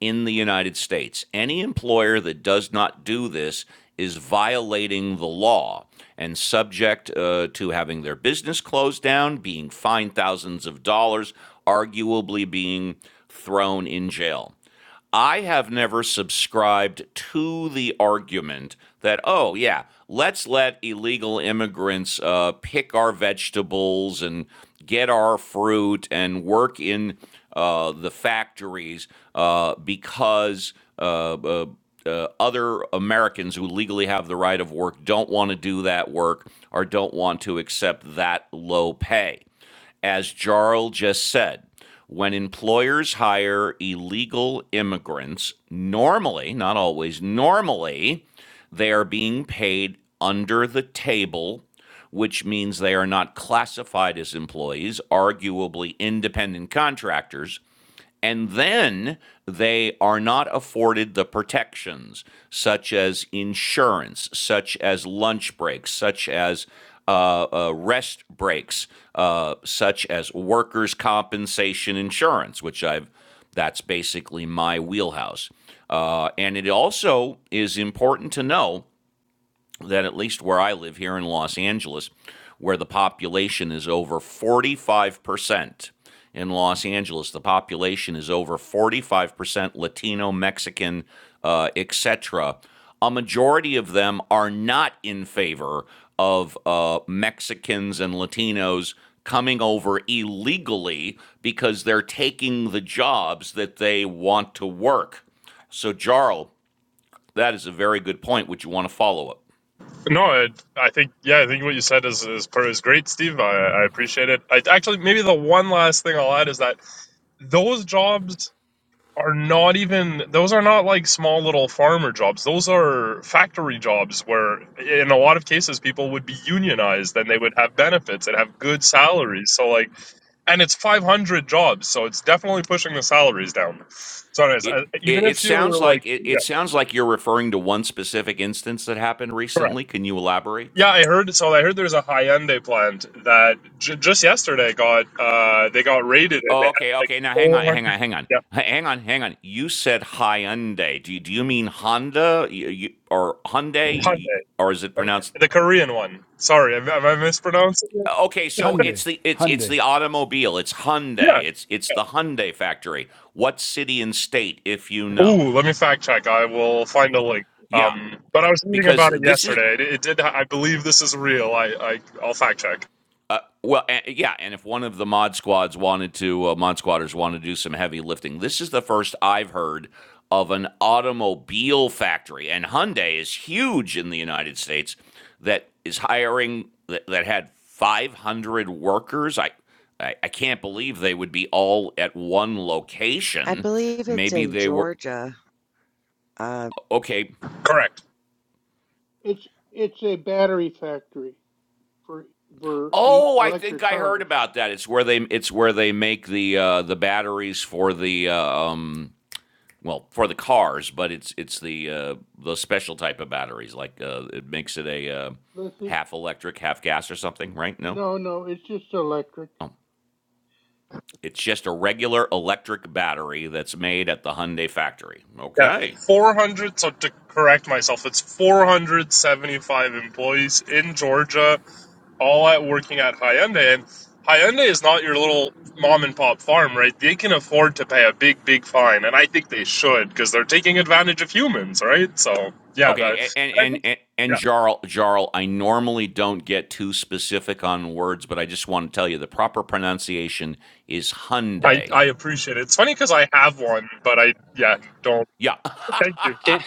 Speaker 1: in the United States. Any employer that does not do this is violating the law and subject uh, to having their business closed down, being fined thousands of dollars, arguably being thrown in jail. I have never subscribed to the argument that, oh, yeah, let's let illegal immigrants uh, pick our vegetables and get our fruit and work in uh, the factories uh, because uh, uh, uh, other Americans who legally have the right of work don't want to do that work or don't want to accept that low pay. As Jarl just said, when employers hire illegal immigrants, normally, not always, normally, they are being paid under the table, which means they are not classified as employees, arguably independent contractors and then they are not afforded the protections, such as insurance, such as lunch breaks, such as uh, uh, rest breaks, uh, such as workers' compensation insurance, which I've that's basically my wheelhouse. Uh, and it also is important to know that at least where I live here in Los Angeles, where the population is over 45%. In Los Angeles, the population is over 45% Latino, Mexican, uh, etc. A majority of them are not in favor of uh, Mexicans and Latinos coming over illegally because they're taking the jobs that they want to work. So, Jarl, that is a very good point. Would you want to follow up?
Speaker 17: No, I, I think yeah, I think what you said is is, per- is great, Steve. I, I appreciate it. I actually maybe the one last thing I'll add is that those jobs are not even those are not like small little farmer jobs. Those are factory jobs where in a lot of cases people would be unionized and they would have benefits and have good salaries. So like and it's 500 jobs so it's definitely pushing the salaries down so anyways I,
Speaker 1: it it,
Speaker 17: even
Speaker 1: it
Speaker 17: if
Speaker 1: sounds
Speaker 17: you're like
Speaker 1: like it,
Speaker 17: yeah
Speaker 1: it sounds like you're referring to one specific instance that happened
Speaker 17: correct
Speaker 1: recently. Can you
Speaker 17: yeah
Speaker 1: elaborate?
Speaker 17: i heard so i heard there's a Hyundai plant that j- just yesterday got uh they got raided and they
Speaker 1: Oh,
Speaker 17: had
Speaker 1: okay,
Speaker 17: like
Speaker 1: okay. Now hang on,
Speaker 17: 400
Speaker 1: hang on, hang on,
Speaker 17: yeah
Speaker 1: H- hang on, hang on. You said Hyundai. Do you, do you mean Honda you, you, or Hyundai, You- or is it pronounced?
Speaker 17: Hyundai. the korean one sorry have, have i mispronounced it
Speaker 1: Okay, so
Speaker 4: Hyundai,
Speaker 1: it's the it's it's
Speaker 4: Hyundai.
Speaker 1: the automobile. It's Hyundai.
Speaker 17: yeah
Speaker 1: It's it's the Hyundai factory. What city and state, if you know?
Speaker 17: ooh let me fact check i will find a link
Speaker 1: Yeah,
Speaker 17: um but i was reading
Speaker 1: because
Speaker 17: about it
Speaker 1: this is
Speaker 17: yesterday it, it did i believe this is real i, I i'll fact check
Speaker 1: Well, a yeah, and if one of the mod squads wanted to, uh, mod squatters wanted to do some heavy lifting, this is the first I've heard of an automobile factory, and Hyundai is huge in the United States. That is hiring that, that had 500 workers. I, I I can't believe they would be all at one
Speaker 2: I
Speaker 1: location.
Speaker 2: believe it's
Speaker 1: Maybe
Speaker 2: in
Speaker 1: they were
Speaker 2: Georgia. uh,
Speaker 1: okay.
Speaker 17: correct
Speaker 5: it's it's a battery factory for for e-
Speaker 1: Oh, I think
Speaker 5: electric
Speaker 1: I heard
Speaker 5: cars.
Speaker 1: about that. It's where they it's where they make the uh, the batteries for the uh, um, well for the cars, but it's it's the uh, the special type of batteries. Like uh, it makes it a uh,
Speaker 5: Let's see.
Speaker 1: half electric, half gas, or something, right? No,
Speaker 5: No, no, it's just electric.
Speaker 1: oh, it's just a regular electric battery that's made at the Hyundai factory.
Speaker 17: Yeah,
Speaker 1: Okay.
Speaker 17: 400. So to correct myself, it's 475 employees in Georgia, all at working at Hyundai. And Hyundai is not your little mom and pop farm, right? They can afford to pay a big, big fine, and I think they should because they're taking advantage of humans, right? So yeah,
Speaker 1: Okay,
Speaker 17: that,
Speaker 1: and
Speaker 17: and I
Speaker 1: and
Speaker 17: think
Speaker 1: and, and
Speaker 17: yeah,
Speaker 1: Jarl, Jarl, I normally don't get too specific on words, but I just want to tell you the proper pronunciation is
Speaker 17: I
Speaker 1: Hyundai.
Speaker 17: I appreciate it. It's funny because I have one, but I yeah don't.
Speaker 1: Yeah,
Speaker 17: Thank you.
Speaker 18: Can,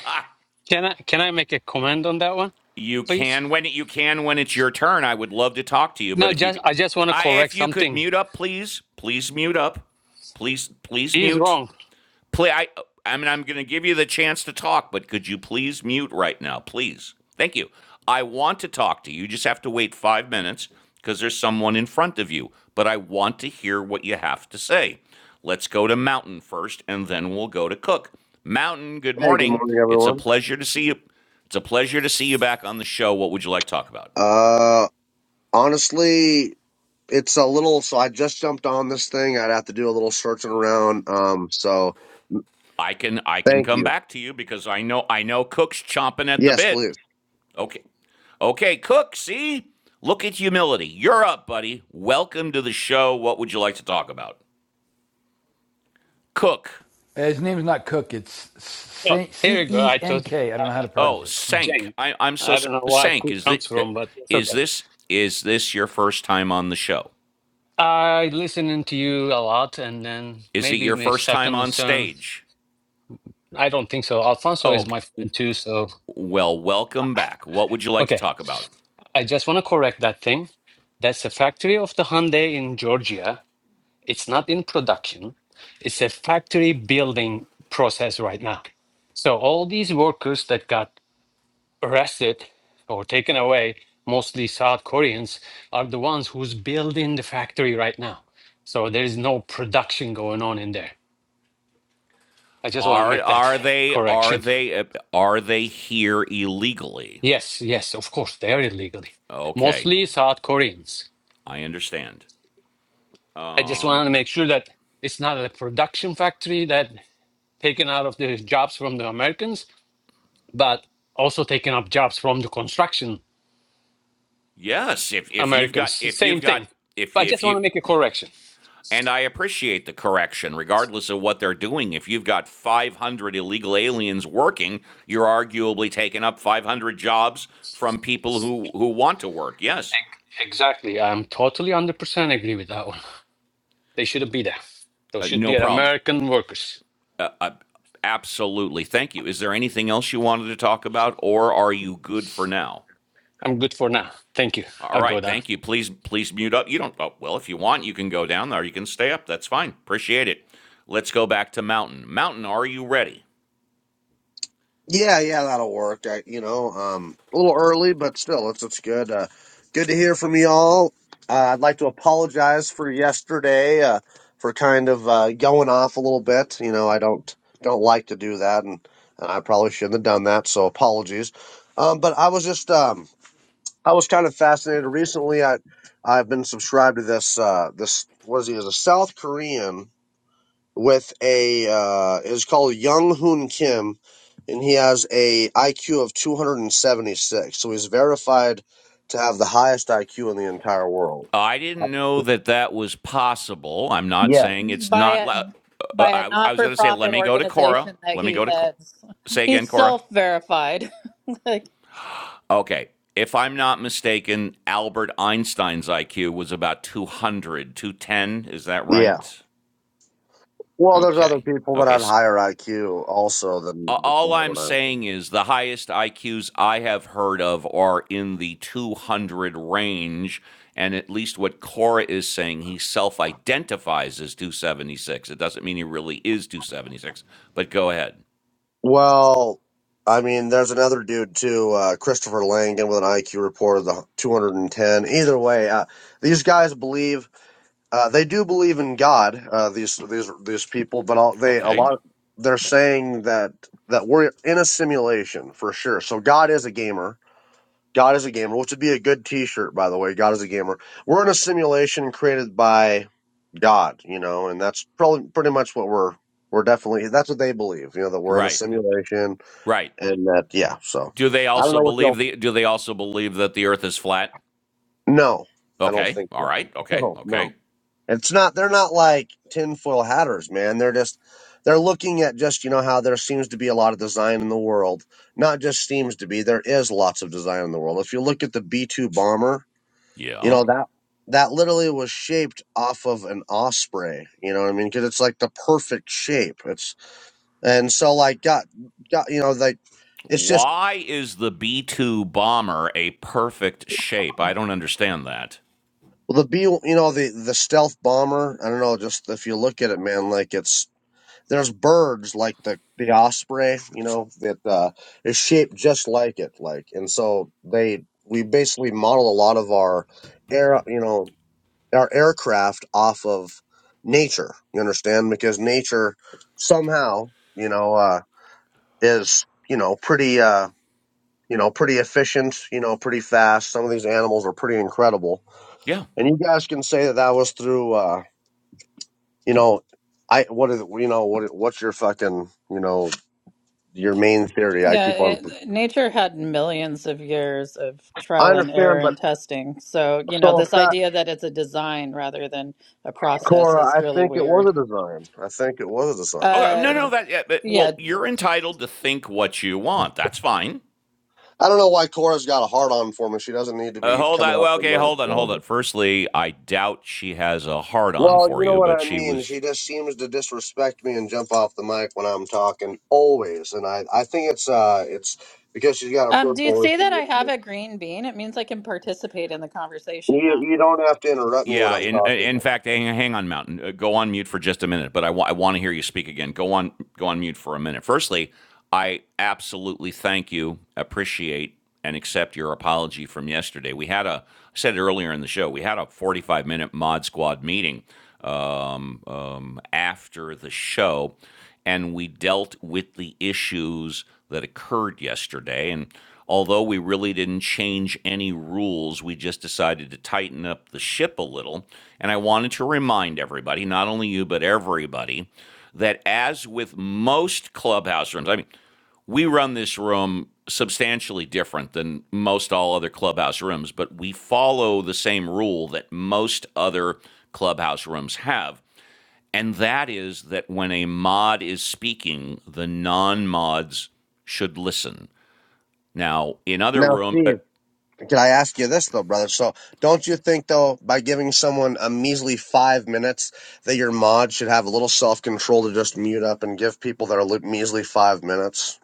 Speaker 18: can I can I make a comment on that one,
Speaker 1: You
Speaker 18: please?
Speaker 1: can when it, you can when it's your turn. I would love to talk to you,
Speaker 18: No,
Speaker 1: but if you
Speaker 18: just
Speaker 1: could,
Speaker 18: I just want to
Speaker 1: I
Speaker 18: correct
Speaker 1: if you could
Speaker 18: something.
Speaker 1: mute up, please, please mute up, please, please
Speaker 18: He's
Speaker 1: mute.
Speaker 18: wrong.
Speaker 1: Play. I. I mean, I'm going to give you the chance to talk, but could you please mute right now, please? Thank you. I want to talk to you. You just have to wait five minutes because there's someone in front of you. But I want to hear what you have to say. Let's go to Mountain first, and then we'll go to Cook. Mountain, good
Speaker 19: Hey, good
Speaker 1: morning.
Speaker 19: morning,
Speaker 1: It's a
Speaker 19: everyone.
Speaker 1: pleasure to see you. It's a pleasure to see you back on the show. What would you like to talk about?
Speaker 19: Uh, honestly, it's a little. So I just jumped on this thing. I'd have to do a little searching around. Um, so
Speaker 1: I can I can
Speaker 19: thank
Speaker 1: come
Speaker 19: you.
Speaker 1: back to you because I know I know Cook's chomping at the
Speaker 19: Yes,
Speaker 1: bit.
Speaker 19: please.
Speaker 1: Okay. Okay, Cook, see? Look at humility. You're up, buddy. Welcome to the show. What would you like to talk about? Cook.
Speaker 4: Eh, His name's not Cook. It's
Speaker 18: Oh, here
Speaker 4: C
Speaker 18: you go.
Speaker 4: E
Speaker 18: I
Speaker 4: N
Speaker 18: thought
Speaker 4: K. I don't know how
Speaker 18: uh,
Speaker 4: to
Speaker 18: okay,
Speaker 4: pronounce
Speaker 1: Oh,
Speaker 4: it.
Speaker 1: Sank.
Speaker 18: Jane.
Speaker 1: I, I'm so
Speaker 18: I don't
Speaker 1: sorry.
Speaker 18: know where
Speaker 1: Sank,
Speaker 18: cook
Speaker 1: is this,
Speaker 18: comes from, but it's
Speaker 1: is
Speaker 18: okay.
Speaker 1: this is this your first time on the show?
Speaker 18: I listening to you a lot, and then
Speaker 1: Is it
Speaker 18: maybe
Speaker 1: your
Speaker 18: my
Speaker 1: first time
Speaker 18: second
Speaker 1: on
Speaker 18: concern.
Speaker 1: stage?
Speaker 18: I don't think so. Alfonso
Speaker 1: Oh,
Speaker 18: is
Speaker 1: okay.
Speaker 18: my friend too, so
Speaker 1: well, welcome back. What would you like to
Speaker 18: okay.
Speaker 1: talk about?
Speaker 18: I just want to correct that thing. That's a factory of the Hyundai in Georgia. It's not in production. It's a factory building process right now. So all these workers that got arrested or taken away, mostly South Koreans, are the ones who's building the factory right now. So there is no production going on in there. I just want to
Speaker 1: Are
Speaker 18: make that
Speaker 1: are they are
Speaker 18: correction.
Speaker 1: they uh, are they here illegally?
Speaker 18: Yes, yes, of course, they are illegally.
Speaker 1: Okay,
Speaker 18: Mostly South Koreans.
Speaker 1: I understand.
Speaker 18: I just wanted to make sure that it's not a production factory that taken out of the jobs from the Americans. but also taking up jobs from the construction
Speaker 1: Yes, if if you've got
Speaker 18: Americans.
Speaker 1: if you've
Speaker 18: Same
Speaker 1: got
Speaker 18: thing.
Speaker 1: if
Speaker 18: But I
Speaker 1: you, if
Speaker 18: just want
Speaker 1: you
Speaker 18: to make a correction.
Speaker 1: and I appreciate the correction regardless of what they're doing. If you've got 500 illegal aliens working, you're arguably taking up 500 jobs from people who who want to work. Yes.
Speaker 18: Ex- Exactly. I'm totally 100% agree with that one. They shouldn't be there. Those
Speaker 1: Uh,
Speaker 18: should
Speaker 1: no
Speaker 18: be
Speaker 1: problem.
Speaker 18: American workers.
Speaker 1: Uh, absolutely. Thank you. Is there anything else you wanted to talk about or are you good for now?
Speaker 18: I'm good for now. Thank you.
Speaker 1: All
Speaker 18: I'll
Speaker 1: right,
Speaker 18: go down.
Speaker 1: thank you. Please, please mute up. You don't. Oh, well, if you want, you can go down there. You can stay up. That's fine. Appreciate it. Let's go back to Mountain. Mountain, are you ready?
Speaker 19: Yeah, yeah, that'll work. I, you know, um, a little early, but still, it's it's good. Uh, good to hear from y'all. Uh, I'd like to apologize for yesterday. Uh, for kind of uh going off a little bit. You know, I don't don't like to do that, and, and I probably shouldn't have done that. So apologies. Um, but I was just um I was kind of fascinated recently. I I've been subscribed to this uh this what is he is a South Korean with a uh is called Young Hoon Kim and he has a IQ of 276. So he's verified to have the highest IQ in the entire world.
Speaker 1: I didn't know that that was possible. I'm not
Speaker 19: Yeah.
Speaker 1: saying it's
Speaker 13: by
Speaker 1: not.
Speaker 13: a
Speaker 1: Uh,
Speaker 13: by
Speaker 1: uh,
Speaker 13: a
Speaker 1: I, I
Speaker 13: not
Speaker 1: was
Speaker 13: for
Speaker 1: going to say, let
Speaker 13: profit
Speaker 1: me go to Cora.
Speaker 13: organization that
Speaker 1: Let me
Speaker 13: he
Speaker 1: go to Cora.
Speaker 13: heads.
Speaker 1: Say again,
Speaker 13: He's
Speaker 1: Cora.
Speaker 13: self verified. like
Speaker 1: Okay. If I'm not mistaken, Albert Einstein's IQ was about 200, 210. Is that
Speaker 19: Yeah.
Speaker 1: right?
Speaker 19: Well, there's other
Speaker 1: Okay.
Speaker 19: people that
Speaker 1: Okay.
Speaker 19: had
Speaker 1: s-
Speaker 19: higher IQ also than this guy,
Speaker 1: All
Speaker 19: I don't
Speaker 1: I'm
Speaker 19: know.
Speaker 1: saying is the highest IQs I have heard of are in the 200 range. And at least what Cora is saying, he self identifies as 276. It doesn't mean he really is 276, but go ahead.
Speaker 19: Well, I mean, there's another dude too, uh, Christopher Langan, with an IQ report of the 210. Either way, uh, these guys believe uh, they do believe in God. Uh, these these these people, but all, they a
Speaker 1: Okay.
Speaker 19: lot they're saying that that we're in a simulation for sure. So God is a gamer. God is a gamer, which would be a good T-shirt, by the way. God is a gamer. We're in a simulation created by God, you know, and that's probably pretty much what we're we're definitely. That's what they believe, you know, that we're in a
Speaker 1: Right.
Speaker 19: simulation
Speaker 1: Right.
Speaker 19: and that yeah. So
Speaker 1: Do they
Speaker 19: I don't
Speaker 1: also
Speaker 19: know what
Speaker 1: believe
Speaker 19: y'all.
Speaker 1: the do they also believe that the earth is flat?
Speaker 19: No, I don't
Speaker 1: Okay.
Speaker 19: think
Speaker 1: All
Speaker 19: so.
Speaker 1: right. Okay.
Speaker 19: No, no.
Speaker 1: Okay.
Speaker 19: It's not. They're not like tinfoil hatters, man. They're just they're looking at just you know how there seems to be a lot of design in the world. Not just seems to be. There is lots of design in the world. If you look at the B two bomber, you know
Speaker 1: Yeah.
Speaker 19: that that literally was shaped off of an osprey. You know what I mean? Because it's like the perfect shape. It's and so like got got you know like. It's just
Speaker 1: Why is the B2 bomber a perfect shape? I don't understand that.
Speaker 19: Well, the B, you know, the the stealth bomber. I don't know. Just if you look at it, man, like it's there's birds like the the osprey, you know, that uh, is shaped just like it, like, and so they we basically model a lot of our air, you know, our aircraft off of nature. You understand? Because nature somehow, you know, uh, is you know pretty. Uh, you know, pretty efficient. You know, pretty fast. Some of these animals are pretty incredible,
Speaker 1: Yeah.
Speaker 19: and you guys can say that that was through. Uh, you know, I what is you know what what's your fucking you know your main theory? I
Speaker 13: yeah,
Speaker 19: keep on.
Speaker 13: it, nature had millions of years of
Speaker 19: I
Speaker 13: trial and error
Speaker 19: understand, but
Speaker 13: and testing. So you know
Speaker 19: so if
Speaker 13: this
Speaker 19: that
Speaker 13: idea that it's a design rather than a process
Speaker 19: Cora,
Speaker 13: is
Speaker 19: I
Speaker 13: really
Speaker 19: think it
Speaker 13: weird.
Speaker 19: was a design. I think it was a design.
Speaker 1: Okay,
Speaker 13: Uh,
Speaker 1: no, no,
Speaker 19: And
Speaker 1: that. Yeah, but,
Speaker 13: yeah,
Speaker 1: well, you're entitled to think what you want. That's fine.
Speaker 19: I don't know why Cora's got a hard on for me. She doesn't need to
Speaker 1: Uh,
Speaker 19: be
Speaker 1: hold
Speaker 19: coming
Speaker 1: on.
Speaker 19: off
Speaker 1: Well,
Speaker 19: the
Speaker 1: okay,
Speaker 19: mic
Speaker 1: hold on,
Speaker 19: for
Speaker 1: hold
Speaker 19: me.
Speaker 1: on. Firstly, I doubt she has a hard on
Speaker 19: Well,
Speaker 1: for
Speaker 19: you know
Speaker 1: you,
Speaker 19: what
Speaker 1: but
Speaker 19: I
Speaker 1: she
Speaker 19: mean.
Speaker 1: was
Speaker 19: She just seems to disrespect me and jump off the mic when I'm talking always, and I I think it's uh it's because she's got a
Speaker 13: Um, do you
Speaker 19: personal
Speaker 13: see
Speaker 19: issue
Speaker 13: that I
Speaker 19: with
Speaker 13: have
Speaker 19: me.
Speaker 13: a green bean? It means I can participate in the conversation,
Speaker 19: You you
Speaker 13: Mountain.
Speaker 19: don't have to interrupt me when
Speaker 1: Yeah,
Speaker 19: I'm
Speaker 1: in
Speaker 19: talking
Speaker 1: in
Speaker 19: though.
Speaker 1: fact, hang, hang on, Mountain. Uh, Go on mute for just a minute, but I, wa- I want to hear you speak again. Go on, go on mute for a minute. Firstly, I absolutely thank you, appreciate, and accept your apology from yesterday. We had a I said it earlier in the show. We had a forty-five minute Mod Squad meeting um, um, after the show, and we dealt with the issues that occurred yesterday. And although we really didn't change any rules, we just decided to tighten up the ship a little. And I wanted to remind everybody, not only you, but everybody, that as with most clubhouse rooms, I mean, we run this room substantially different than most all other clubhouse rooms, but we follow the same rule that most other clubhouse rooms have. And that is that when a mod is speaking, the non mods should listen. Now, in other
Speaker 19: Now,
Speaker 1: room, uh,
Speaker 19: Steve. Can I ask you this though, brother? So, don't you think though, by giving someone a measly five minutes, that your mod should have a little self control to just mute up and give people that are li- measly five minutes?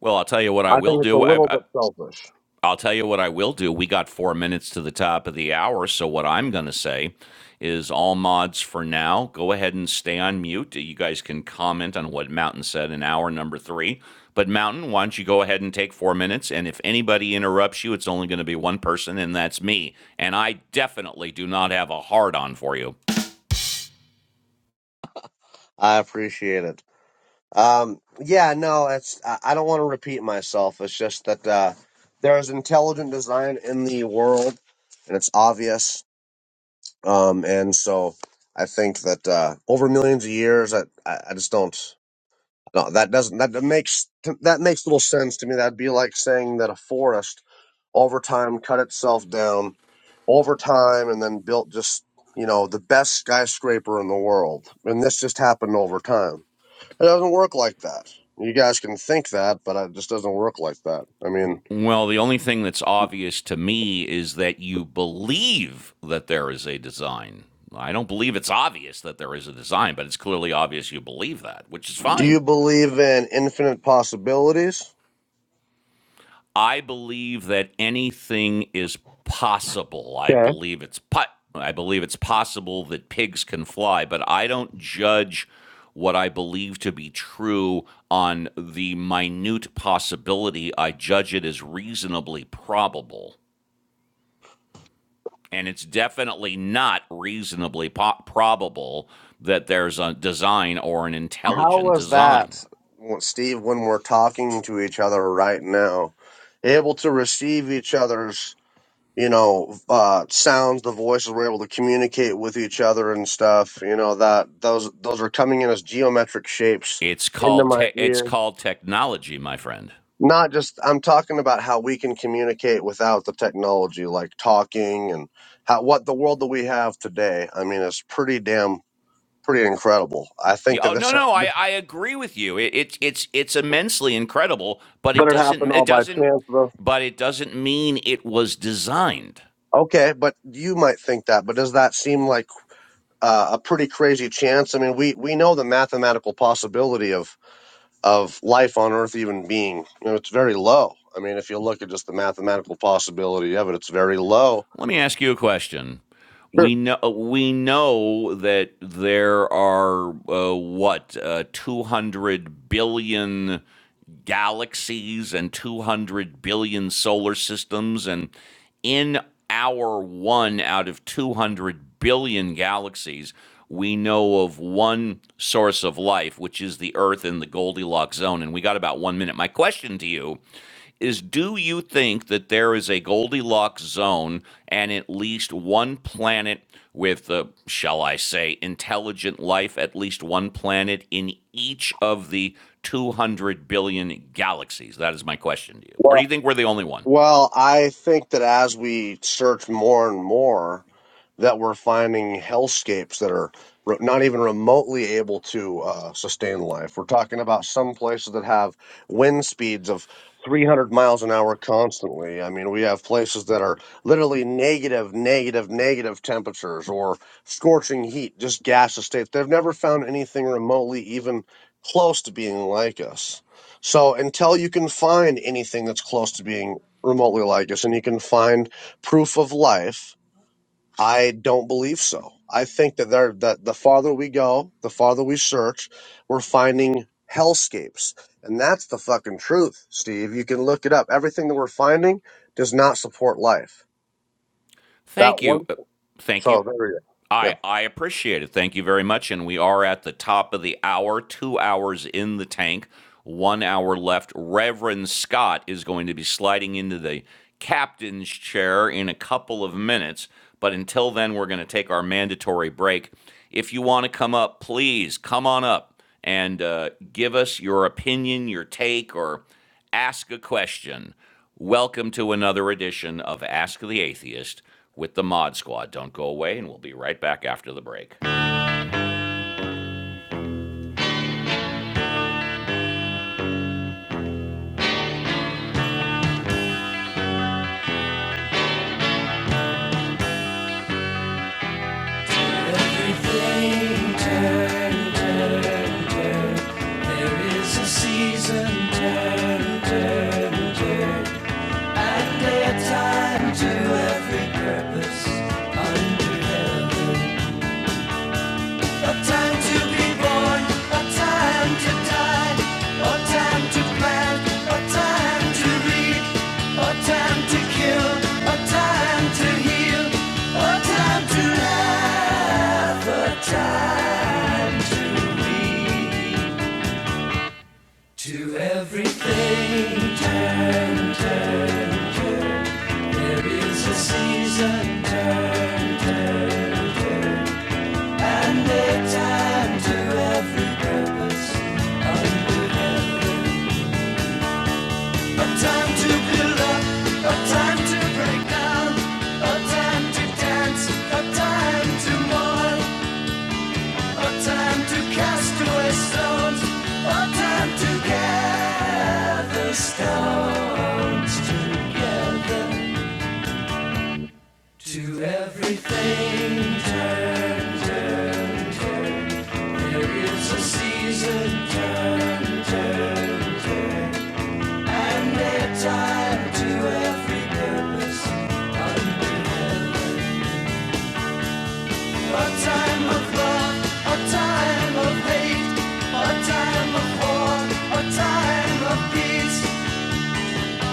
Speaker 1: well, I'll tell you what I
Speaker 19: I
Speaker 1: will
Speaker 19: think it's a
Speaker 1: do. I,
Speaker 19: little
Speaker 1: I,
Speaker 19: bit selfish.
Speaker 1: I'll tell you what I will do. We got four minutes to the top of the hour, so what I'm going to say is all mods for now. Go ahead and stay on mute. You guys can comment on what Mountain said in hour number three. But Mountain, why don't you go ahead and take four minutes? And if anybody interrupts you, it's only going to be one person, and that's me. And I definitely do not have a hard on for you.
Speaker 19: I appreciate it. Um, yeah, no, it's I, I don't want to repeat myself. It's just that uh, there is intelligent design in the world, and it's obvious. Um, and so, I think that uh, over millions of years, I, I, I just don't. No, that doesn't. That makes that makes little sense to me. That'd be like saying that a forest, over time, cut itself down, over time, and then built just you know the best skyscraper in the world, and this just happened over time. It doesn't work like that. You guys can think that, but it just doesn't work like that. I mean,
Speaker 1: Well, the only thing that's obvious to me is that you believe that there is a design. I don't believe it's obvious that there is a design, but it's clearly obvious you believe that, which is
Speaker 19: do
Speaker 1: fine.
Speaker 19: you believe in infinite possibilities?
Speaker 1: I believe that anything is possible. I
Speaker 19: Yeah.
Speaker 1: believe it's po- I believe it's possible that pigs can fly, but I don't judge what I believe to be true on the minute possibility. I judge it as reasonably probable. and it's definitely not reasonably po- probable that there's a design or an
Speaker 19: How
Speaker 1: intelligent
Speaker 19: was
Speaker 1: design.
Speaker 19: that, well, Steve? When we're talking to each other right now, able to receive each other's you know, uh, sounds, the voices were able to communicate with each other and stuff. You know that those those are coming in as geometric shapes
Speaker 1: It's
Speaker 19: into
Speaker 1: called
Speaker 19: my
Speaker 1: te- it's
Speaker 19: ear.
Speaker 1: called technology, my friend.
Speaker 19: Not just I'm talking about how we can communicate without the technology, like talking and how what the world that we have today. I mean, it's pretty damn pretty incredible. I
Speaker 1: Yeah,
Speaker 19: think that
Speaker 1: Oh no,
Speaker 19: this,
Speaker 1: no, I, I agree with you. It, it's it's it's immensely incredible, but
Speaker 19: but
Speaker 1: it
Speaker 19: it
Speaker 1: doesn't
Speaker 19: happened all
Speaker 1: it
Speaker 19: by
Speaker 1: doesn't
Speaker 19: chance, though.
Speaker 1: but it doesn't mean it was designed.
Speaker 19: Okay, but you might think that, but does that seem like uh, a pretty crazy chance? I mean, we we know the mathematical possibility of of life on Earth even being. You know, it's very low. I mean, if you look at just the mathematical possibility of it, it's very low.
Speaker 1: Let me ask you a question.
Speaker 19: Sure.
Speaker 1: We know we know that there are uh, what uh, 200 billion galaxies and 200 billion solar systems and in our one out of 200 billion galaxies we know of one source of life which is the earth in the goldilocks zone and we got about 1 minute my question to you is do you think that there is a Goldilocks zone and at least one planet with, uh, shall I say, intelligent life, at least one planet in each of the 200 billion galaxies? That is my question to you. Or
Speaker 19: Well,
Speaker 1: do you think we're the only one?
Speaker 19: Well, I think that as we search more and more, that we're finding hellscapes that are re- not even remotely able to uh, sustain life. We're talking about some places that have wind speeds of 300 miles an hour constantly. I mean, we have places that are literally negative, negative, negative temperatures or scorching heat, just gaseous states. They've never found anything remotely even close to being like us. So until you can find anything that's close to being remotely like us and you can find proof of life i don't believe so i think that there that the farther we go the farther we search we're finding hellscapes and that's the fucking truth steve you can look it up everything that we're finding does not support life
Speaker 1: Thank
Speaker 19: that
Speaker 1: you.
Speaker 19: one
Speaker 1: Uh, Thank you.
Speaker 19: so there you go yeah
Speaker 1: I, I appreciate it. Thank you very much. And we are at the top of the hour, two hours in the tank, one hour left. Reverend Scott is going to be sliding into the captain's chair in a couple of minutes. But until then, we're going to take our mandatory break. If you want to come up, please come on up and uh, give us your opinion, your take, or ask a question. Welcome to another edition of Ask the Atheist with the Mod Squad. Don't go away, and we'll be right back after the break. plan, a time to read, a time to kill, a time to heal, a time to lie, time to everything, a time to build up, a time to break down, a time to dance, a time to mourn, What time to cast away stones? What time to gather stones together? To everything. A time of love, a time of hate, a time of war, a time of peace,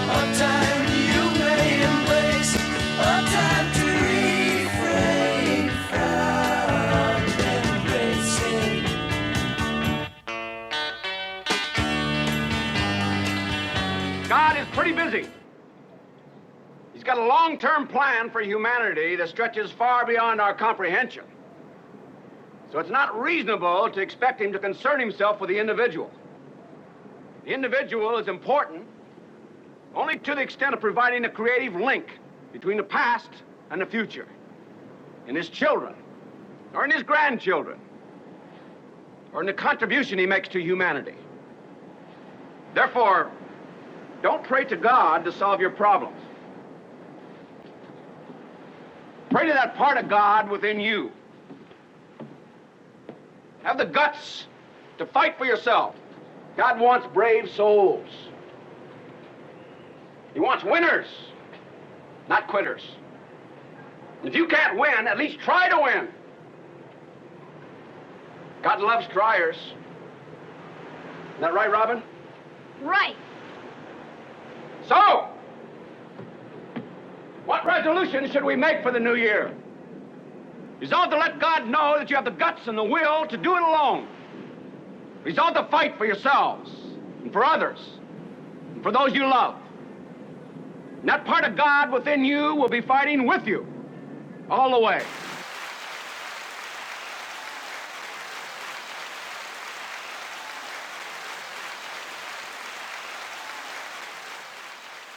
Speaker 1: a time you may embrace, a time to refrain. God is pretty busy. He's got a long term plan for humanity that stretches far beyond our comprehension. So it's not reasonable to expect him to concern himself with the individual. The individual is important only to the extent of providing a creative link between the past and the future, in his children, or in his grandchildren, or in the contribution he makes to humanity. Therefore, don't pray to God to solve your problems. Pray to that part of God within you. Have the guts to fight for yourself. God wants brave souls. He wants winners, not quitters. If you can't win, at least try to win. God loves triers. Isn't that right, Robin? Right. So, what resolution should we make for the new year? Resolve to let God know that you have the guts and the will to do it alone. Resolve to fight for yourselves and for others and for those you love. And that part of God within you will be fighting with you all the way.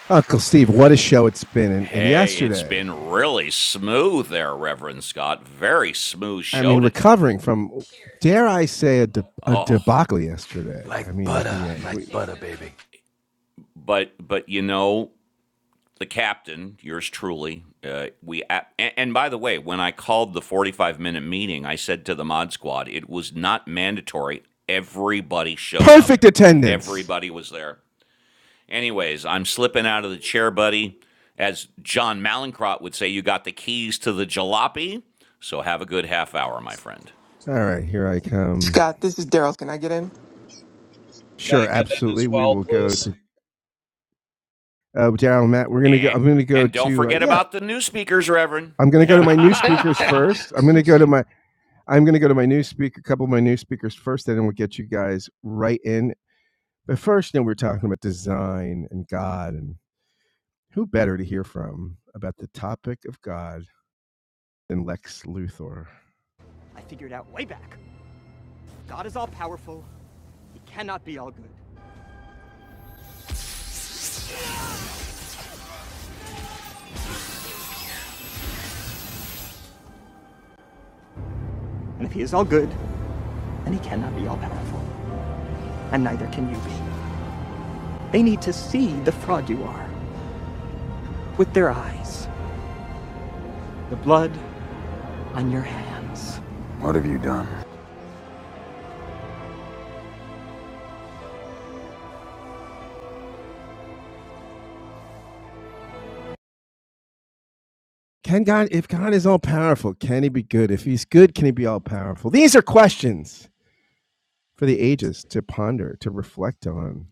Speaker 3: Uncle Steve, what a show it's been. And, and
Speaker 1: Hey, it's
Speaker 3: yesterday,
Speaker 1: been really smooth there, Reverend Scott. Very smooth
Speaker 3: I mean,
Speaker 1: show today.
Speaker 3: recovering from, dare I say, a, de- a
Speaker 1: Oh,
Speaker 3: debacle yesterday. I
Speaker 4: Like
Speaker 3: mean, at
Speaker 4: butter,
Speaker 3: the end.
Speaker 4: like butter, baby.
Speaker 1: but but you know the captain yours truly uh, we and, and by the way when i called the 45 minute meeting i said to the mod squad it was not mandatory everybody showed up
Speaker 3: Perfect attendance.
Speaker 1: everybody was there anyways i'm slipping out of the chair buddy as john malincrot would say you got the keys to the jalopy so have a good half hour my friend
Speaker 3: All right, here I come.
Speaker 16: Scott, this is Daryl. Can I get in?
Speaker 7: Can I
Speaker 3: Sure,
Speaker 7: get in
Speaker 3: absolutely.
Speaker 7: as
Speaker 3: We
Speaker 7: well,
Speaker 3: will go
Speaker 7: please?
Speaker 3: to uh, Daryl, Matt. We're gonna go.
Speaker 1: and
Speaker 3: I'm gonna go
Speaker 1: and don't
Speaker 3: to. Uh,
Speaker 1: forget
Speaker 3: yeah,
Speaker 1: about the new speakers reverend
Speaker 3: I'm gonna go to my new speakers first. I'm gonna go to my. I'm gonna go to my new speaker. A couple of my new speakers first, and then we'll get you guys right in. But first, you know, we're talking about design and God and Who better to hear from about the topic of God than Lex Luthor? I figured out way back. God is all powerful. He cannot be all good. And if he is all good, then he cannot be all powerful. And neither can you be. They need to see the fraud you are with their eyes, the blood on your hands. What have you done? Can God, if God is all powerful, can he be good? If he's good, can he be all powerful? These are questions for the ages to ponder, to reflect on.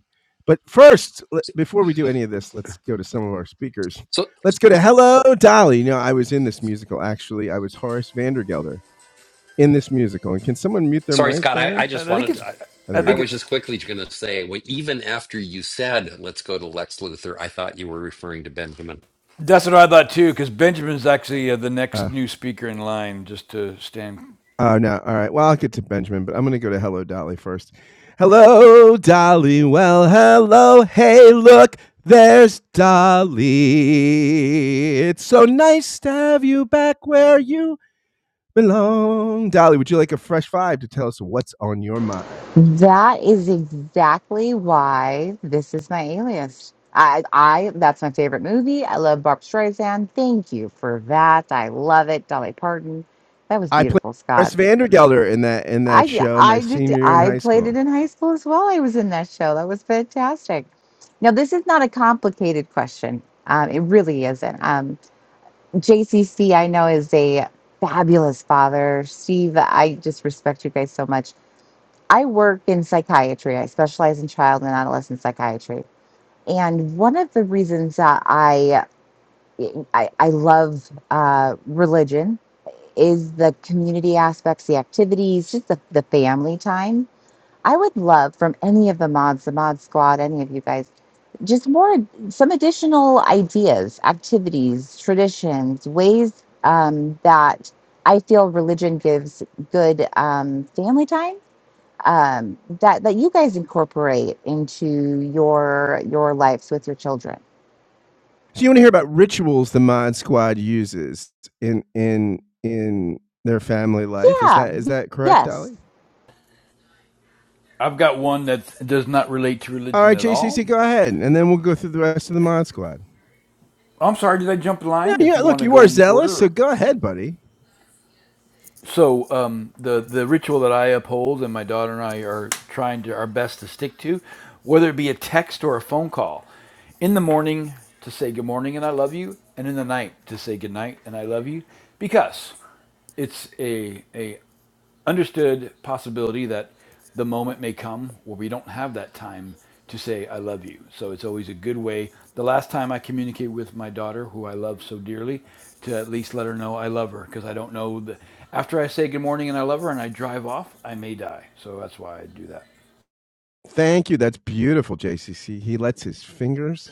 Speaker 3: But first, before we do any of this, let's go to some of our speakers.
Speaker 20: so
Speaker 3: Let's go to Hello Dolly. You know, I was in this musical actually. I was Horace Vandergelder in this musical. And can someone mute their
Speaker 20: sorry,
Speaker 3: mic
Speaker 20: Scott. I, I
Speaker 3: there?
Speaker 20: just
Speaker 4: And I think
Speaker 20: wanted
Speaker 4: it's,
Speaker 20: to. I,
Speaker 3: Oh,
Speaker 4: I
Speaker 3: there we
Speaker 20: I
Speaker 3: go.
Speaker 4: think
Speaker 20: was
Speaker 4: it's,
Speaker 20: just quickly going to say, well, even after you said, "Let's go to Lex Luthor," I thought you were referring to Benjamin
Speaker 4: that's what I thought too, because Benjamin's actually uh, the
Speaker 3: Uh,
Speaker 4: next new speaker in line, just to stand.
Speaker 3: Oh no! All right. Well, I'll get to Benjamin, but I'm going to go to Hello Dolly first. Hello Dolly. Well, hello. Hey, look. There's Dolly. It's so nice to have you back where you belong. Dolly, would you like a fresh vibe to tell us what's on your mind?
Speaker 21: That is exactly why this is my alias. I, I, that's my favorite movie. I love Barb Streisand. Thank you for that. I love it. Dolly Parton. That was
Speaker 3: I played
Speaker 21: beautiful, Scott.
Speaker 3: Chris Vandergelder in that in that
Speaker 21: I,
Speaker 3: show
Speaker 21: I
Speaker 3: my
Speaker 21: did,
Speaker 3: senior year in
Speaker 21: I
Speaker 3: high
Speaker 21: played
Speaker 3: school.
Speaker 21: it in high school as well. I was in that show. That was fantastic. Now, this is not a complicated question. Um, it really isn't. Um, JCC, I know, is a fabulous father. Steve, I just respect you guys so much I work in psychiatry. I specialize in child and adolescent psychiatry. And one of the reasons that I I, I love uh, religion is the community aspects, the activities, just the, the family time. I would love from any of the mods, the mod squad, any of you guys, just more some additional ideas, activities, traditions, ways um, that I feel religion gives good um, family time um, that that you guys incorporate into your your lives with your children.
Speaker 3: So you want to hear about rituals the Mod Squad uses in in in their family life? Is
Speaker 21: Yeah,
Speaker 3: that is
Speaker 21: y-
Speaker 3: that correct, Dolly?
Speaker 21: yes,
Speaker 4: I've got one that does not relate to
Speaker 3: All
Speaker 4: religion
Speaker 3: right,
Speaker 4: at all.
Speaker 3: JCC, go ahead, and then we'll go through the rest of the mod squad.
Speaker 4: I'm sorry, did I jump the
Speaker 3: No,
Speaker 4: line? If
Speaker 3: yeah,
Speaker 4: you want
Speaker 3: look,
Speaker 4: to
Speaker 3: you
Speaker 4: go
Speaker 3: are
Speaker 4: in
Speaker 3: zealous, so
Speaker 4: order,
Speaker 3: go ahead, buddy.
Speaker 4: so um, the the ritual that I uphold and my daughter and I are trying to our best to stick to, whether it be a text or a phone call, in the morning to say good morning and I love you, and in the night to say good night and I love you, because it's a a understood possibility that the moment may come where we don't have that time to say i love you so it's always a good way the last time i communicated with my daughter who i love so dearly to at least let her know i love her because i don't know the after i say good morning and i love her and i drive off i may die so that's why i do that
Speaker 3: Thank you. That's beautiful, JCC. He lets his fingers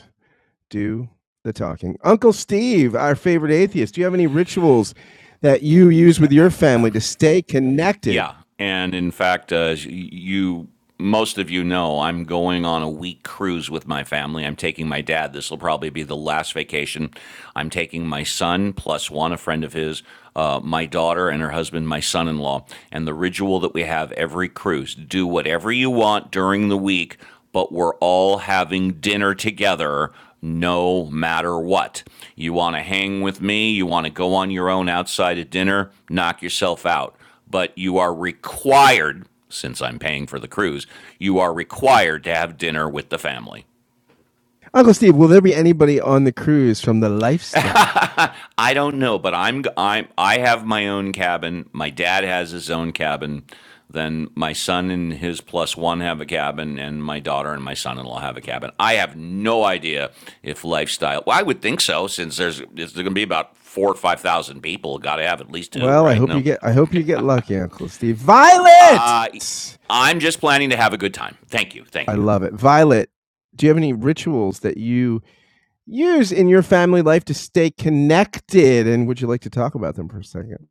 Speaker 3: do the talking. Uncle Steve, our favorite atheist, do you have any rituals that you use with your family to stay connected?
Speaker 1: Yeah, and in fact, uh, you most of you know I'm going on a week cruise with my family. I'm taking my dad. This will probably be the last vacation. I'm taking my son plus one, a friend of his, uh, my daughter and her husband, my son-in-law. And the ritual that we have every cruise: do whatever you want during the week, but we're all having dinner together no matter what. You want to hang with me? You want to go on your own outside of dinner? Knock yourself out but you are required, since I'm paying for the cruise, you are required to have dinner with the family.
Speaker 3: Uncle Steve, will there be anybody on the cruise from the lifestyle?
Speaker 1: I don't know, but I'm i I have my own cabin. My dad has his own cabin. Then my son and his plus one have a cabin, and my daughter and my son-in-law have a cabin. I have no idea if lifestyle. Well, I would think so, since there's there's going to be about four or five thousand people. Got to have at least two,
Speaker 3: Well, I
Speaker 1: right?
Speaker 3: hope you
Speaker 1: No,
Speaker 3: get I hope you get lucky, Uncle Steve. Violet!
Speaker 1: I I'm just planning to have a good time. Thank you, thank
Speaker 3: I
Speaker 1: you.
Speaker 3: love it. Violet, do you have any rituals that you use in your family life to stay connected? And would you like to talk about them for a second?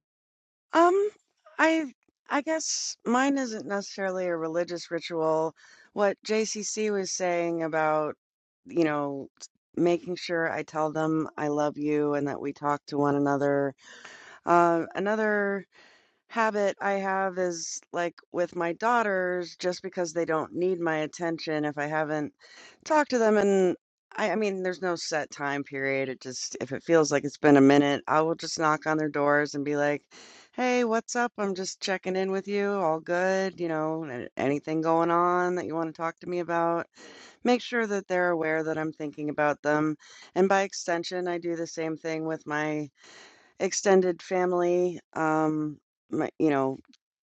Speaker 2: Um, I I guess mine isn't necessarily a religious ritual. What JCC was saying about, you know, s- making sure I tell them I love you and that we talk to one another. Uh, another habit I have is like with my daughters, just because they don't need my attention if I haven't talked to them. And I, I mean, there's no set time period. It just, if it feels like it's been a minute, I will just knock on their doors and be like, hey, what's up? I'm just checking in with you. All good? You know, a- anything going on that you want to talk to me about? Make sure that they're aware that I'm thinking about them. And by extension, I do the same thing with my extended family, um, my, you know,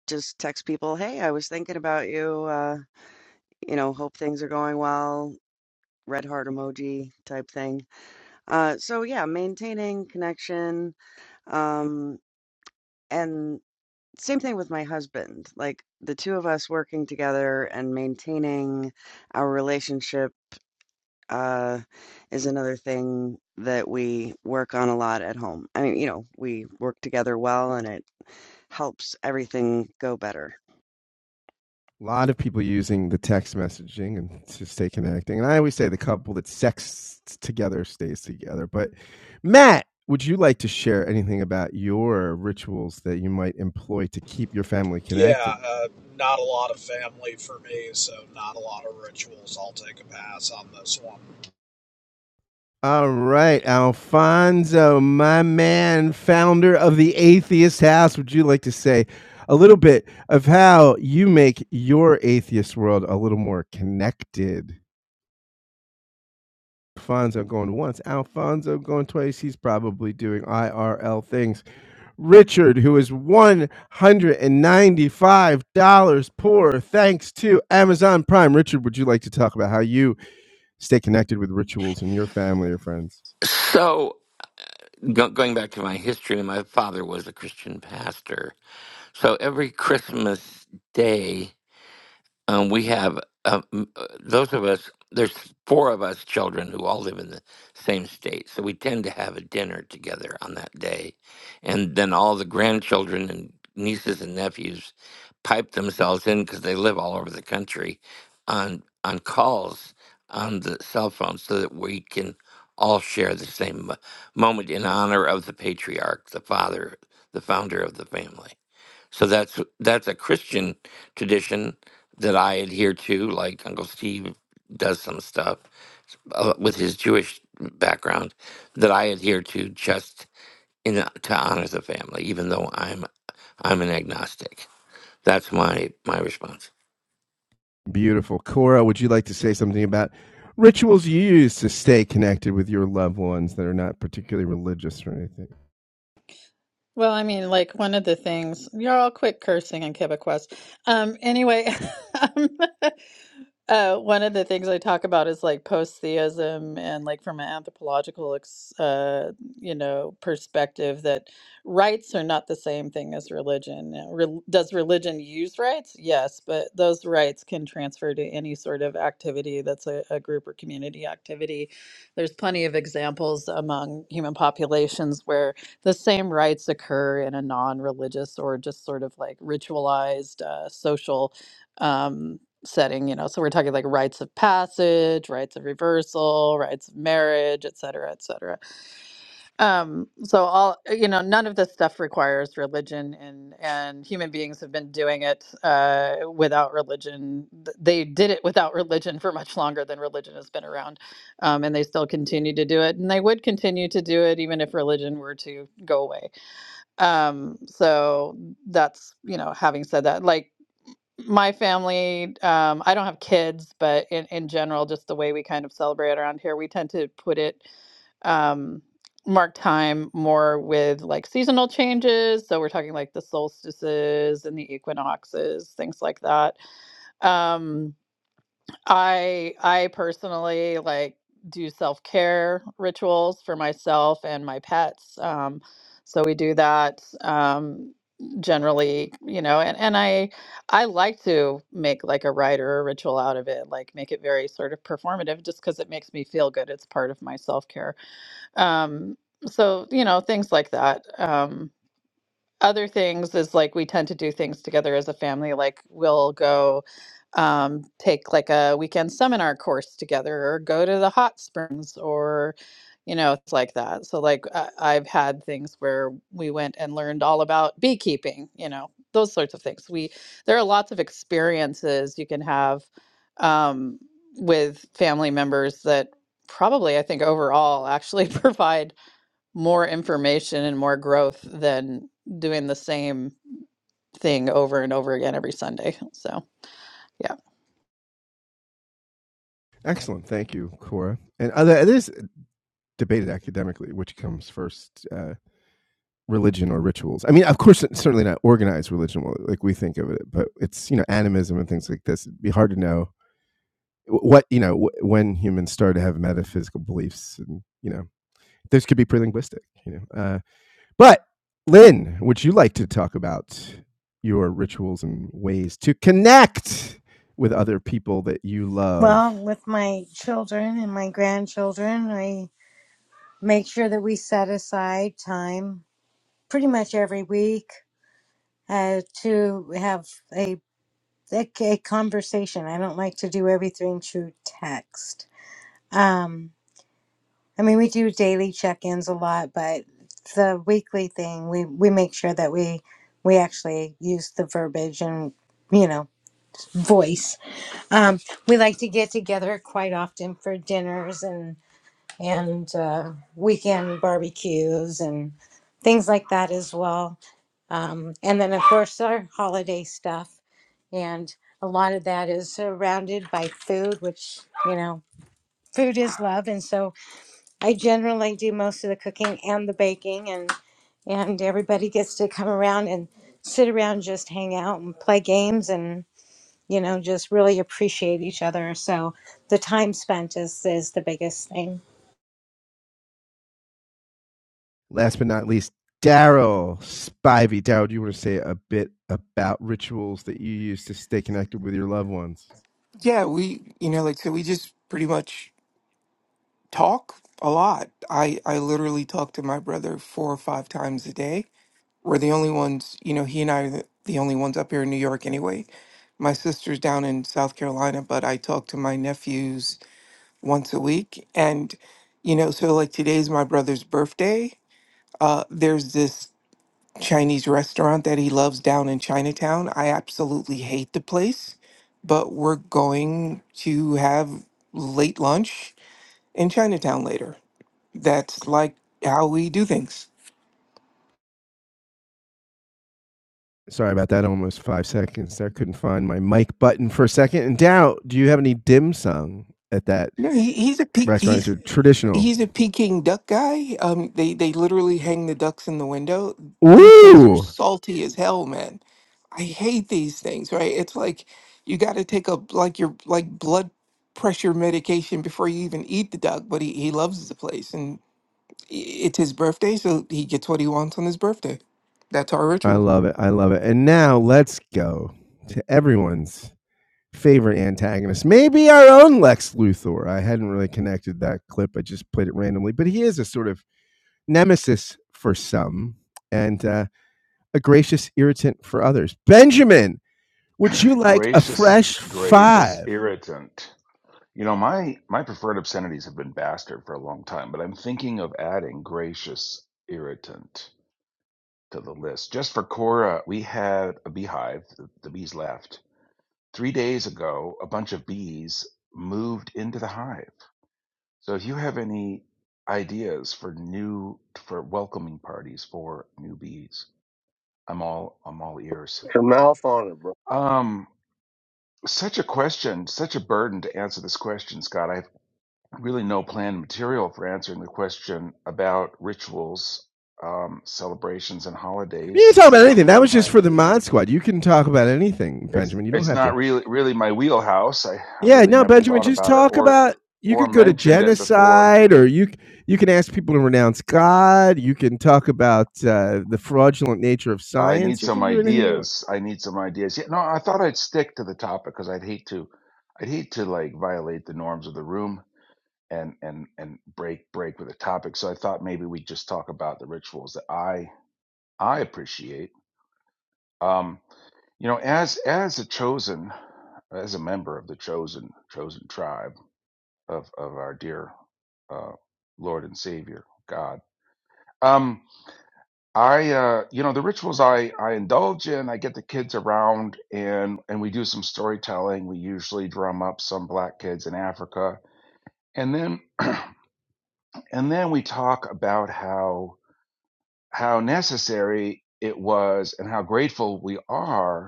Speaker 2: just text people, "Hey, I was thinking about you. Uh, you know, hope things are going well." Red heart emoji type thing. Uh, so yeah, maintaining connection. Um, and same thing with my husband. Like the two of us working together and maintaining our relationship uh is another thing that we work on a lot at home. I mean, you know, we work together well and it helps everything go better.
Speaker 3: A lot of people using the text messaging and to stay connecting. And I always say the couple that sexts together stays together. But Matt, would you like to share anything about your rituals that you might employ to keep your family
Speaker 7: Yeah,
Speaker 3: connected?
Speaker 7: uh, not a lot of family for me, so not a lot of rituals. I'll take a pass on this one.
Speaker 3: All right, Alfonso, my man, founder of the Atheist House, would you like to say a little bit of how you make your atheist world a little more connected? Alfonso going once, Alfonso going twice. He's probably doing IRL things. Richard, who is $195 poor thanks to Amazon Prime. Richard, would you like to talk about how you? Stay connected with rituals in your family or friends.
Speaker 12: So, go- going back to my history, my father was a Christian pastor. So every Christmas day, um, we have uh, m- uh, those of us there's four of us children who all live in the same state so we tend to have a dinner together on that day and then all the grandchildren and nieces and nephews pipe themselves in because they live all over the country on on calls on the cell phone so that we can all share the same mo- moment in honor of the patriarch the father the founder of the family so that's that's a Christian tradition that I adhere to. Like Uncle Steve does some stuff uh, with his Jewish background that I adhere to, just in to honor the family, even though I'm I'm an agnostic. That's my my response.
Speaker 3: Beautiful. Cora, would you like to say something about rituals you use to stay connected with your loved ones that are not particularly religious or anything?
Speaker 13: Well, I mean, like one of the things you're all quick cursing in Quebecois. Um, anyway, um, Uh, one of the things I talk about is like post theism and like from an anthropological ex uh, you know, perspective that rights are not the same thing as religion. Now, rel does religion use rights? Yes, but those rights can transfer to any sort of activity that's a, a group or community activity. There's plenty of examples among human populations where the same rights occur in a non-religious or just sort of like ritualized uh, social. um, setting you know so we're talking like rites of passage rites of reversal rites of marriage et cetera et cetera um so all uh, you know none of this stuff requires religion and and human beings have been doing it uh without religion Th- they did it without religion for much longer than religion has been around um and they still continue to do it and they would continue to do it even if religion were to go away um so that's you know having said that like my family um i don't have kids but in, in general just the way we kind of celebrate around here we tend to put it um mark time more with like seasonal changes so we're talking like the solstices and the equinoxes things like that um I I personally like do self-care rituals for myself and my pets. Um, so we do that um, generally, you know, and, and I I like to make like a rite or a ritual out of it, like make it very sort of performative just because it makes me feel good. It's part of my self-care. Um, so, you know, things like that. Um, other things is like we tend to do things together as a family like we'll go um, take like a weekend seminar course together or go to the hot springs or you know it's like that so like I, i've had things where we went and learned all about beekeeping you know those sorts of things we there are lots of experiences you can have um, with family members that probably i think overall actually provide more information and more growth than doing the same thing over and over again every Sunday. So, yeah.
Speaker 3: Excellent. Thank you, Cora. And other, it is debated academically which comes first, uh, religion or rituals. I mean, of course, certainly not organized religion well, like we think of it, but it's, you know, animism and things like this. It'd be hard to know what, you know, when humans started to have metaphysical beliefs and, you know, this could be pre-linguistic, you know. Uh, but Lynn, would you like to talk about your rituals and ways to connect with other people that you
Speaker 15: Well,
Speaker 3: love?
Speaker 15: with my children and my grandchildren, I make sure that we set aside time pretty much every week uh, to have a, a a conversation. I don't like to do everything through text. Um, I mean, we do daily check-ins a lot, but the weekly thing, we we make sure that we we actually use the verbiage and you know voice. Um, we like to get together quite often for dinners and and uh, weekend barbecues and things like that as well. Um, and then of course our holiday stuff, and a lot of that is surrounded by food, which you know food is love, and so I generally do most of the cooking and the baking, and and everybody gets to come around and sit around, and just hang out and play games, and you know, just really appreciate each other. So the time spent is is the biggest thing.
Speaker 3: Last but not least, Daryl Spivey. Daryl, do you want to say a bit about rituals that you use to stay connected with your loved ones?
Speaker 16: Yeah, we, you know, like, so we just pretty much talk a lot. I, I literally talk to my brother four or five times a day. We're the only ones, you know, he and I are the, the only ones up here in New York anyway. My sister's down in South Carolina, but I talk to my nephews once a week. And, you know, so like today's my brother's birthday. Uh, there's this Chinese restaurant that he loves down in Chinatown. I absolutely hate the place, but we're going to have late lunch in Chinatown later. That's like how we do things.
Speaker 3: Sorry about that. Almost five seconds. I couldn't find my mic button for a second. And Dow, do you have any dim sum at that
Speaker 16: No, he, he's a peak.
Speaker 3: restaurant?
Speaker 16: He's
Speaker 3: Is it traditional?
Speaker 16: He's a Peking duck guy. Um, they they literally hang the ducks in the window. These things are
Speaker 3: Woo!
Speaker 16: salty as hell, man. I hate these things. Right? It's like you got to take a like your like blood pressure medication before you even eat the duck. But he he loves the place, and i- it's his birthday, so he gets what he wants on his birthday. That's our
Speaker 3: I
Speaker 16: ritual.
Speaker 3: love it. I love it. And now let's go to everyone's favorite antagonist. Maybe our own Lex Luthor. I hadn't really connected that clip. I just played it randomly, but he is a sort of nemesis for some and uh, a gracious irritant for others. Benjamin, Would you like a
Speaker 22: Gracious,
Speaker 3: fresh
Speaker 22: gracious
Speaker 3: five?
Speaker 22: irritant. You know, my my preferred obscenities have been bastard for a long time, but I'm thinking of adding gracious irritant to the list. Just for Cora, we had a beehive. The, the bees left three days ago. A bunch of bees moved into the hive. So, if you have any ideas for new for welcoming parties for new bees, I'm all I'm all ears.
Speaker 19: Put your mouth on it bro
Speaker 22: Um, such a question, such a burden to answer this question, Scott. I really no planned material for answering the question about rituals, um, celebrations, and
Speaker 3: You can
Speaker 22: holidays.
Speaker 3: talk
Speaker 22: It's
Speaker 3: about
Speaker 22: not
Speaker 3: anything. That
Speaker 22: really
Speaker 3: was just
Speaker 22: my
Speaker 3: for the mod squad. You can talk about anything,
Speaker 22: it's
Speaker 3: Benjamin. You don't
Speaker 22: it's
Speaker 3: have to.
Speaker 22: not really really my wheelhouse. I I've
Speaker 3: Yeah,
Speaker 22: really
Speaker 3: no,
Speaker 22: never
Speaker 3: Benjamin.
Speaker 22: thought
Speaker 3: Just
Speaker 22: about it
Speaker 3: talk
Speaker 22: or
Speaker 3: about. You
Speaker 22: or
Speaker 3: could go to
Speaker 22: mentioned it before.
Speaker 3: genocide, or you you can ask people to renounce God. You can talk about uh, the fraudulent nature of
Speaker 22: I need
Speaker 3: science. You
Speaker 22: some
Speaker 3: can do anything you want.
Speaker 22: ideas. I need some ideas. Yeah, no, I thought I'd stick to the topic because I'd hate to I'd hate to like violate the norms of the room and and and break break with the topic. So I thought maybe we'd just talk about the rituals that I I appreciate. Um, You know, as as a chosen, as a member of the chosen chosen tribe of of our dear uh, Lord and Savior God, um, I uh, you know the rituals I I indulge in. I get the kids around and and we do some storytelling. We usually drum up some black kids in Africa, and then and then we talk about how how necessary it was and how grateful we are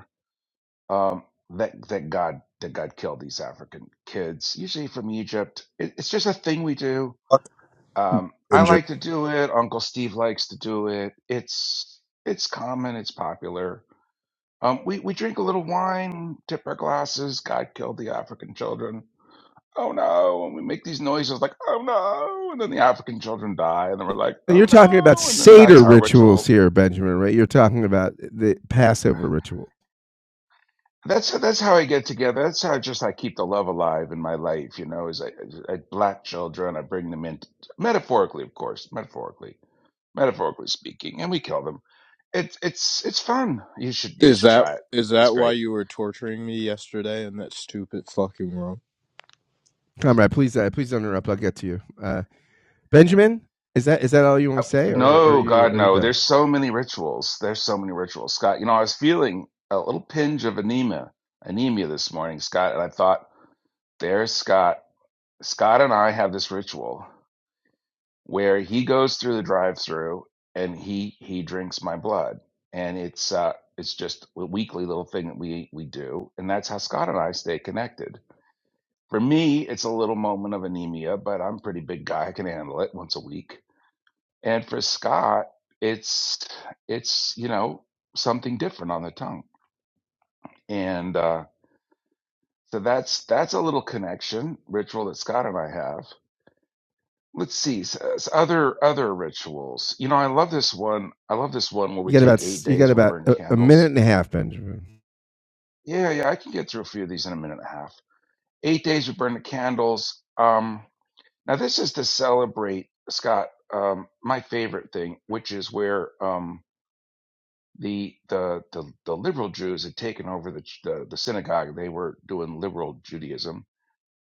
Speaker 22: um, that that God that God killed these African kids, usually from Egypt. It, it's just a thing we do.
Speaker 23: Fuck
Speaker 22: Um, I
Speaker 23: Benjamin.
Speaker 22: like to do it. Uncle Steve likes to do it. It's it's common. It's popular. Um, we we drink a little wine, tip our glasses. God killed the African children. Oh no! And we make these noises like oh no, and then the African children die, and then we're like
Speaker 3: And
Speaker 22: oh
Speaker 3: you're talking about
Speaker 22: no, and then that's
Speaker 3: Seder
Speaker 22: our ritual
Speaker 3: rituals here, Benjamin, right? You're talking about the Passover ritual.
Speaker 22: That's that's how I get together. That's how just I keep the love alive in my life. You know, is I, I black children, I bring them in metaphorically, of course, metaphorically, metaphorically speaking, and we kill them. It's it's it's fun. You should you
Speaker 23: Is
Speaker 22: should
Speaker 23: that
Speaker 22: try it.
Speaker 23: is
Speaker 22: It's
Speaker 23: that why
Speaker 22: great.
Speaker 23: you were torturing me yesterday in that stupid fucking room?
Speaker 3: Comrade, please, uh, please don't interrupt. I'll get to you. Uh, Benjamin, is that is that all you want to say, or or are
Speaker 22: No,
Speaker 3: you
Speaker 22: God,
Speaker 3: are you
Speaker 22: no.
Speaker 3: done?
Speaker 22: There's so many rituals. There's so many rituals, Scott. You know, I was feeling a little pinge of anemia, anemia this morning, Scott, and I thought, there's Scott. Scott and I have this ritual. where he goes through the drive-through and he he drinks my blood and it's uh it's just a weekly little thing that we we do and that's how Scott and I stay connected. For me, it's a little moment of anemia, but I'm a pretty big guy. I can handle it once a week. And for Scott, it's it's you know something different on the tongue. And uh so that's that's a little connection ritual that Scott and I have let's see s- s- other other rituals you know i love this one i love this one where
Speaker 3: You
Speaker 22: we
Speaker 3: got about
Speaker 22: take eight
Speaker 3: you
Speaker 22: days
Speaker 3: got
Speaker 22: and we
Speaker 3: about
Speaker 22: burn
Speaker 3: a, a minute
Speaker 22: candles
Speaker 3: and a half, Benjamin.
Speaker 22: yeah yeah i can get through a few of these in a minute and a half eight days we burn the candles um now this is to celebrate scott um my favorite thing which is where um the the the, the liberal jews had taken over the, ch- the the synagogue they were doing liberal judaism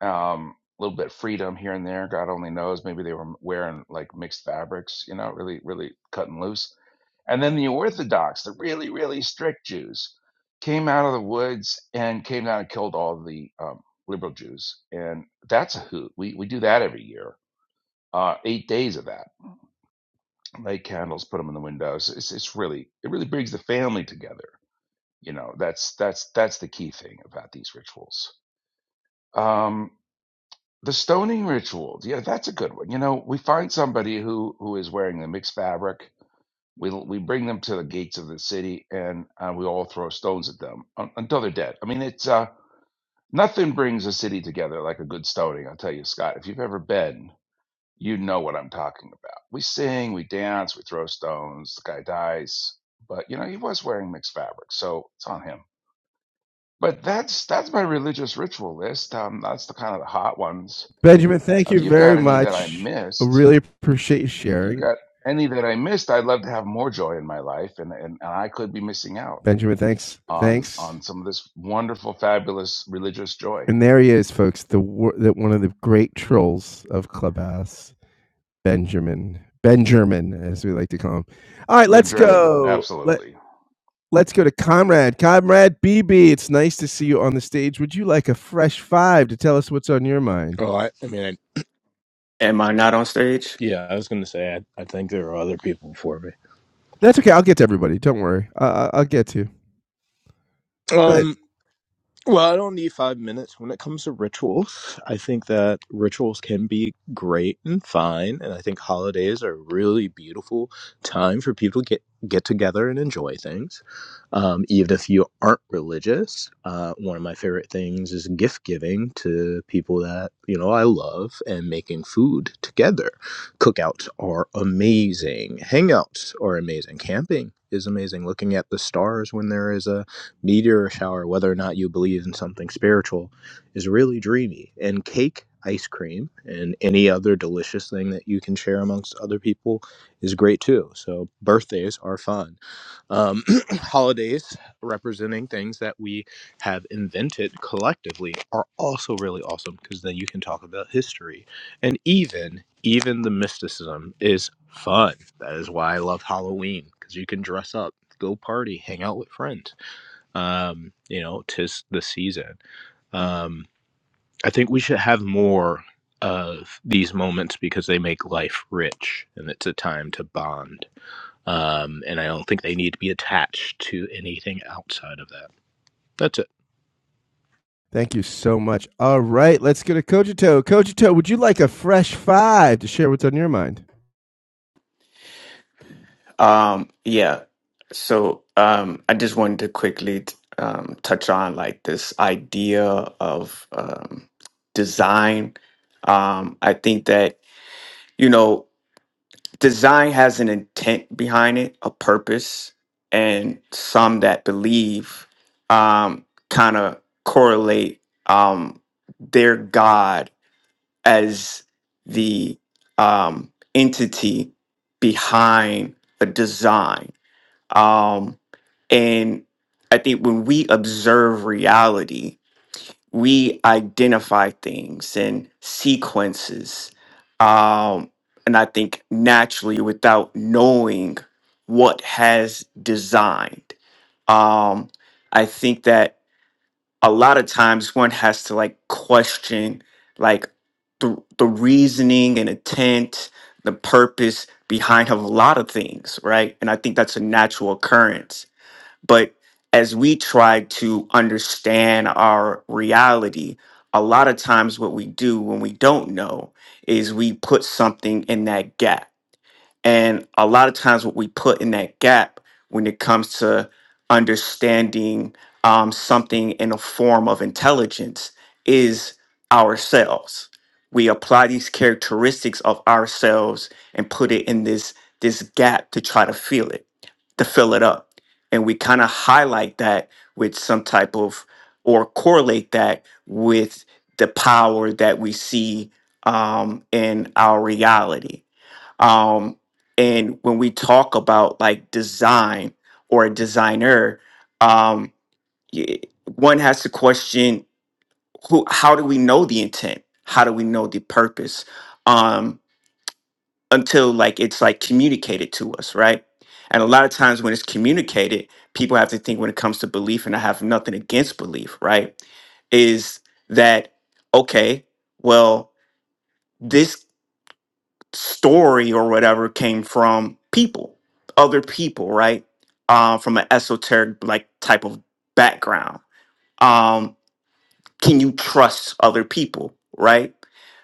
Speaker 22: um a little bit of freedom here and there god only knows maybe they were wearing like mixed fabrics you know really really cutting loose and then the orthodox the really really strict jews came out of the woods and came down and killed all the um, liberal jews and that's a hoot we, we do that every year uh, eight days of that light candles put them in the windows it's, it's really it really brings the family together you know that's that's that's the key thing about these rituals Um, The stoning rituals. Yeah, that's a good one. You know, we find somebody who who is wearing the mixed fabric. We we bring them to the gates of the city, and uh, we all throw stones at them un- until they're dead. I mean, it's uh, nothing brings a city together like a good stoning. I'll tell you, Scott. If you've ever been, you know what I'm talking about. We sing, we dance, we throw stones. The guy dies, but you know he was wearing mixed fabric, so it's on him. But that's that's my religious ritual list. Um, that's the kind of the hot ones
Speaker 3: Benjamin, thank
Speaker 22: if
Speaker 3: you
Speaker 22: you've got
Speaker 3: very
Speaker 22: any that I
Speaker 3: much. I
Speaker 22: missed,
Speaker 3: really appreciate you
Speaker 22: if you
Speaker 3: sharing,
Speaker 22: got any that I missed, I'd love to have more joy in my life, and and, and I could be missing out
Speaker 3: Benjamin. Thanks,
Speaker 22: on
Speaker 3: thanks.
Speaker 22: on some of this wonderful, fabulous religious joy.
Speaker 3: And there he is, folks. The that one of the great trolls of Clubhouse, Benjamin, Benjamin, as we like to call him. All right,
Speaker 22: Ben
Speaker 3: let's
Speaker 22: German,
Speaker 3: go.
Speaker 22: absolutely.
Speaker 3: Let's go to Comrade. Comrade BB, it's nice to see you on the stage. Would you like a fresh five to tell us what's on your mind?
Speaker 23: Oh, I, I mean, I,
Speaker 24: Am I not on stage?
Speaker 23: yeah, I was gonna say I, I think there were other people before me.
Speaker 3: That's okay. I'll get to everybody. Don't worry. Uh, I'll get to you. Go ahead.
Speaker 23: Um, Well, I don't need five minutes. When it comes to rituals, I think that rituals can be great and fine, and I think holidays are a really beautiful time for people to get get together and enjoy things. Um, even if you aren't religious, uh, one of my favorite things is gift giving to people that you know I love, and making food together. Cookouts are amazing. Hangouts are amazing. Camping is amazing. Looking at the stars when there is a meteor shower, whether or not you believe in something spiritual, is really dreamy. And cake, ice cream, and any other delicious thing that you can share amongst other people is great too. So birthdays are fun. Um, holidays representing things that we have invented collectively are also really awesome because then you can talk about history and even even the mysticism is fun. That is why I love Halloween because you can dress up, go party, hang out with friends um, you know, tis the season. Um, I think we should have more of these moments because they make life rich and it's a time to bond. Um, and I don't think they need to be attached to anything outside of that. That's it.
Speaker 3: Thank you so much. All right, let's go to Kojito. Kojito, would you like a fresh five to share what's on your mind?
Speaker 24: Um, yeah. So um, I just wanted to quickly t- um, touch on like this idea of um, design. Um, I think that you know design has an intent behind it, a purpose, and some that believe um, kind of correlate um, their God as the um, entity behind a design. Um, and I think when we observe reality, we identify things and sequences. Um, and I think naturally, without knowing what has designed, um, I think that a lot of times one has to like question like the the reasoning and intent, the purpose behind a lot of things, right? And I think that's a natural occurrence. But as we try to understand our reality, a lot of times what we do when we don't know is we put something in that gap and a lot of times, what we put in that gap when it comes to understanding um, something in a form of intelligence is ourselves. We apply these characteristics of ourselves and put it in this this gap to try to feel it, to fill it up. And we kind of highlight that with some type of or correlate that with the power that we see um, in our reality um, and when we talk about like design or a designer, um, y- one has to question who, how do we know the intent? How do we know the purpose? Um, until like it's like communicated to us, right? And a lot of times when it's communicated, people have to think when it comes to belief, and I have nothing against belief, right? Is that okay? Well, this story or whatever came from people, other people, right? Uh, from an esoteric like type of background. Um, can you trust other people, right?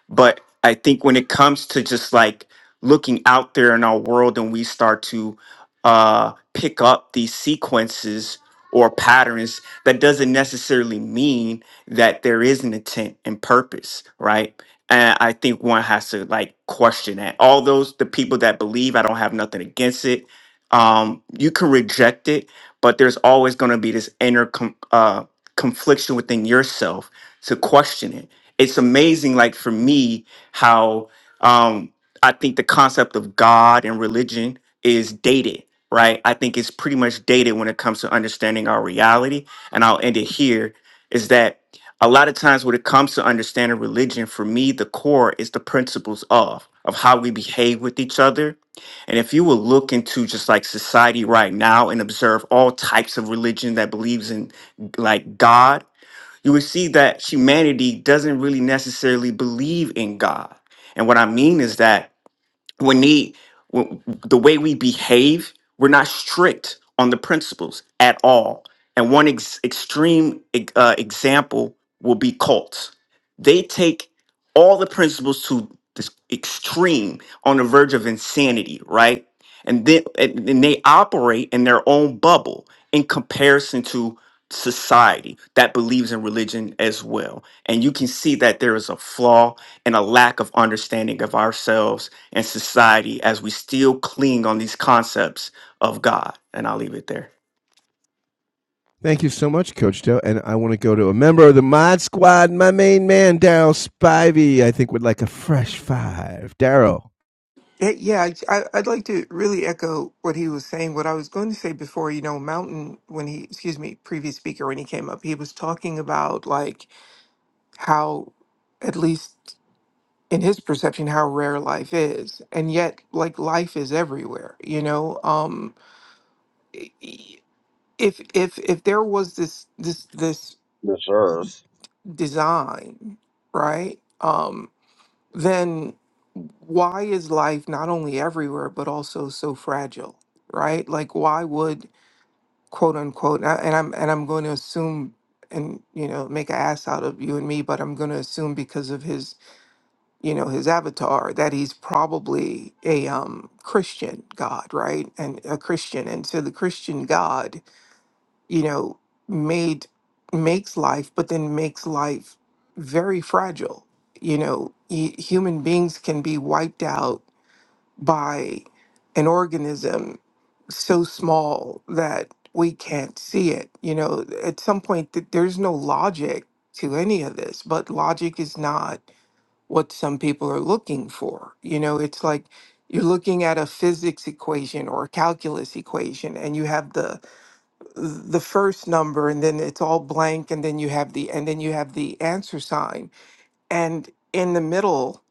Speaker 24: But I think when it comes to just like looking out there in our world and we start to uh, pick up these sequences or patterns, that doesn't necessarily mean that there is an intent and purpose, right? And I think one has to like question that. All those, the people that believe, I don't have nothing against it. Um, you can reject it, but there's always going to be this inner com- uh, confliction within yourself to question it it's amazing like for me how um i think the concept of god and religion is dated right i think it's pretty much dated when it comes to understanding our reality and i'll end it here is that a lot of times when it comes to understanding religion for me the core is the principles of of how we behave with each other and if you will look into just like society right now and observe all types of religion that believes in like god you would see that humanity doesn't really necessarily believe in God. And what I mean is that we need w- the way we behave we're not strict on the principles at all and one ex- extreme ex- uh, example will be cults they take all the principles to this extreme on the verge of insanity right and then and and they operate in their own bubble in comparison to society that believes in religion as well and you can see that there is a flaw and a lack of understanding of ourselves and society as we still cling on these concepts of God. And I'll leave it there.
Speaker 3: Thank you so much, Coach Doe. And I want to go to a member of the Mod Squad, my main man, Daryl Spivey. I think would like a fresh five. Daryl.
Speaker 16: Eh, Yeah, I, I- I'd like to really echo what he was saying. What I was going to say before, you know, Mountain, when he, excuse me, previous speaker, when he came up, he was talking about like how, at least in his perception, how rare life is. And yet, like life is everywhere, you know. Um, i- i- if if if there was this this this
Speaker 19: this earth
Speaker 16: design, right? Um, then why is life not only everywhere but also so fragile right like why would quote unquote and I- and i'm and i'm going to assume and you know make an ass out of you and me but i'm going to assume because of his you know his avatar that he's probably a um christian god right and a christian and so the christian god you know made makes life but then makes life very fragile you know y- human beings can be wiped out by an organism so small that we can't see it you know at some point th- there's no logic to any of this but logic is not what some people are looking for. You know, it's like you're looking at a physics equation or a calculus equation and you have the the first number and then it's all blank and then you have the and then you have the answer sign and in the middle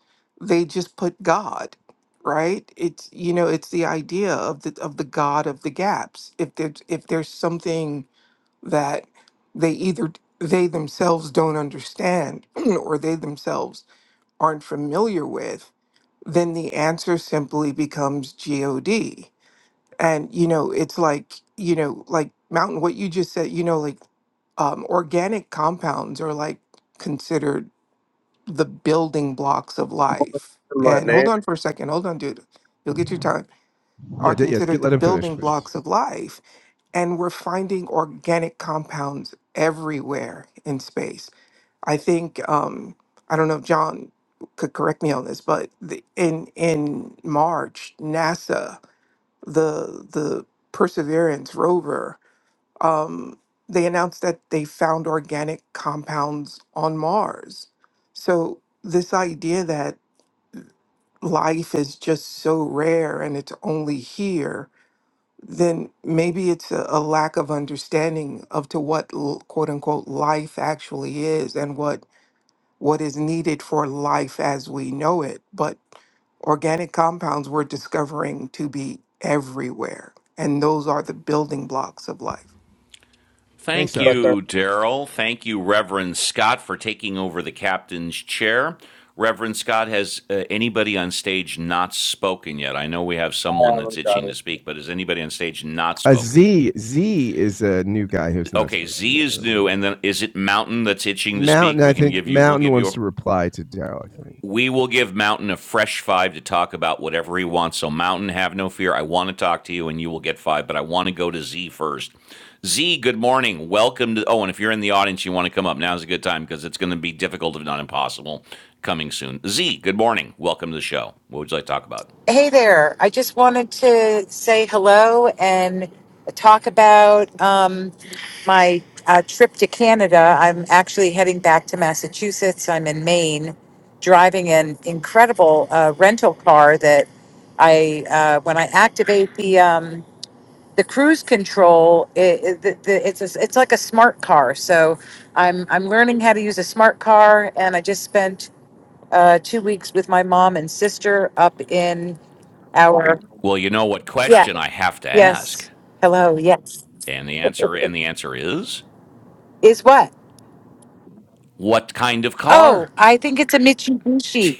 Speaker 16: they just put god right it's you know it's the idea of the of the god of the gaps if there's if there's something that they either they themselves don't understand or they themselves aren't familiar with, then the answer simply becomes GOD. And, you know, it's like, you know, like Mountain, what you just said, you know, like um, organic compounds are like considered the building blocks of life.
Speaker 19: my
Speaker 16: And hold
Speaker 19: name
Speaker 16: on for a second. Hold on, dude. You'll get your time. Are
Speaker 3: Yeah, yeah. Get,
Speaker 16: considered the
Speaker 3: let him finish,
Speaker 16: building
Speaker 3: please.
Speaker 16: blocks of life. And we're finding organic compounds everywhere in space I think um, I don't know if John could correct me on this, but the, in in March, NASA the the Perseverance rover um, they announced that they found organic compounds on Mars. So this idea that life is just so rare and it's only here then maybe it's a, a lack of understanding of to what l- quote unquote life actually is and what what is needed for life as we know it, but organic compounds we're discovering to be everywhere. And those are the building blocks of life.
Speaker 3: Thanks,
Speaker 1: Thank
Speaker 3: Daryl.
Speaker 19: but they're
Speaker 1: you, Daryl. Thank you, Reverend Scott, for taking over the captain's chair. Reverend Scott, has uh, anybody on stage not spoken yet? I know we have
Speaker 19: not
Speaker 1: someone that's
Speaker 19: having
Speaker 1: itching
Speaker 19: it.
Speaker 1: to speak, but is anybody on stage not
Speaker 3: Uh,
Speaker 1: spoken?
Speaker 3: Z Z is a new guy who's not
Speaker 1: Okay,
Speaker 3: spoken.
Speaker 1: Z
Speaker 3: yet,
Speaker 1: is new, and then is it Mountain that's itching to speak?
Speaker 3: Mountain, I
Speaker 1: We can
Speaker 3: think
Speaker 1: give you, we'll
Speaker 3: Mountain
Speaker 1: give you
Speaker 3: wants
Speaker 1: a
Speaker 3: to reply to Daryl. I think
Speaker 1: We will give Mountain a fresh five to talk about whatever he wants. So, Mountain, have no fear. I want to talk to you and you will get five, but I want to go to Z first. Z, good morning. Welcome to. Oh, and if you're in the audience, you want to come up, now's a good time because it's going to be difficult, if not impossible, coming soon. Z, good morning. Welcome to the show. What would you like to talk about?
Speaker 25: Hey there. I just wanted to say hello and talk about um, my uh, trip to Canada. I'm actually heading back to Massachusetts. I'm in Maine, driving an incredible uh, rental car that I, uh, when I activate the um, the cruise control, it, it, the, the, it's a, it's like a smart car. So I'm I'm learning how to use a smart car, and I just spent uh, two weeks with my mom and sister up in our
Speaker 1: Well, you know what
Speaker 25: yeah.
Speaker 1: question I have to ask?
Speaker 25: Yes. Hello. Yes.
Speaker 1: And the answer and the answer is
Speaker 25: Is what?
Speaker 1: what kind of
Speaker 25: Oh,
Speaker 1: car?
Speaker 25: I think it's a Mitsubishi.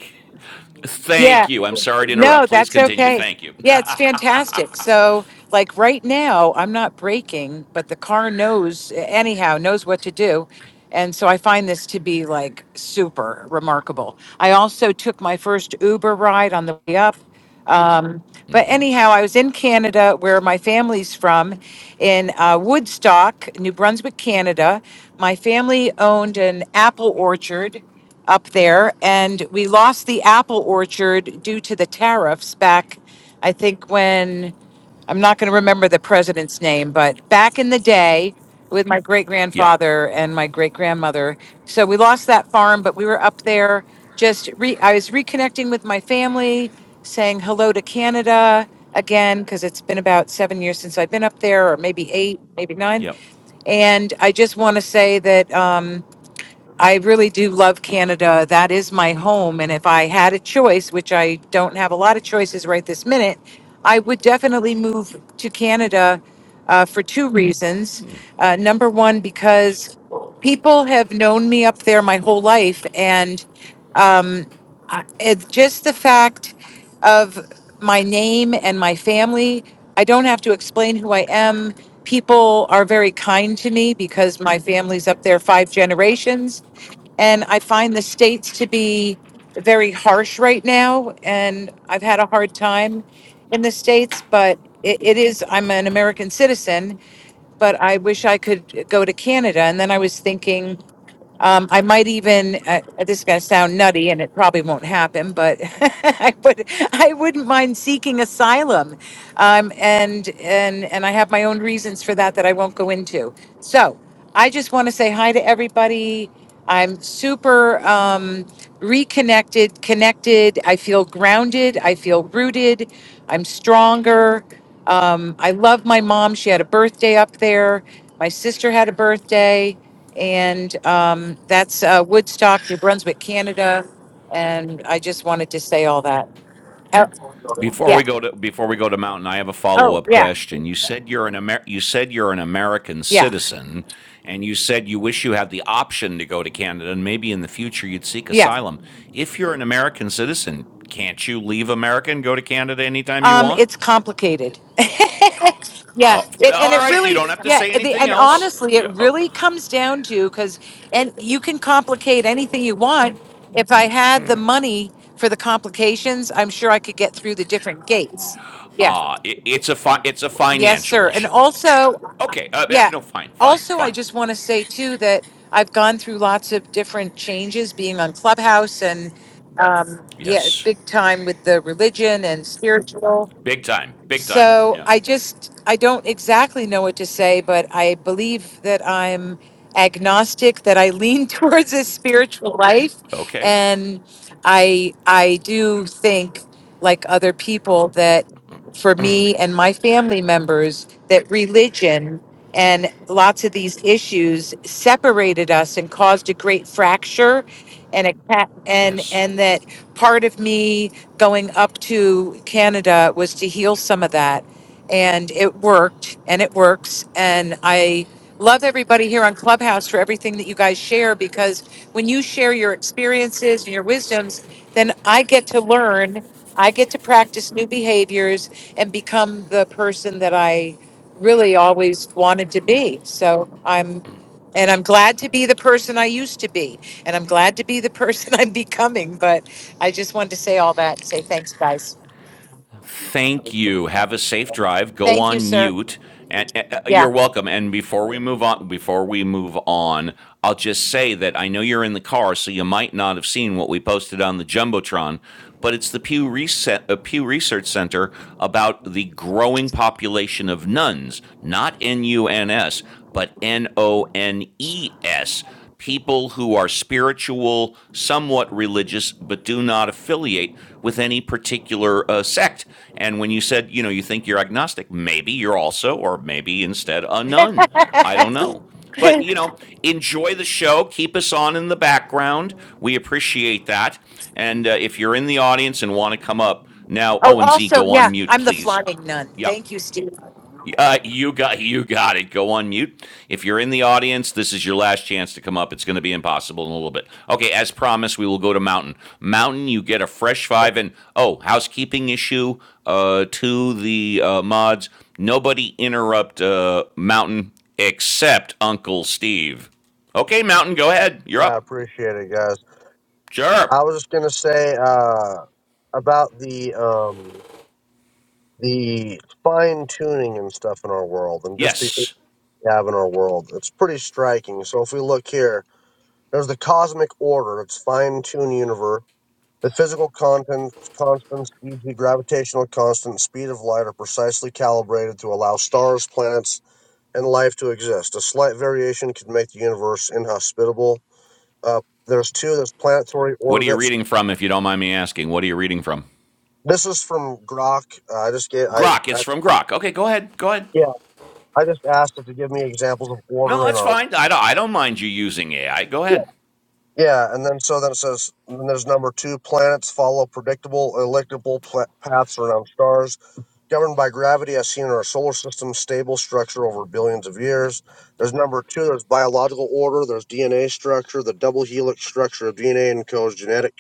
Speaker 1: Thank
Speaker 25: Yeah.
Speaker 1: you. I'm sorry to interrupt.
Speaker 25: No,
Speaker 1: Please
Speaker 25: that's
Speaker 1: continue.
Speaker 25: okay.
Speaker 1: Thank you.
Speaker 25: Yeah, it's fantastic. So, like right now, I'm not braking, but the car knows anyhow, knows what to do. And so I find this to be like super remarkable. I also took my first Uber ride on the way up. Um, But anyhow, I was in Canada, where my family's from, in uh, Woodstock, New Brunswick, Canada. My family owned an apple orchard up there, and we lost the apple orchard due to the tariffs back, I think, when. I'm not going to remember the president's name, but back in the day with my great
Speaker 1: yep.
Speaker 25: grandfather and my great grandmother. So we lost that farm, but we were up there just re- I was reconnecting with my family, saying hello to Canada again because it's been about 7 years since I've been up there or maybe 8, maybe 9.
Speaker 1: Yep.
Speaker 25: And I just want to say that um I really do love Canada. That is my home. And if I had a choice, which I don't have a lot of choices right this minute, I would definitely move to Canada uh, for two reasons. Uh, number one, because people have known me up there my whole life. And I- it's just the fact of my name and my family. I don't have to explain who I am. People are very kind to me because my family's up there five generations. And I find the states to be very harsh right now. And I've had a hard time in the states, but it, it is, I'm an American citizen, but I wish I could go to Canada. And then I was thinking, um, I might even, uh, this is going to sound nutty and it probably won't happen, but I, would, I wouldn't mind seeking asylum. Um, and, and, and I have my own reasons for that that I won't go into. So I just want to say hi to everybody. I'm super um, reconnected, connected. I feel grounded. I feel rooted. I'm stronger. Um, I love my mom. She had a birthday up there. My sister had a birthday. And um, that's uh, Woodstock, New Brunswick, Canada. And I just wanted to say all that. Oh,
Speaker 1: Before
Speaker 25: yeah.
Speaker 1: we go to before we go to Mountain, I have a follow
Speaker 25: Oh,
Speaker 1: up
Speaker 25: yeah.
Speaker 1: question. You said you're an Amer- you said you're an American
Speaker 25: Yeah.
Speaker 1: citizen, and you said you wish you had the option to go to Canada, and maybe in the future you'd seek
Speaker 25: Yeah.
Speaker 1: asylum. If you're an American citizen, can't you leave America and go to Canada anytime you
Speaker 25: Um,
Speaker 1: want?
Speaker 25: it's complicated. yeah.
Speaker 1: Oh,
Speaker 25: It, and
Speaker 1: all
Speaker 25: it
Speaker 1: right, you
Speaker 25: really,
Speaker 1: don't have to
Speaker 25: yeah.
Speaker 1: say
Speaker 25: The,
Speaker 1: anything
Speaker 25: and
Speaker 1: else.
Speaker 25: honestly, it
Speaker 1: Yeah, oh,
Speaker 25: really comes down to because, and you can complicate anything you want. If I had the money for the complications, I'm sure I could get through the different gates. Yeah.
Speaker 1: it's a fi- it's a
Speaker 25: Yes,
Speaker 1: financial
Speaker 25: sir. And
Speaker 1: issue.
Speaker 25: also,
Speaker 1: Okay, uh, uh,
Speaker 25: Yeah.
Speaker 1: no, fine, fine,
Speaker 25: Also, I
Speaker 1: fine.
Speaker 25: just want to say too that I've gone through lots of different changes being on Clubhouse and um yeah,
Speaker 1: Yes,
Speaker 25: big time with the religion and spiritual.
Speaker 1: big time, big time.
Speaker 25: So
Speaker 1: Yeah.
Speaker 25: I just, I don't exactly know what to say, but I believe that I'm agnostic, that I lean towards a spiritual life.
Speaker 1: Okay.
Speaker 25: And I, I do think, like other people, that for me and my family members, that religion and lots of these issues separated us and caused a great fracture and a ca- and
Speaker 1: Yes.
Speaker 25: and that part of me going up to Canada was to heal some of that. And it worked and it works. And I love everybody here on Clubhouse for everything that you guys share because when you share your experiences and your wisdoms, then I get to learn, I get to practice new behaviors and become the person that I really always wanted to be. So I'm and I'm glad to be the person I used to be. And I'm glad to be the person I'm becoming. But I just wanted to say all that and say thanks, guys.
Speaker 1: Thank you. Have a safe drive. Go
Speaker 25: Thank you,
Speaker 1: on
Speaker 25: sir.
Speaker 1: mute. And uh, uh,
Speaker 25: Yeah.
Speaker 1: you're welcome. And before we move on, before we move on, I'll just say that I know you're in the car, so you might not have seen what we posted on the jumbotron. But it's the Pew, Reset, uh, Pew Research Center about the growing population of nuns, not N U N S, but N O N E S, people who are spiritual, somewhat religious, but do not affiliate with any particular uh, sect. And when you said, you know, you think you're agnostic, maybe you're also, or maybe instead, a nun. I don't
Speaker 25: oh,
Speaker 1: know. But, you know, enjoy the show. Keep us on in the background. We appreciate that. And uh, if you're in the audience and want to come up, now, O and Z,
Speaker 25: also,
Speaker 1: go on
Speaker 25: yeah,
Speaker 1: mute,
Speaker 25: I'm the
Speaker 1: please.
Speaker 25: flying nun.
Speaker 1: Yep. Yeah.
Speaker 25: Thank you, Steve.
Speaker 1: Uh, you got you got it. Go on mute. If you're in the audience, this is your last chance to come up. It's going to be impossible in a little bit. Okay, as promised, we will go to Mountain. Mountain, you get a fresh five. And oh, housekeeping issue uh, to the uh, mods. Nobody interrupt uh, Mountain except Uncle Steve. Okay, Mountain, go ahead. You're
Speaker 19: yeah i
Speaker 1: up.
Speaker 19: appreciate it guys
Speaker 1: Sure.
Speaker 19: i was just gonna say uh about the um the fine tuning and stuff in our world and just the order
Speaker 1: Yes.
Speaker 19: we have in our world. It's pretty striking. So if we look here, there's the cosmic order, it's fine tuned universe. The physical content, constants, e.g., gravitational constant, speed of light, are precisely calibrated to allow stars, planets, and life to exist. A slight variation could make the universe inhospitable. Uh, there's two. There's planetary
Speaker 1: What are you
Speaker 19: orbits.
Speaker 1: reading from, if you don't mind me asking? What are you reading from?
Speaker 19: This is from Grok. Uh, I just get. I,
Speaker 1: Grok. It's
Speaker 19: I
Speaker 1: from Grok. Okay, go ahead. Go ahead.
Speaker 19: yeah. I just asked it to give me examples of
Speaker 1: No,
Speaker 19: order in
Speaker 1: that's
Speaker 19: our
Speaker 1: fine. I don't, I don't mind you using AI. Go ahead.
Speaker 19: Yeah, and then so then it says then there's number two planets follow predictable elliptical pla- paths around stars governed by gravity as seen in our solar system stable structure over billions of years. There's number two there's biological order there's DNA structure the double helix structure of DNA encodes genetic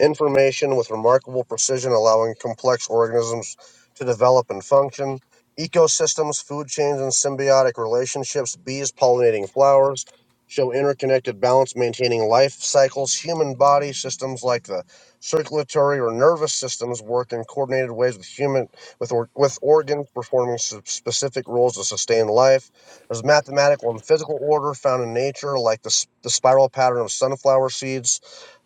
Speaker 19: information with remarkable precision allowing complex organisms to develop and function. Ecosystems, food chains, and symbiotic relationships, bees pollinating flowers, show interconnected balance maintaining life cycles. Human body systems like the circulatory or nervous systems work in coordinated ways with human with or, with organs performing s- specific roles to sustain life. There's mathematical and physical order found in nature, like the, s- the spiral pattern of sunflower seeds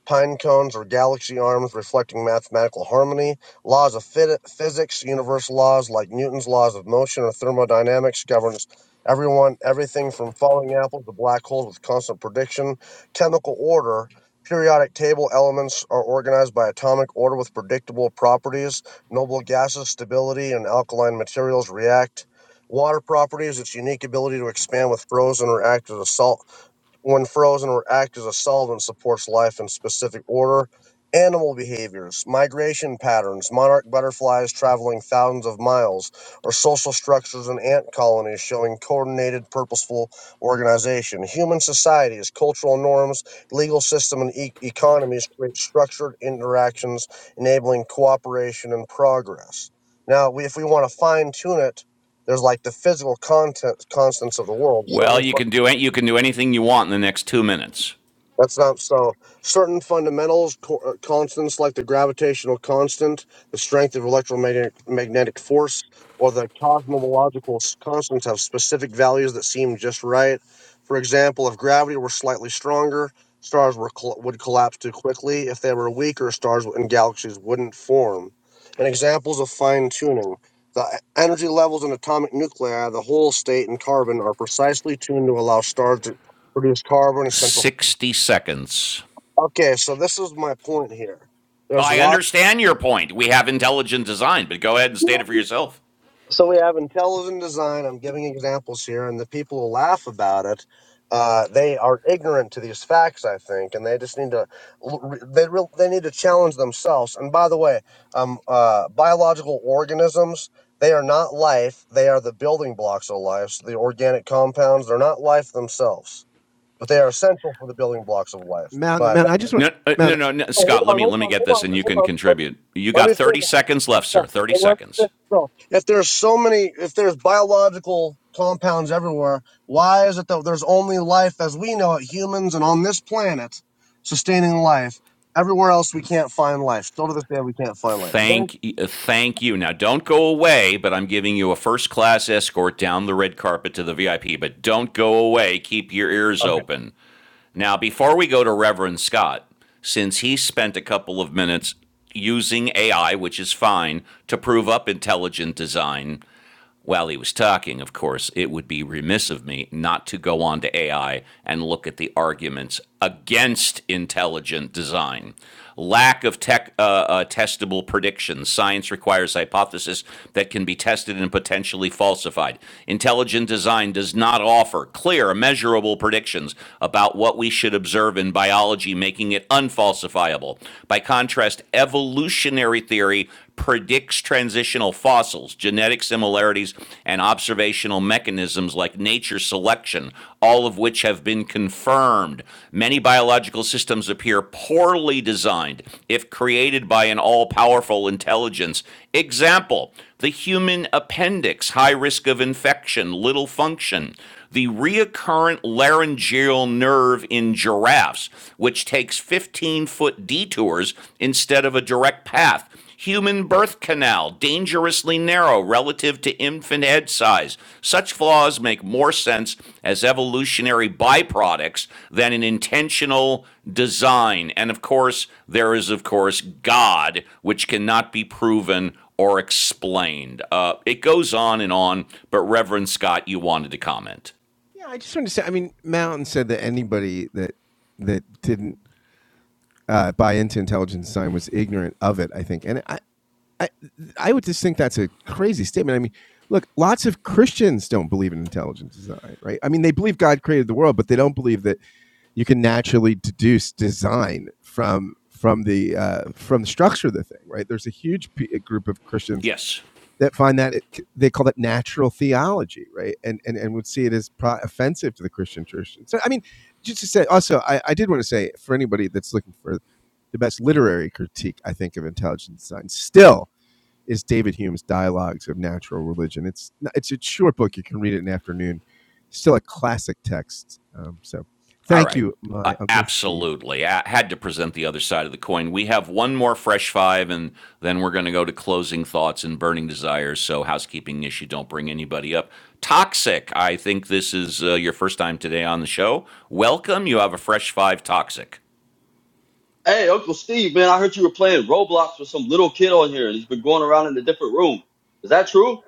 Speaker 19: pine cones or galaxy arms reflecting mathematical harmony, laws of physics, universal laws like Newton's laws of motion or thermodynamics governs everyone, everything from falling apples to black holes with constant prediction, chemical order, periodic table elements are organized by atomic order with predictable properties, noble gases, stability, and alkaline materials react. Water properties, its unique ability to expand with frozen or active as a salt. When frozen or act as a solvent supports life in specific order, animal behaviors, migration patterns, monarch butterflies traveling thousands of miles, or social structures in ant colonies showing coordinated, purposeful organization. Human societies, cultural norms, legal system, and e- economies create structured interactions, enabling cooperation and progress. Now, we, if we want to fine tune it, there's like the physical content constants of the world.
Speaker 1: Well,
Speaker 19: Certain
Speaker 1: you can do you can do anything you want in the next two minutes.
Speaker 19: that's not so. Certain fundamentals, co- uh, constants like the gravitational constant, the strength of electromagnetic magnetic force, or the cosmological s- constants have specific values that seem just right. For example, if gravity were slightly stronger, stars were col- would collapse too quickly. If they were weaker, stars and galaxies wouldn't form. And examples of fine tuning. The e- energy levels in atomic nuclei, the whole state, and carbon are precisely tuned to allow stars to produce carbon essential
Speaker 1: Sixty seconds.
Speaker 19: Okay, so this is my point here. There's
Speaker 1: I
Speaker 19: lots.
Speaker 1: understand your point. We have intelligent design, but go ahead and state it for yourself.
Speaker 19: So we have intelligent design. I'm giving examples here, and the people who laugh about it, uh, they are ignorant to these facts, I think, and they just need to l- they real they need to challenge themselves. And by the way, um, uh, biological organisms. They are not life. They are the building blocks of life. So the organic compounds, they're not life themselves, but they are essential for the building blocks of life.
Speaker 3: Mountain,
Speaker 19: But
Speaker 3: Mountain. I just want
Speaker 1: No, uh, no,
Speaker 3: Mountain.
Speaker 1: no, no,
Speaker 19: oh, hold
Speaker 1: Scott. Let
Speaker 19: on,
Speaker 1: me
Speaker 19: hold
Speaker 1: let me
Speaker 19: on,
Speaker 1: get
Speaker 19: hold
Speaker 1: this,
Speaker 19: on,
Speaker 1: and
Speaker 3: oh,
Speaker 1: you
Speaker 3: sorry.
Speaker 1: can
Speaker 19: hold on. Let
Speaker 1: contribute. You
Speaker 19: let me
Speaker 1: got
Speaker 19: finish.
Speaker 1: thirty seconds left,
Speaker 19: Yeah,
Speaker 1: sir. Thirty
Speaker 19: but What's this?
Speaker 1: seconds.
Speaker 19: So, if there's so many, if there's biological compounds everywhere, why is it that there's only life as we know it, humans and on this planet, sustaining life? Everywhere else we can't find life. Still to this day we can't find life. There.
Speaker 1: Thank, uh, thank you. Now, don't go away, but I'm giving you a first class escort down the red carpet to the VIP. But don't go away. Keep your ears open. Now, before we go to Reverend Scott, since he spent a couple of minutes using AI, which is fine, to prove up intelligent design, while he was talking, of course, it would be remiss of me not to go on to AI and look at the arguments against intelligent design lack of tech, uh, uh, testable predictions. Science requires hypotheses that can be tested and potentially falsified. Intelligent design does not offer clear, measurable predictions about what we should observe in biology, making it unfalsifiable. By contrast, evolutionary theory predicts transitional fossils, genetic similarities, and observational mechanisms like nature selection, all of which have been confirmed. Many biological systems appear poorly designed if created by an all powerful intelligence. Example the human appendix, high risk of infection, little function the recurrent laryngeal nerve in giraffes, which takes 15 foot detours instead of a direct path. Human birth canal, dangerously narrow relative to infant head size. Such flaws make more sense as evolutionary byproducts than an intentional design. And of course, there is, of course, God, which cannot be proven or explained. Uh, it goes on and on, but Reverend Scott, you wanted to comment.
Speaker 3: Yeah, I just want to say. I mean, Mountain said that anybody that that didn't uh, buy into intelligence design was ignorant of it. I think, and I, I, I would just think that's a crazy statement. I mean, look, lots of Christians don't believe in intelligent design, right? I mean, they believe God created the world, but they don't believe that you can naturally deduce design from from the uh, from the structure of the thing, right? There's a huge p- group of Christians
Speaker 1: Yes.
Speaker 3: that find that it, they call that natural theology, right? And and and would see it as pro- offensive to the Christian church. So, I mean, just to say, also, I, I did want to say for anybody that's looking for the best literary critique, I think, of intelligent design, still is David Hume's Dialogues of Natural Religion. It's it's a short book. You can read it in an afternoon. Still a classic text. Um, so
Speaker 1: All
Speaker 3: thank
Speaker 1: right.
Speaker 3: you,
Speaker 1: Uh,
Speaker 3: my uncle Steve.
Speaker 1: absolutely. I had to present the other side of the coin. We have one more fresh five, and then we're going to go to closing thoughts and burning desires. So, housekeeping issue, don't bring anybody up. Toxic. I think this is uh, your first time today on the show. Welcome. You have a fresh five toxic.
Speaker 26: Hey, Uncle Steve, man, I heard you were playing Roblox with some little kid on here, and he's been going around in a different room. Is that true?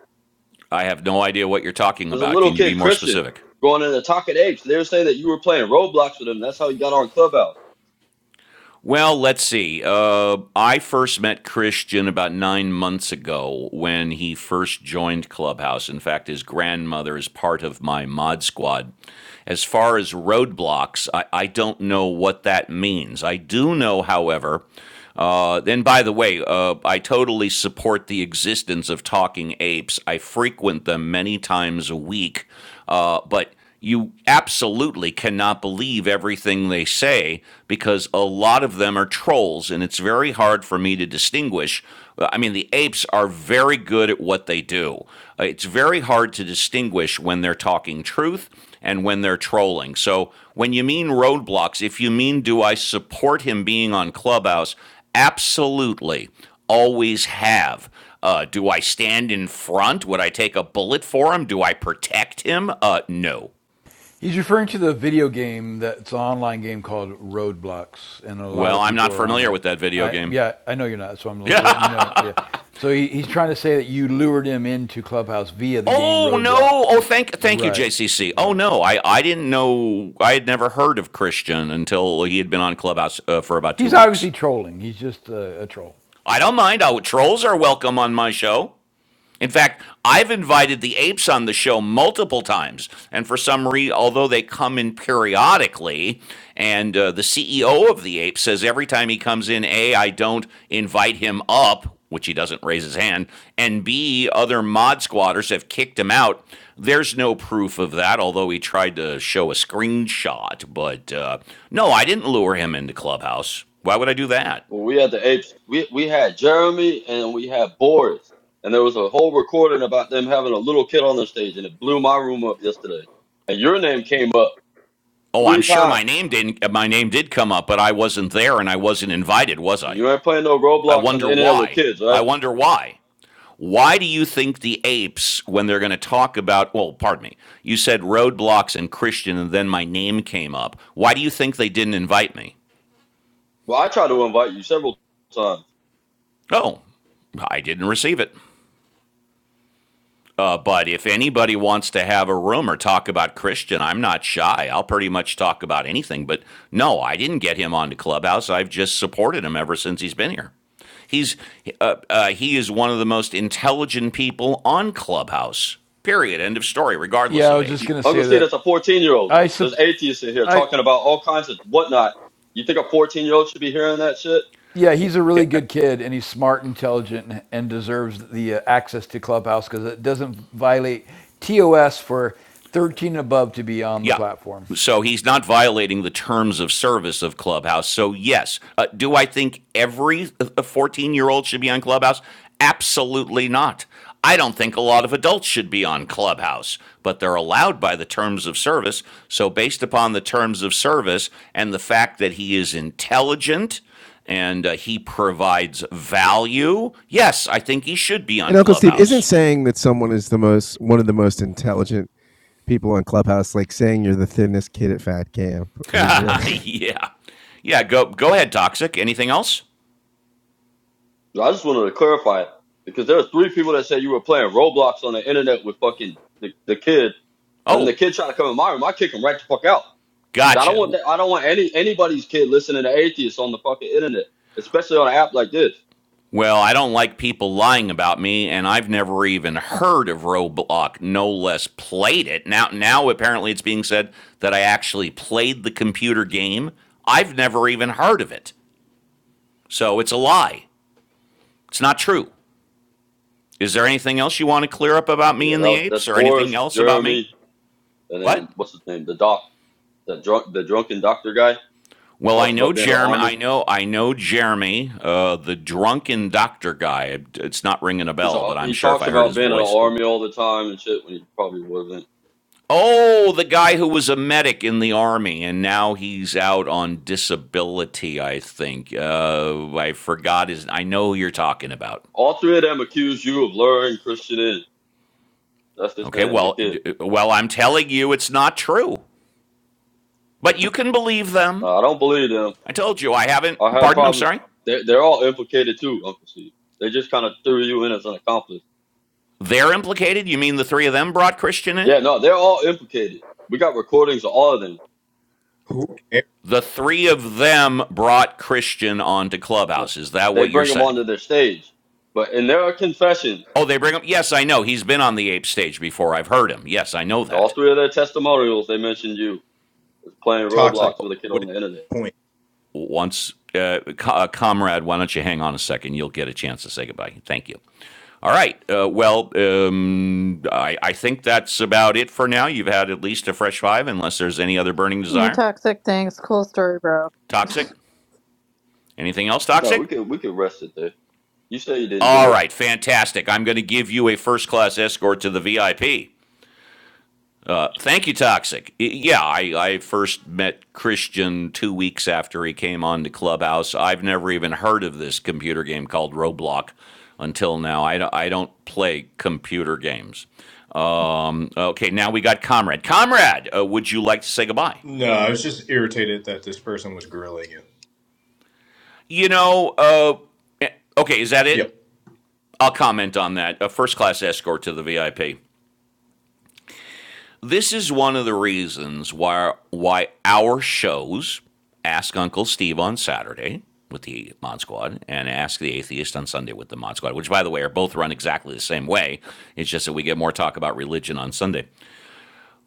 Speaker 1: I have no idea what you're talking
Speaker 26: There's a
Speaker 1: about.
Speaker 26: little
Speaker 1: Can you be
Speaker 26: kid,
Speaker 1: more
Speaker 26: Christian,
Speaker 1: specific?
Speaker 26: going in the Talking Apes. They were saying that you were playing Roblox with him. That's how he got on Clubhouse.
Speaker 1: Well, let's see. Uh, I first met Christian about nine months ago when he first joined Clubhouse. In fact, his grandmother is part of my mod squad. As far as roadblocks, I, I don't know what that means. I do know, however, uh, and by the way, uh, I totally support the existence of talking apes. I frequent them many times a week, uh, but you absolutely cannot believe everything they say because a lot of them are trolls, and it's very hard for me to distinguish. I mean, the apes are very good at what they do. Uh, It's very hard to distinguish when they're talking truth and when they're trolling. So when you mean roadblocks, if you mean do I support him being on Clubhouse, absolutely, always have. Uh, do I stand in front? Would I take a bullet for him? Do I protect him? Uh, no.
Speaker 4: He's referring to the video game that's an online game called Roadblocks, and a lot
Speaker 1: Well,
Speaker 4: of
Speaker 1: I'm
Speaker 4: people
Speaker 1: not
Speaker 4: are on
Speaker 1: familiar
Speaker 4: that.
Speaker 1: with that video
Speaker 4: I
Speaker 1: game.
Speaker 4: yeah, I know you're not, so I'm
Speaker 1: Yeah.
Speaker 4: letting you know. Yeah, so he, he's trying to say that you lured him into Clubhouse via the game
Speaker 1: Oh no.
Speaker 4: Roadblocks.
Speaker 1: Oh, thank, thank you,
Speaker 4: Right,
Speaker 1: JCC. Oh
Speaker 4: right.
Speaker 1: no, I, I didn't know. I had never heard of Christian until he had been on Clubhouse uh, for about two
Speaker 4: He's
Speaker 1: weeks.
Speaker 4: obviously trolling. He's just a, a troll.
Speaker 1: I don't mind. I, trolls are welcome on my show. In fact, I've invited the apes on the show multiple times, and for some reason, although they come in periodically, and uh, the CEO of the apes says every time he comes in, a I don't invite him up, which he doesn't raise his hand, and b other mod squatters have kicked him out. There's no proof of that, although he tried to show a screenshot. But uh, no, I didn't lure him into Clubhouse. Why would I do that?
Speaker 26: Well, we had the apes. We we had Jeremy and we had Boris, and there was a whole recording about them having a little kid on their stage, and it blew my room up yesterday. And your name came up
Speaker 1: Oh, I'm
Speaker 26: three
Speaker 1: sure
Speaker 26: times.
Speaker 1: my name didn't. uh, My name did come up, but I wasn't there and I wasn't invited, was
Speaker 26: And
Speaker 1: I?
Speaker 26: you ain't playing no
Speaker 1: I
Speaker 26: Roblox on
Speaker 1: wonder
Speaker 26: the internet with
Speaker 1: why.
Speaker 26: kids,
Speaker 1: I
Speaker 26: right?
Speaker 1: wonder why. Why do you think the apes, when they're going to talk about, well, pardon me, you said roadblocks and Christian, and then my name came up. Why do you think they didn't invite me?
Speaker 26: Well, I tried to invite you several times.
Speaker 1: Oh, I didn't receive it. Uh, but if anybody wants to have a room or talk about Christian, I'm not shy. I'll pretty much talk about anything. But no, I didn't get him onto Clubhouse. I've just supported him ever since he's been here. He's uh, uh, he is one of the most intelligent people on Clubhouse. Period. End of story. Regardless
Speaker 4: Yeah, I
Speaker 1: of
Speaker 4: was just
Speaker 1: age.
Speaker 4: gonna
Speaker 26: Uncle
Speaker 4: say
Speaker 26: Steve,
Speaker 4: that.
Speaker 26: that's a 14 year old.
Speaker 4: I
Speaker 26: There's
Speaker 4: sup-
Speaker 26: atheists in here
Speaker 4: I
Speaker 26: talking about all kinds of whatnot. You think a 14 year old should be hearing that shit?
Speaker 4: Yeah, he's a really good kid, and he's smart, intelligent, and deserves the uh, access to Clubhouse because it doesn't violate TOS for 13 and above to be on the
Speaker 1: Yeah.
Speaker 4: platform.
Speaker 1: So he's not violating the terms of service of Clubhouse. So, yes. Uh, do I think every 14 year old should be on Clubhouse? Absolutely not. I don't think a lot of adults should be on Clubhouse, but they're allowed by the terms of service. So, based upon the terms of service and the fact that he is intelligent and uh, he provides value, yes, I think he should be on
Speaker 3: And Uncle Steve isn't
Speaker 1: Clubhouse.
Speaker 3: saying that someone is the most one of the most intelligent people on Clubhouse like saying you're the thinnest kid at Fat Camp. I mean, really.
Speaker 1: yeah. Yeah. Go, go ahead, Toxic. Anything else?
Speaker 26: So I just wanted to clarify it because there were three people that said you were playing Roblox on the internet with fucking the, the kid, and then the
Speaker 1: Oh,
Speaker 26: kid tried to come in my room. I kick him right the fuck out. I don't
Speaker 1: gotcha.
Speaker 26: want that. I don't want any anybody's kid listening to atheists on the fucking internet, especially on an app like this.
Speaker 1: Well, I don't like people lying about me, and I've never even heard of Roblox, no less played it. Now, now apparently it's being said that I actually played the computer game. I've never even heard of it, so it's a lie. It's not true. Is there anything else you want to clear up about me
Speaker 26: Yeah, that
Speaker 1: and the
Speaker 26: was, that's
Speaker 1: apes, or anything
Speaker 26: Boris,
Speaker 1: else about
Speaker 26: Jeremy,
Speaker 1: me?
Speaker 26: and then
Speaker 1: What?
Speaker 26: what's his name, the doc, the drunk, the drunken doctor guy that
Speaker 1: Well, I
Speaker 26: talks
Speaker 1: know
Speaker 26: about being in the
Speaker 1: Jeremy.
Speaker 26: army.
Speaker 1: I know. I know Jeremy, uh, the drunken doctor guy. It's not ringing a
Speaker 26: He's
Speaker 1: bell,
Speaker 26: a,
Speaker 1: but I'm
Speaker 26: he
Speaker 1: sure if
Speaker 26: talks
Speaker 1: I heard
Speaker 26: about
Speaker 1: his
Speaker 26: being in the
Speaker 1: voice,
Speaker 26: army all the time and shit when he probably wasn't.
Speaker 1: Oh, the guy who was a medic in the army and now he's out on disability, I think. Uh, I forgot his I know who you're talking about.
Speaker 26: All three of them accuse you of luring Christian in. That's the
Speaker 1: Okay,
Speaker 26: thing, the
Speaker 1: well,
Speaker 26: kid.
Speaker 1: well, I'm telling you it's not true. But you can believe
Speaker 26: No,
Speaker 1: them.
Speaker 26: I don't believe them.
Speaker 1: I told you I haven't
Speaker 26: I have
Speaker 1: Pardon, I'm
Speaker 26: problems.
Speaker 1: sorry.
Speaker 26: They're, they're all implicated too, Uncle Steve. They just kind of threw you in as an accomplice.
Speaker 1: They're implicated? You mean the three of them brought Christian in?
Speaker 26: Yeah, no, they're all implicated. We got recordings of all of them.
Speaker 23: Who cares?
Speaker 1: The three of them brought Christian onto Clubhouse. Is that
Speaker 26: They
Speaker 1: what you're
Speaker 26: bring them
Speaker 1: saying?
Speaker 26: onto their stage. But in their confession,
Speaker 1: Oh, they bring him. Yes, I know. He's been on the ape stage before. I've heard him. Yes, I know
Speaker 26: in all
Speaker 1: that.
Speaker 26: three of their testimonials, they mentioned you as playing
Speaker 23: Toxic.
Speaker 26: Roblox with a kid
Speaker 23: What
Speaker 26: on
Speaker 23: is
Speaker 26: the internet.
Speaker 23: the point?
Speaker 1: once, uh, co- uh, comrade, why don't you hang on a second? You'll get a chance to say goodbye. Thank you. All right. Uh, well, um, I, I think that's about it for now. You've had at least a fresh five, unless there's any other burning
Speaker 13: New
Speaker 1: desire.
Speaker 13: toxic things. Cool story, bro.
Speaker 1: Toxic? Anything else
Speaker 26: No, we
Speaker 1: toxic?
Speaker 26: could we could rest it there. You say you didn't
Speaker 1: All
Speaker 26: do it.
Speaker 1: right. Fantastic. I'm going to give you a first class escort to the VIP. Thank you, Toxic. Yeah, I, I first met Christian two weeks after he came on to Clubhouse. I've never even heard of this computer game called Roblox until now. I, I don't play computer games. Mm, Okay, now we got Comrade. Comrade, uh, would you like to say goodbye?
Speaker 23: No, I was just irritated that this person was grilling you.
Speaker 1: You know, uh, eh, okay, is that it?
Speaker 23: Yep.
Speaker 1: I'll comment on that. A first class escort to the VIP. this is one of the reasons why why our shows ask uncle steve on saturday with the mod squad and ask the atheist on sunday with the mod squad which by the way are both run exactly the same way it's just that we get more talk about religion on sunday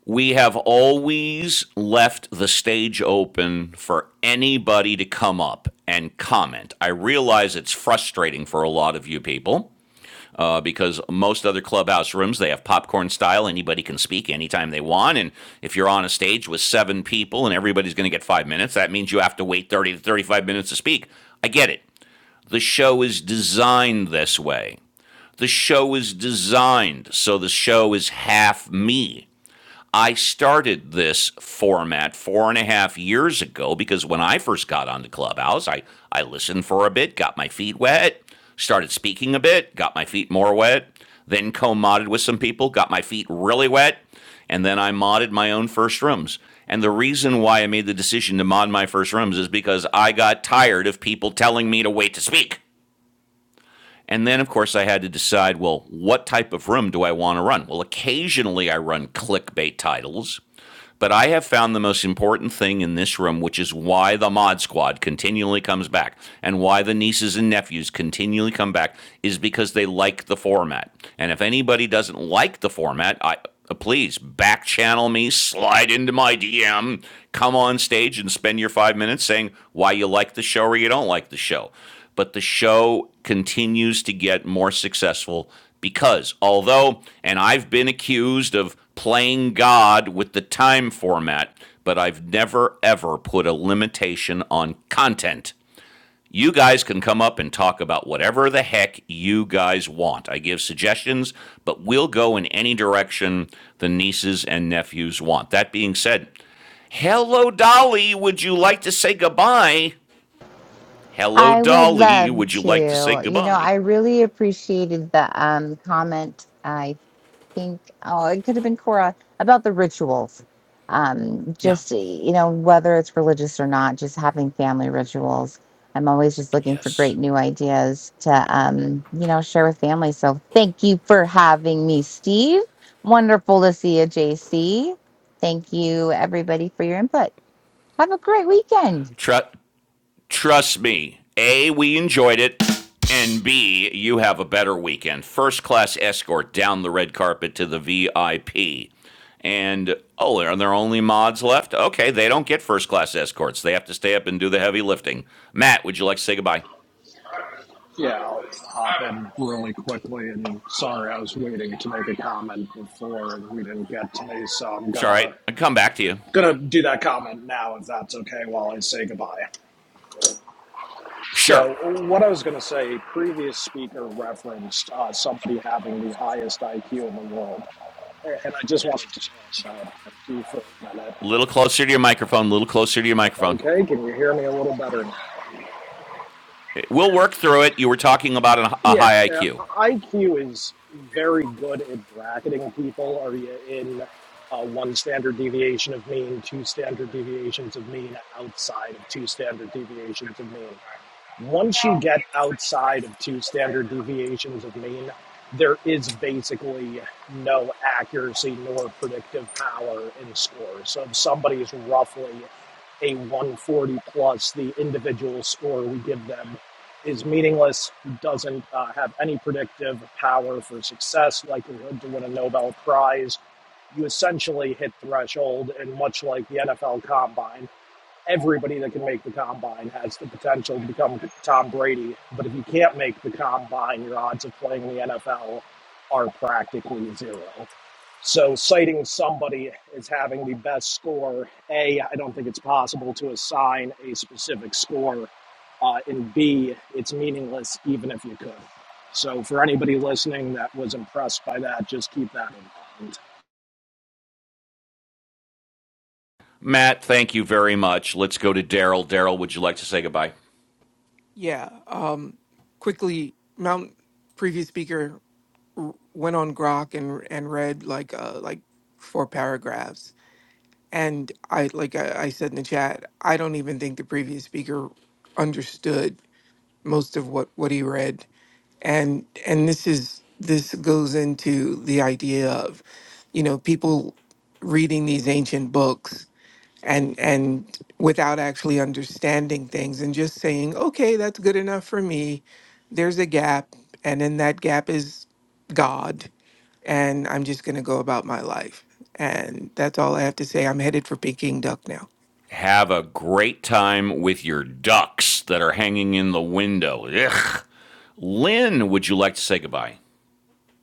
Speaker 1: we have always left the stage open for anybody to come up and comment i realize it's frustrating for a lot of you people uh, because most other clubhouse rooms they have popcorn style anybody can speak anytime they want and if you're on a stage with seven people and everybody's going to get five minutes that means you have to wait 30 to 35 minutes to speak i get it the show is designed this way the show is designed so the show is half me I started this format four and a half years ago because when I first got onto Clubhouse, I, I listened for a bit, got my feet wet, started speaking a bit, got my feet more wet, then co modded with some people, got my feet really wet, and then I modded my own first rooms. And the reason why I made the decision to mod my first rooms is because I got tired of people telling me to wait to speak. And then, of course, I had to decide well, what type of room do I want to run? Well, occasionally I run clickbait titles, but I have found the most important thing in this room, which is why the Mod Squad continually comes back and why the nieces and nephews continually come back, is because they like the format. And if anybody doesn't like the format, I. uh, Please back channel me, slide into my DM, come on stage and spend your five minutes saying why you like the show or you don't like the show but the show continues to get more successful because although, and I've been accused of playing God with the time format, but I've never ever put a limitation on content. You guys can come up and talk about whatever the heck you guys want. I give suggestions, but we'll go in any direction the nieces and nephews want. That being said, hello, Dolly. Would you like to say goodbye? Hello,
Speaker 21: I would
Speaker 1: Dolly.
Speaker 21: love
Speaker 1: Would you like to say
Speaker 21: to. You know,
Speaker 1: goodbye?
Speaker 21: I really appreciated the um, comment. think, oh, it could have been Cora about the rituals. Um,
Speaker 1: Yeah.
Speaker 21: just, you know, whether it's religious or not, just having family rituals. I'm always just looking for
Speaker 1: Yes.
Speaker 21: great new ideas to, um, you know, share with family. So thank you for having me, Steve. Wonderful to see you, JC. Thank you, everybody, for your input. Have a great weekend.
Speaker 1: Tru- trust me. A, we enjoyed it. And B, you have a better weekend. First class escort down the red carpet to the VIP. And oh, are there only mods left? Okay, they don't get first class escorts. They have to stay up and do the heavy lifting. Matt, would you like to say goodbye?
Speaker 7: Yeah, I'll hop in really quickly. And sorry, I was waiting to make a comment before and we didn't get to me, so I'm
Speaker 1: It's all right.
Speaker 7: gonna
Speaker 1: I'll come back to you.
Speaker 7: gonna do that comment now if that's okay while I say goodbye.
Speaker 1: Sure.
Speaker 7: So what I was gonna say, previous speaker referenced uh, somebody having the highest IQ in the world, and I just wanted to talk about IQ for a minute.
Speaker 1: A Little closer to your microphone, A little closer to your
Speaker 7: Uh,
Speaker 1: microphone.
Speaker 7: okay, can you hear me a little better now?
Speaker 1: We'll work through it. You were talking about an, a
Speaker 7: Yeah,
Speaker 1: high
Speaker 7: uh,
Speaker 1: IQ.
Speaker 7: IQ is very good at bracketing people. Are you in uh, one standard deviation of mean, two standard deviations of mean, outside of two standard deviations of mean? Once you get outside of two standard deviations of mean, there is basically no accuracy nor predictive power in scores. So if somebody is roughly a 140 plus, the individual score we give them is meaningless doesn't uh, have any predictive power for success, likelihood to win a Nobel Prize, you essentially hit threshold, and much like the NFL Combine, everybody that can make the combine has the potential to become Tom Brady. But if you can't make the combine, your odds of playing in the NFL are practically zero. So citing somebody as having the best score, A, I don't think it's possible to assign a specific score. Uh, and B, it's meaningless even if you could. So for anybody listening that was impressed by that, just keep that in mind.
Speaker 1: Matt, thank you very much. Let's go to Daryl. Daryl, would you like to say goodbye?
Speaker 16: Yeah. Um, quickly, Mount previous speaker w- went on Grok and and read like uh, like four paragraphs. And I like I, I said in the chat, I don't even think the previous speaker understood most of what what he read and and this is this goes into the idea of you know people reading these ancient books and and without actually understanding things and just saying okay that's good enough for me there's a gap and in that gap is god and i'm just going to go about my life and that's all i have to say i'm headed for peking duck now
Speaker 1: Have a great time with your ducks that are hanging in the window. Ugh. Lynn, would you like to say goodbye?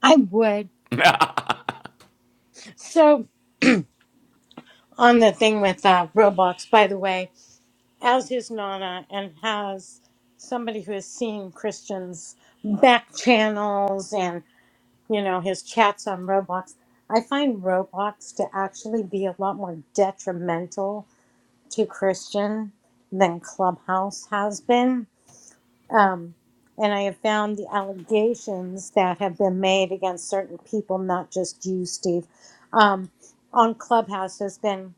Speaker 15: I would.
Speaker 1: yeah.
Speaker 15: So on the thing with uh, Roblox, by the way, as is Nana, and has somebody who has seen Christian's back channels you know, his chats on Roblox. I find Roblox to actually be a lot more detrimental to Christian than Clubhouse has been. Um, and I have found the allegations that have been made against certain people, not just you, Steve, um, on Clubhouse has been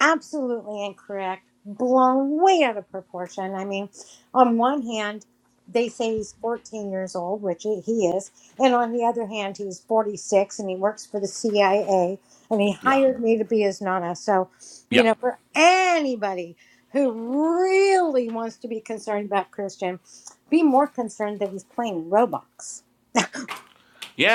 Speaker 15: absolutely incorrect, blown way out of proportion. I mean, on one hand, they say he's 14 years old, which he is, and on the other hand, he's 46 and he works for the CIA and he hired me to be his nana. So, you
Speaker 1: Yeah.
Speaker 15: know, for anybody who really wants to be concerned about Christian, be more concerned that he's playing Roblox.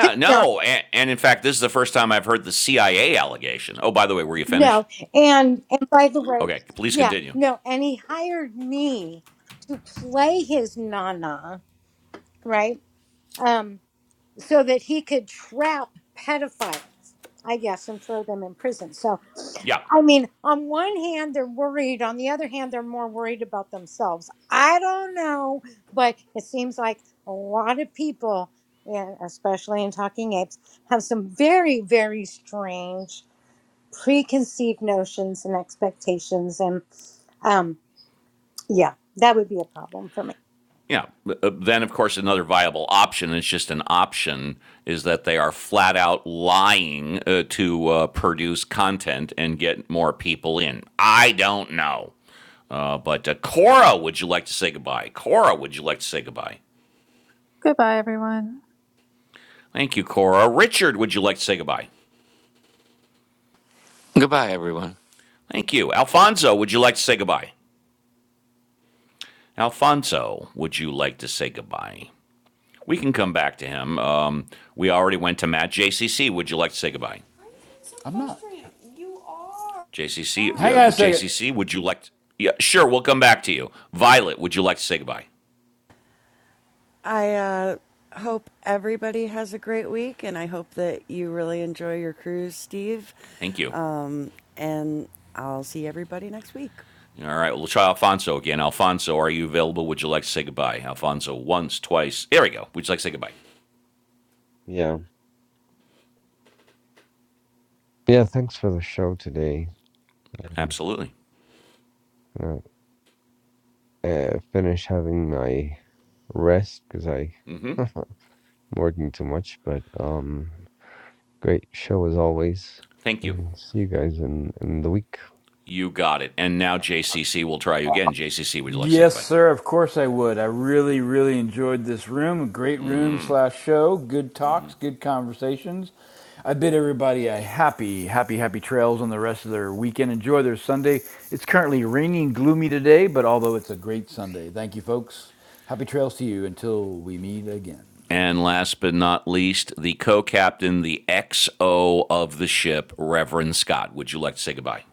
Speaker 15: To be
Speaker 1: no. And, and in fact, this is the first time I've heard the CIA allegation. Oh, by the way, were you finished?
Speaker 15: No, and and by the way,
Speaker 1: Okay, please
Speaker 15: yeah,
Speaker 1: continue.
Speaker 15: no, and he hired me to play his nana, right? Um, so that he could trap pedophiles, I guess, and throw them in prison. So,
Speaker 1: Yeah.
Speaker 15: I mean, on one hand, they're worried. On the other hand, they're more worried about themselves. I don't know, but it seems like a lot of people, and especially in Talking Apes, have some very, very strange preconceived notions and expectations and um yeah that would be a problem for me
Speaker 1: Yeah. Uh, Then, of course, another viable option, it's just an option, is that they are flat out lying uh, to uh, produce content and get more people in. I don't know. Uh, but uh, Cora, would you like to say goodbye? Cora, would you like to say goodbye?
Speaker 13: Goodbye, everyone.
Speaker 1: Thank you, Cora. Richard, would you like to say goodbye?
Speaker 12: Goodbye, everyone.
Speaker 1: Thank you. Alfonso, would you like to say goodbye? Alfonso, would you like to say goodbye? We can come back to him. Um, we already went to Matt JCC. Would you like to say goodbye?
Speaker 4: Why are you being so I'm not. frustrated? You are. bad.
Speaker 1: JCC,
Speaker 4: Hang
Speaker 1: uh,
Speaker 4: on a second.
Speaker 1: JCC, would you like? To, yeah, sure. We'll come back to you. Violet, would you like to say goodbye?
Speaker 2: I uh, hope everybody has a great week, and I hope that you really enjoy your cruise, Steve.
Speaker 1: Thank you.
Speaker 2: Um, and I'll see everybody next week.
Speaker 1: All right. We'll try Alfonso again. Alfonso, are you available? Would you like to say goodbye? Alfonso, once, twice. There we go. Would you like to say goodbye?
Speaker 10: Yeah. Yeah. Thanks for the show today. Um,
Speaker 1: Absolutely.
Speaker 10: gonna uh, finish having my rest because I working too much. But um, Great show as always.
Speaker 1: Thank you.
Speaker 10: And see you guys in, in the week.
Speaker 1: You got it. And now JCC, we'll try you again. JCC, would you like to say
Speaker 4: Yes,
Speaker 1: goodbye?
Speaker 4: sir. Of course I would. I really, really enjoyed this room. A great room slash show. Good talks, good conversations. I bid everybody a happy, happy, happy trails on the rest of their weekend. Enjoy their Sunday. It's currently rainy and gloomy today, but although it's a great Sunday, thank you, folks. Happy trails to you until we meet again.
Speaker 1: And last but not least, the co-captain, the XO of the ship, Reverend Scott. Would you like to say goodbye?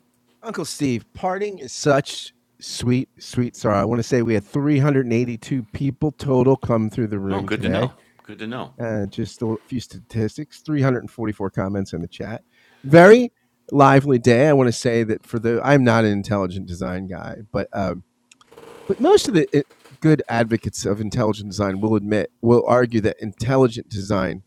Speaker 3: Uncle Steve, parting is such sweet, sweet sorrow. I want to say we had 382 people total come through the
Speaker 1: Oh,
Speaker 3: room
Speaker 1: good to
Speaker 3: today.
Speaker 1: know. Good to know.
Speaker 3: Uh, just a few statistics 344 comments in the chat. Very lively day. I want to say that for the, I'm not an intelligent design guy, but, um, but most of the uh, good advocates of intelligent design will admit, will argue that intelligent design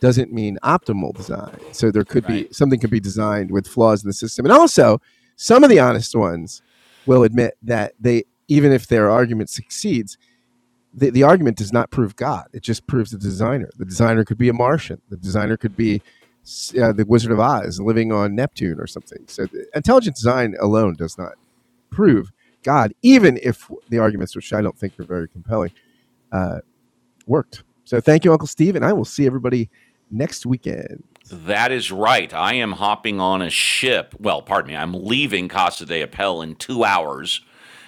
Speaker 3: doesn't mean optimal design. So there could
Speaker 1: Right.
Speaker 3: be something could be designed with flaws in the system. And also, some of the honest ones will admit that they, even if their argument succeeds, the, the argument does not prove God. It just proves the designer. The designer could be a Martian. The designer could be uh, the Wizard of Oz living on Neptune or something. So the, intelligent design alone does not prove God, even if the arguments, which I don't think are very compelling, uh, worked. So thank you, Uncle Steve, and I will see everybody next weekend.
Speaker 1: That is right. I am hopping on a ship. Well, pardon me. I'm leaving Casa de Appel in two hours,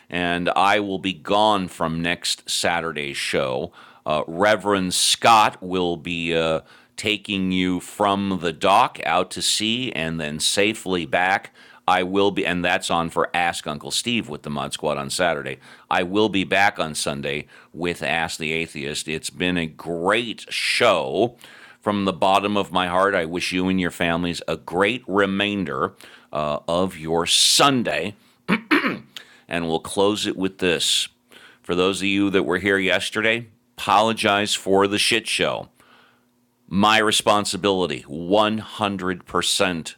Speaker 1: and I will be gone from next Saturday's show. Uh, Reverend Scott will be uh, taking you from the dock out to sea and then safely back. I will be, and that's on for Ask Uncle Steve with the Mod Squad on Saturday. I will be back on Sunday with Ask the Atheist. It's been a great show. From the bottom of my heart, I wish you and your families a great remainder uh, of your Sunday. And we'll close it with this. For those of you that were here yesterday, apologize for the shit show my responsibility 100%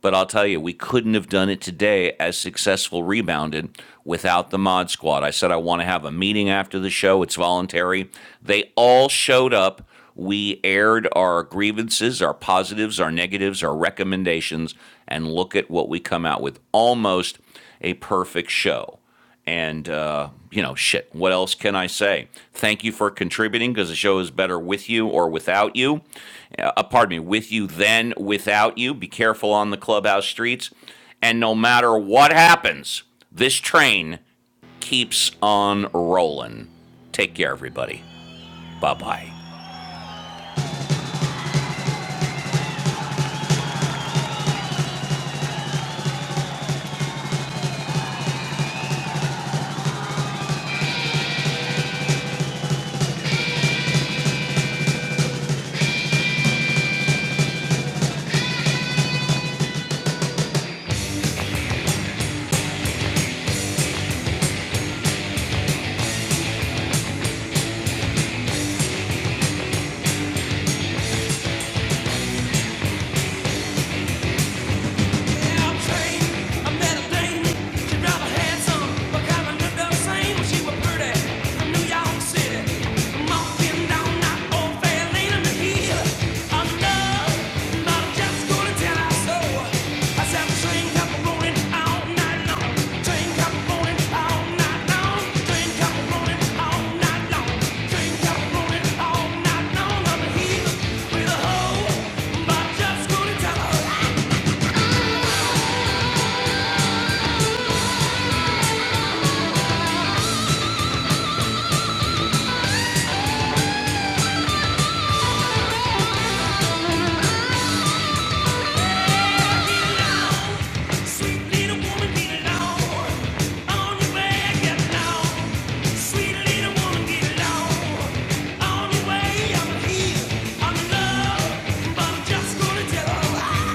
Speaker 1: but i'll tell you we couldn't have done it today as successful rebounded without the mod squad i said i want to have a meeting after the show it's voluntary they all showed up we aired our grievances our positives our negatives our recommendations and look at what we come out with almost a perfect show and, uh, you know, shit, what else can I say? Thank you for contributing because the show is better with you or without you. Uh, uh, pardon me, with you than without you. Be careful on the clubhouse streets. And no matter what happens, this train keeps on rolling. Take care, everybody. Bye bye. Just gonna tell her, get it on. I'm in love, but I'm just gonna tell her.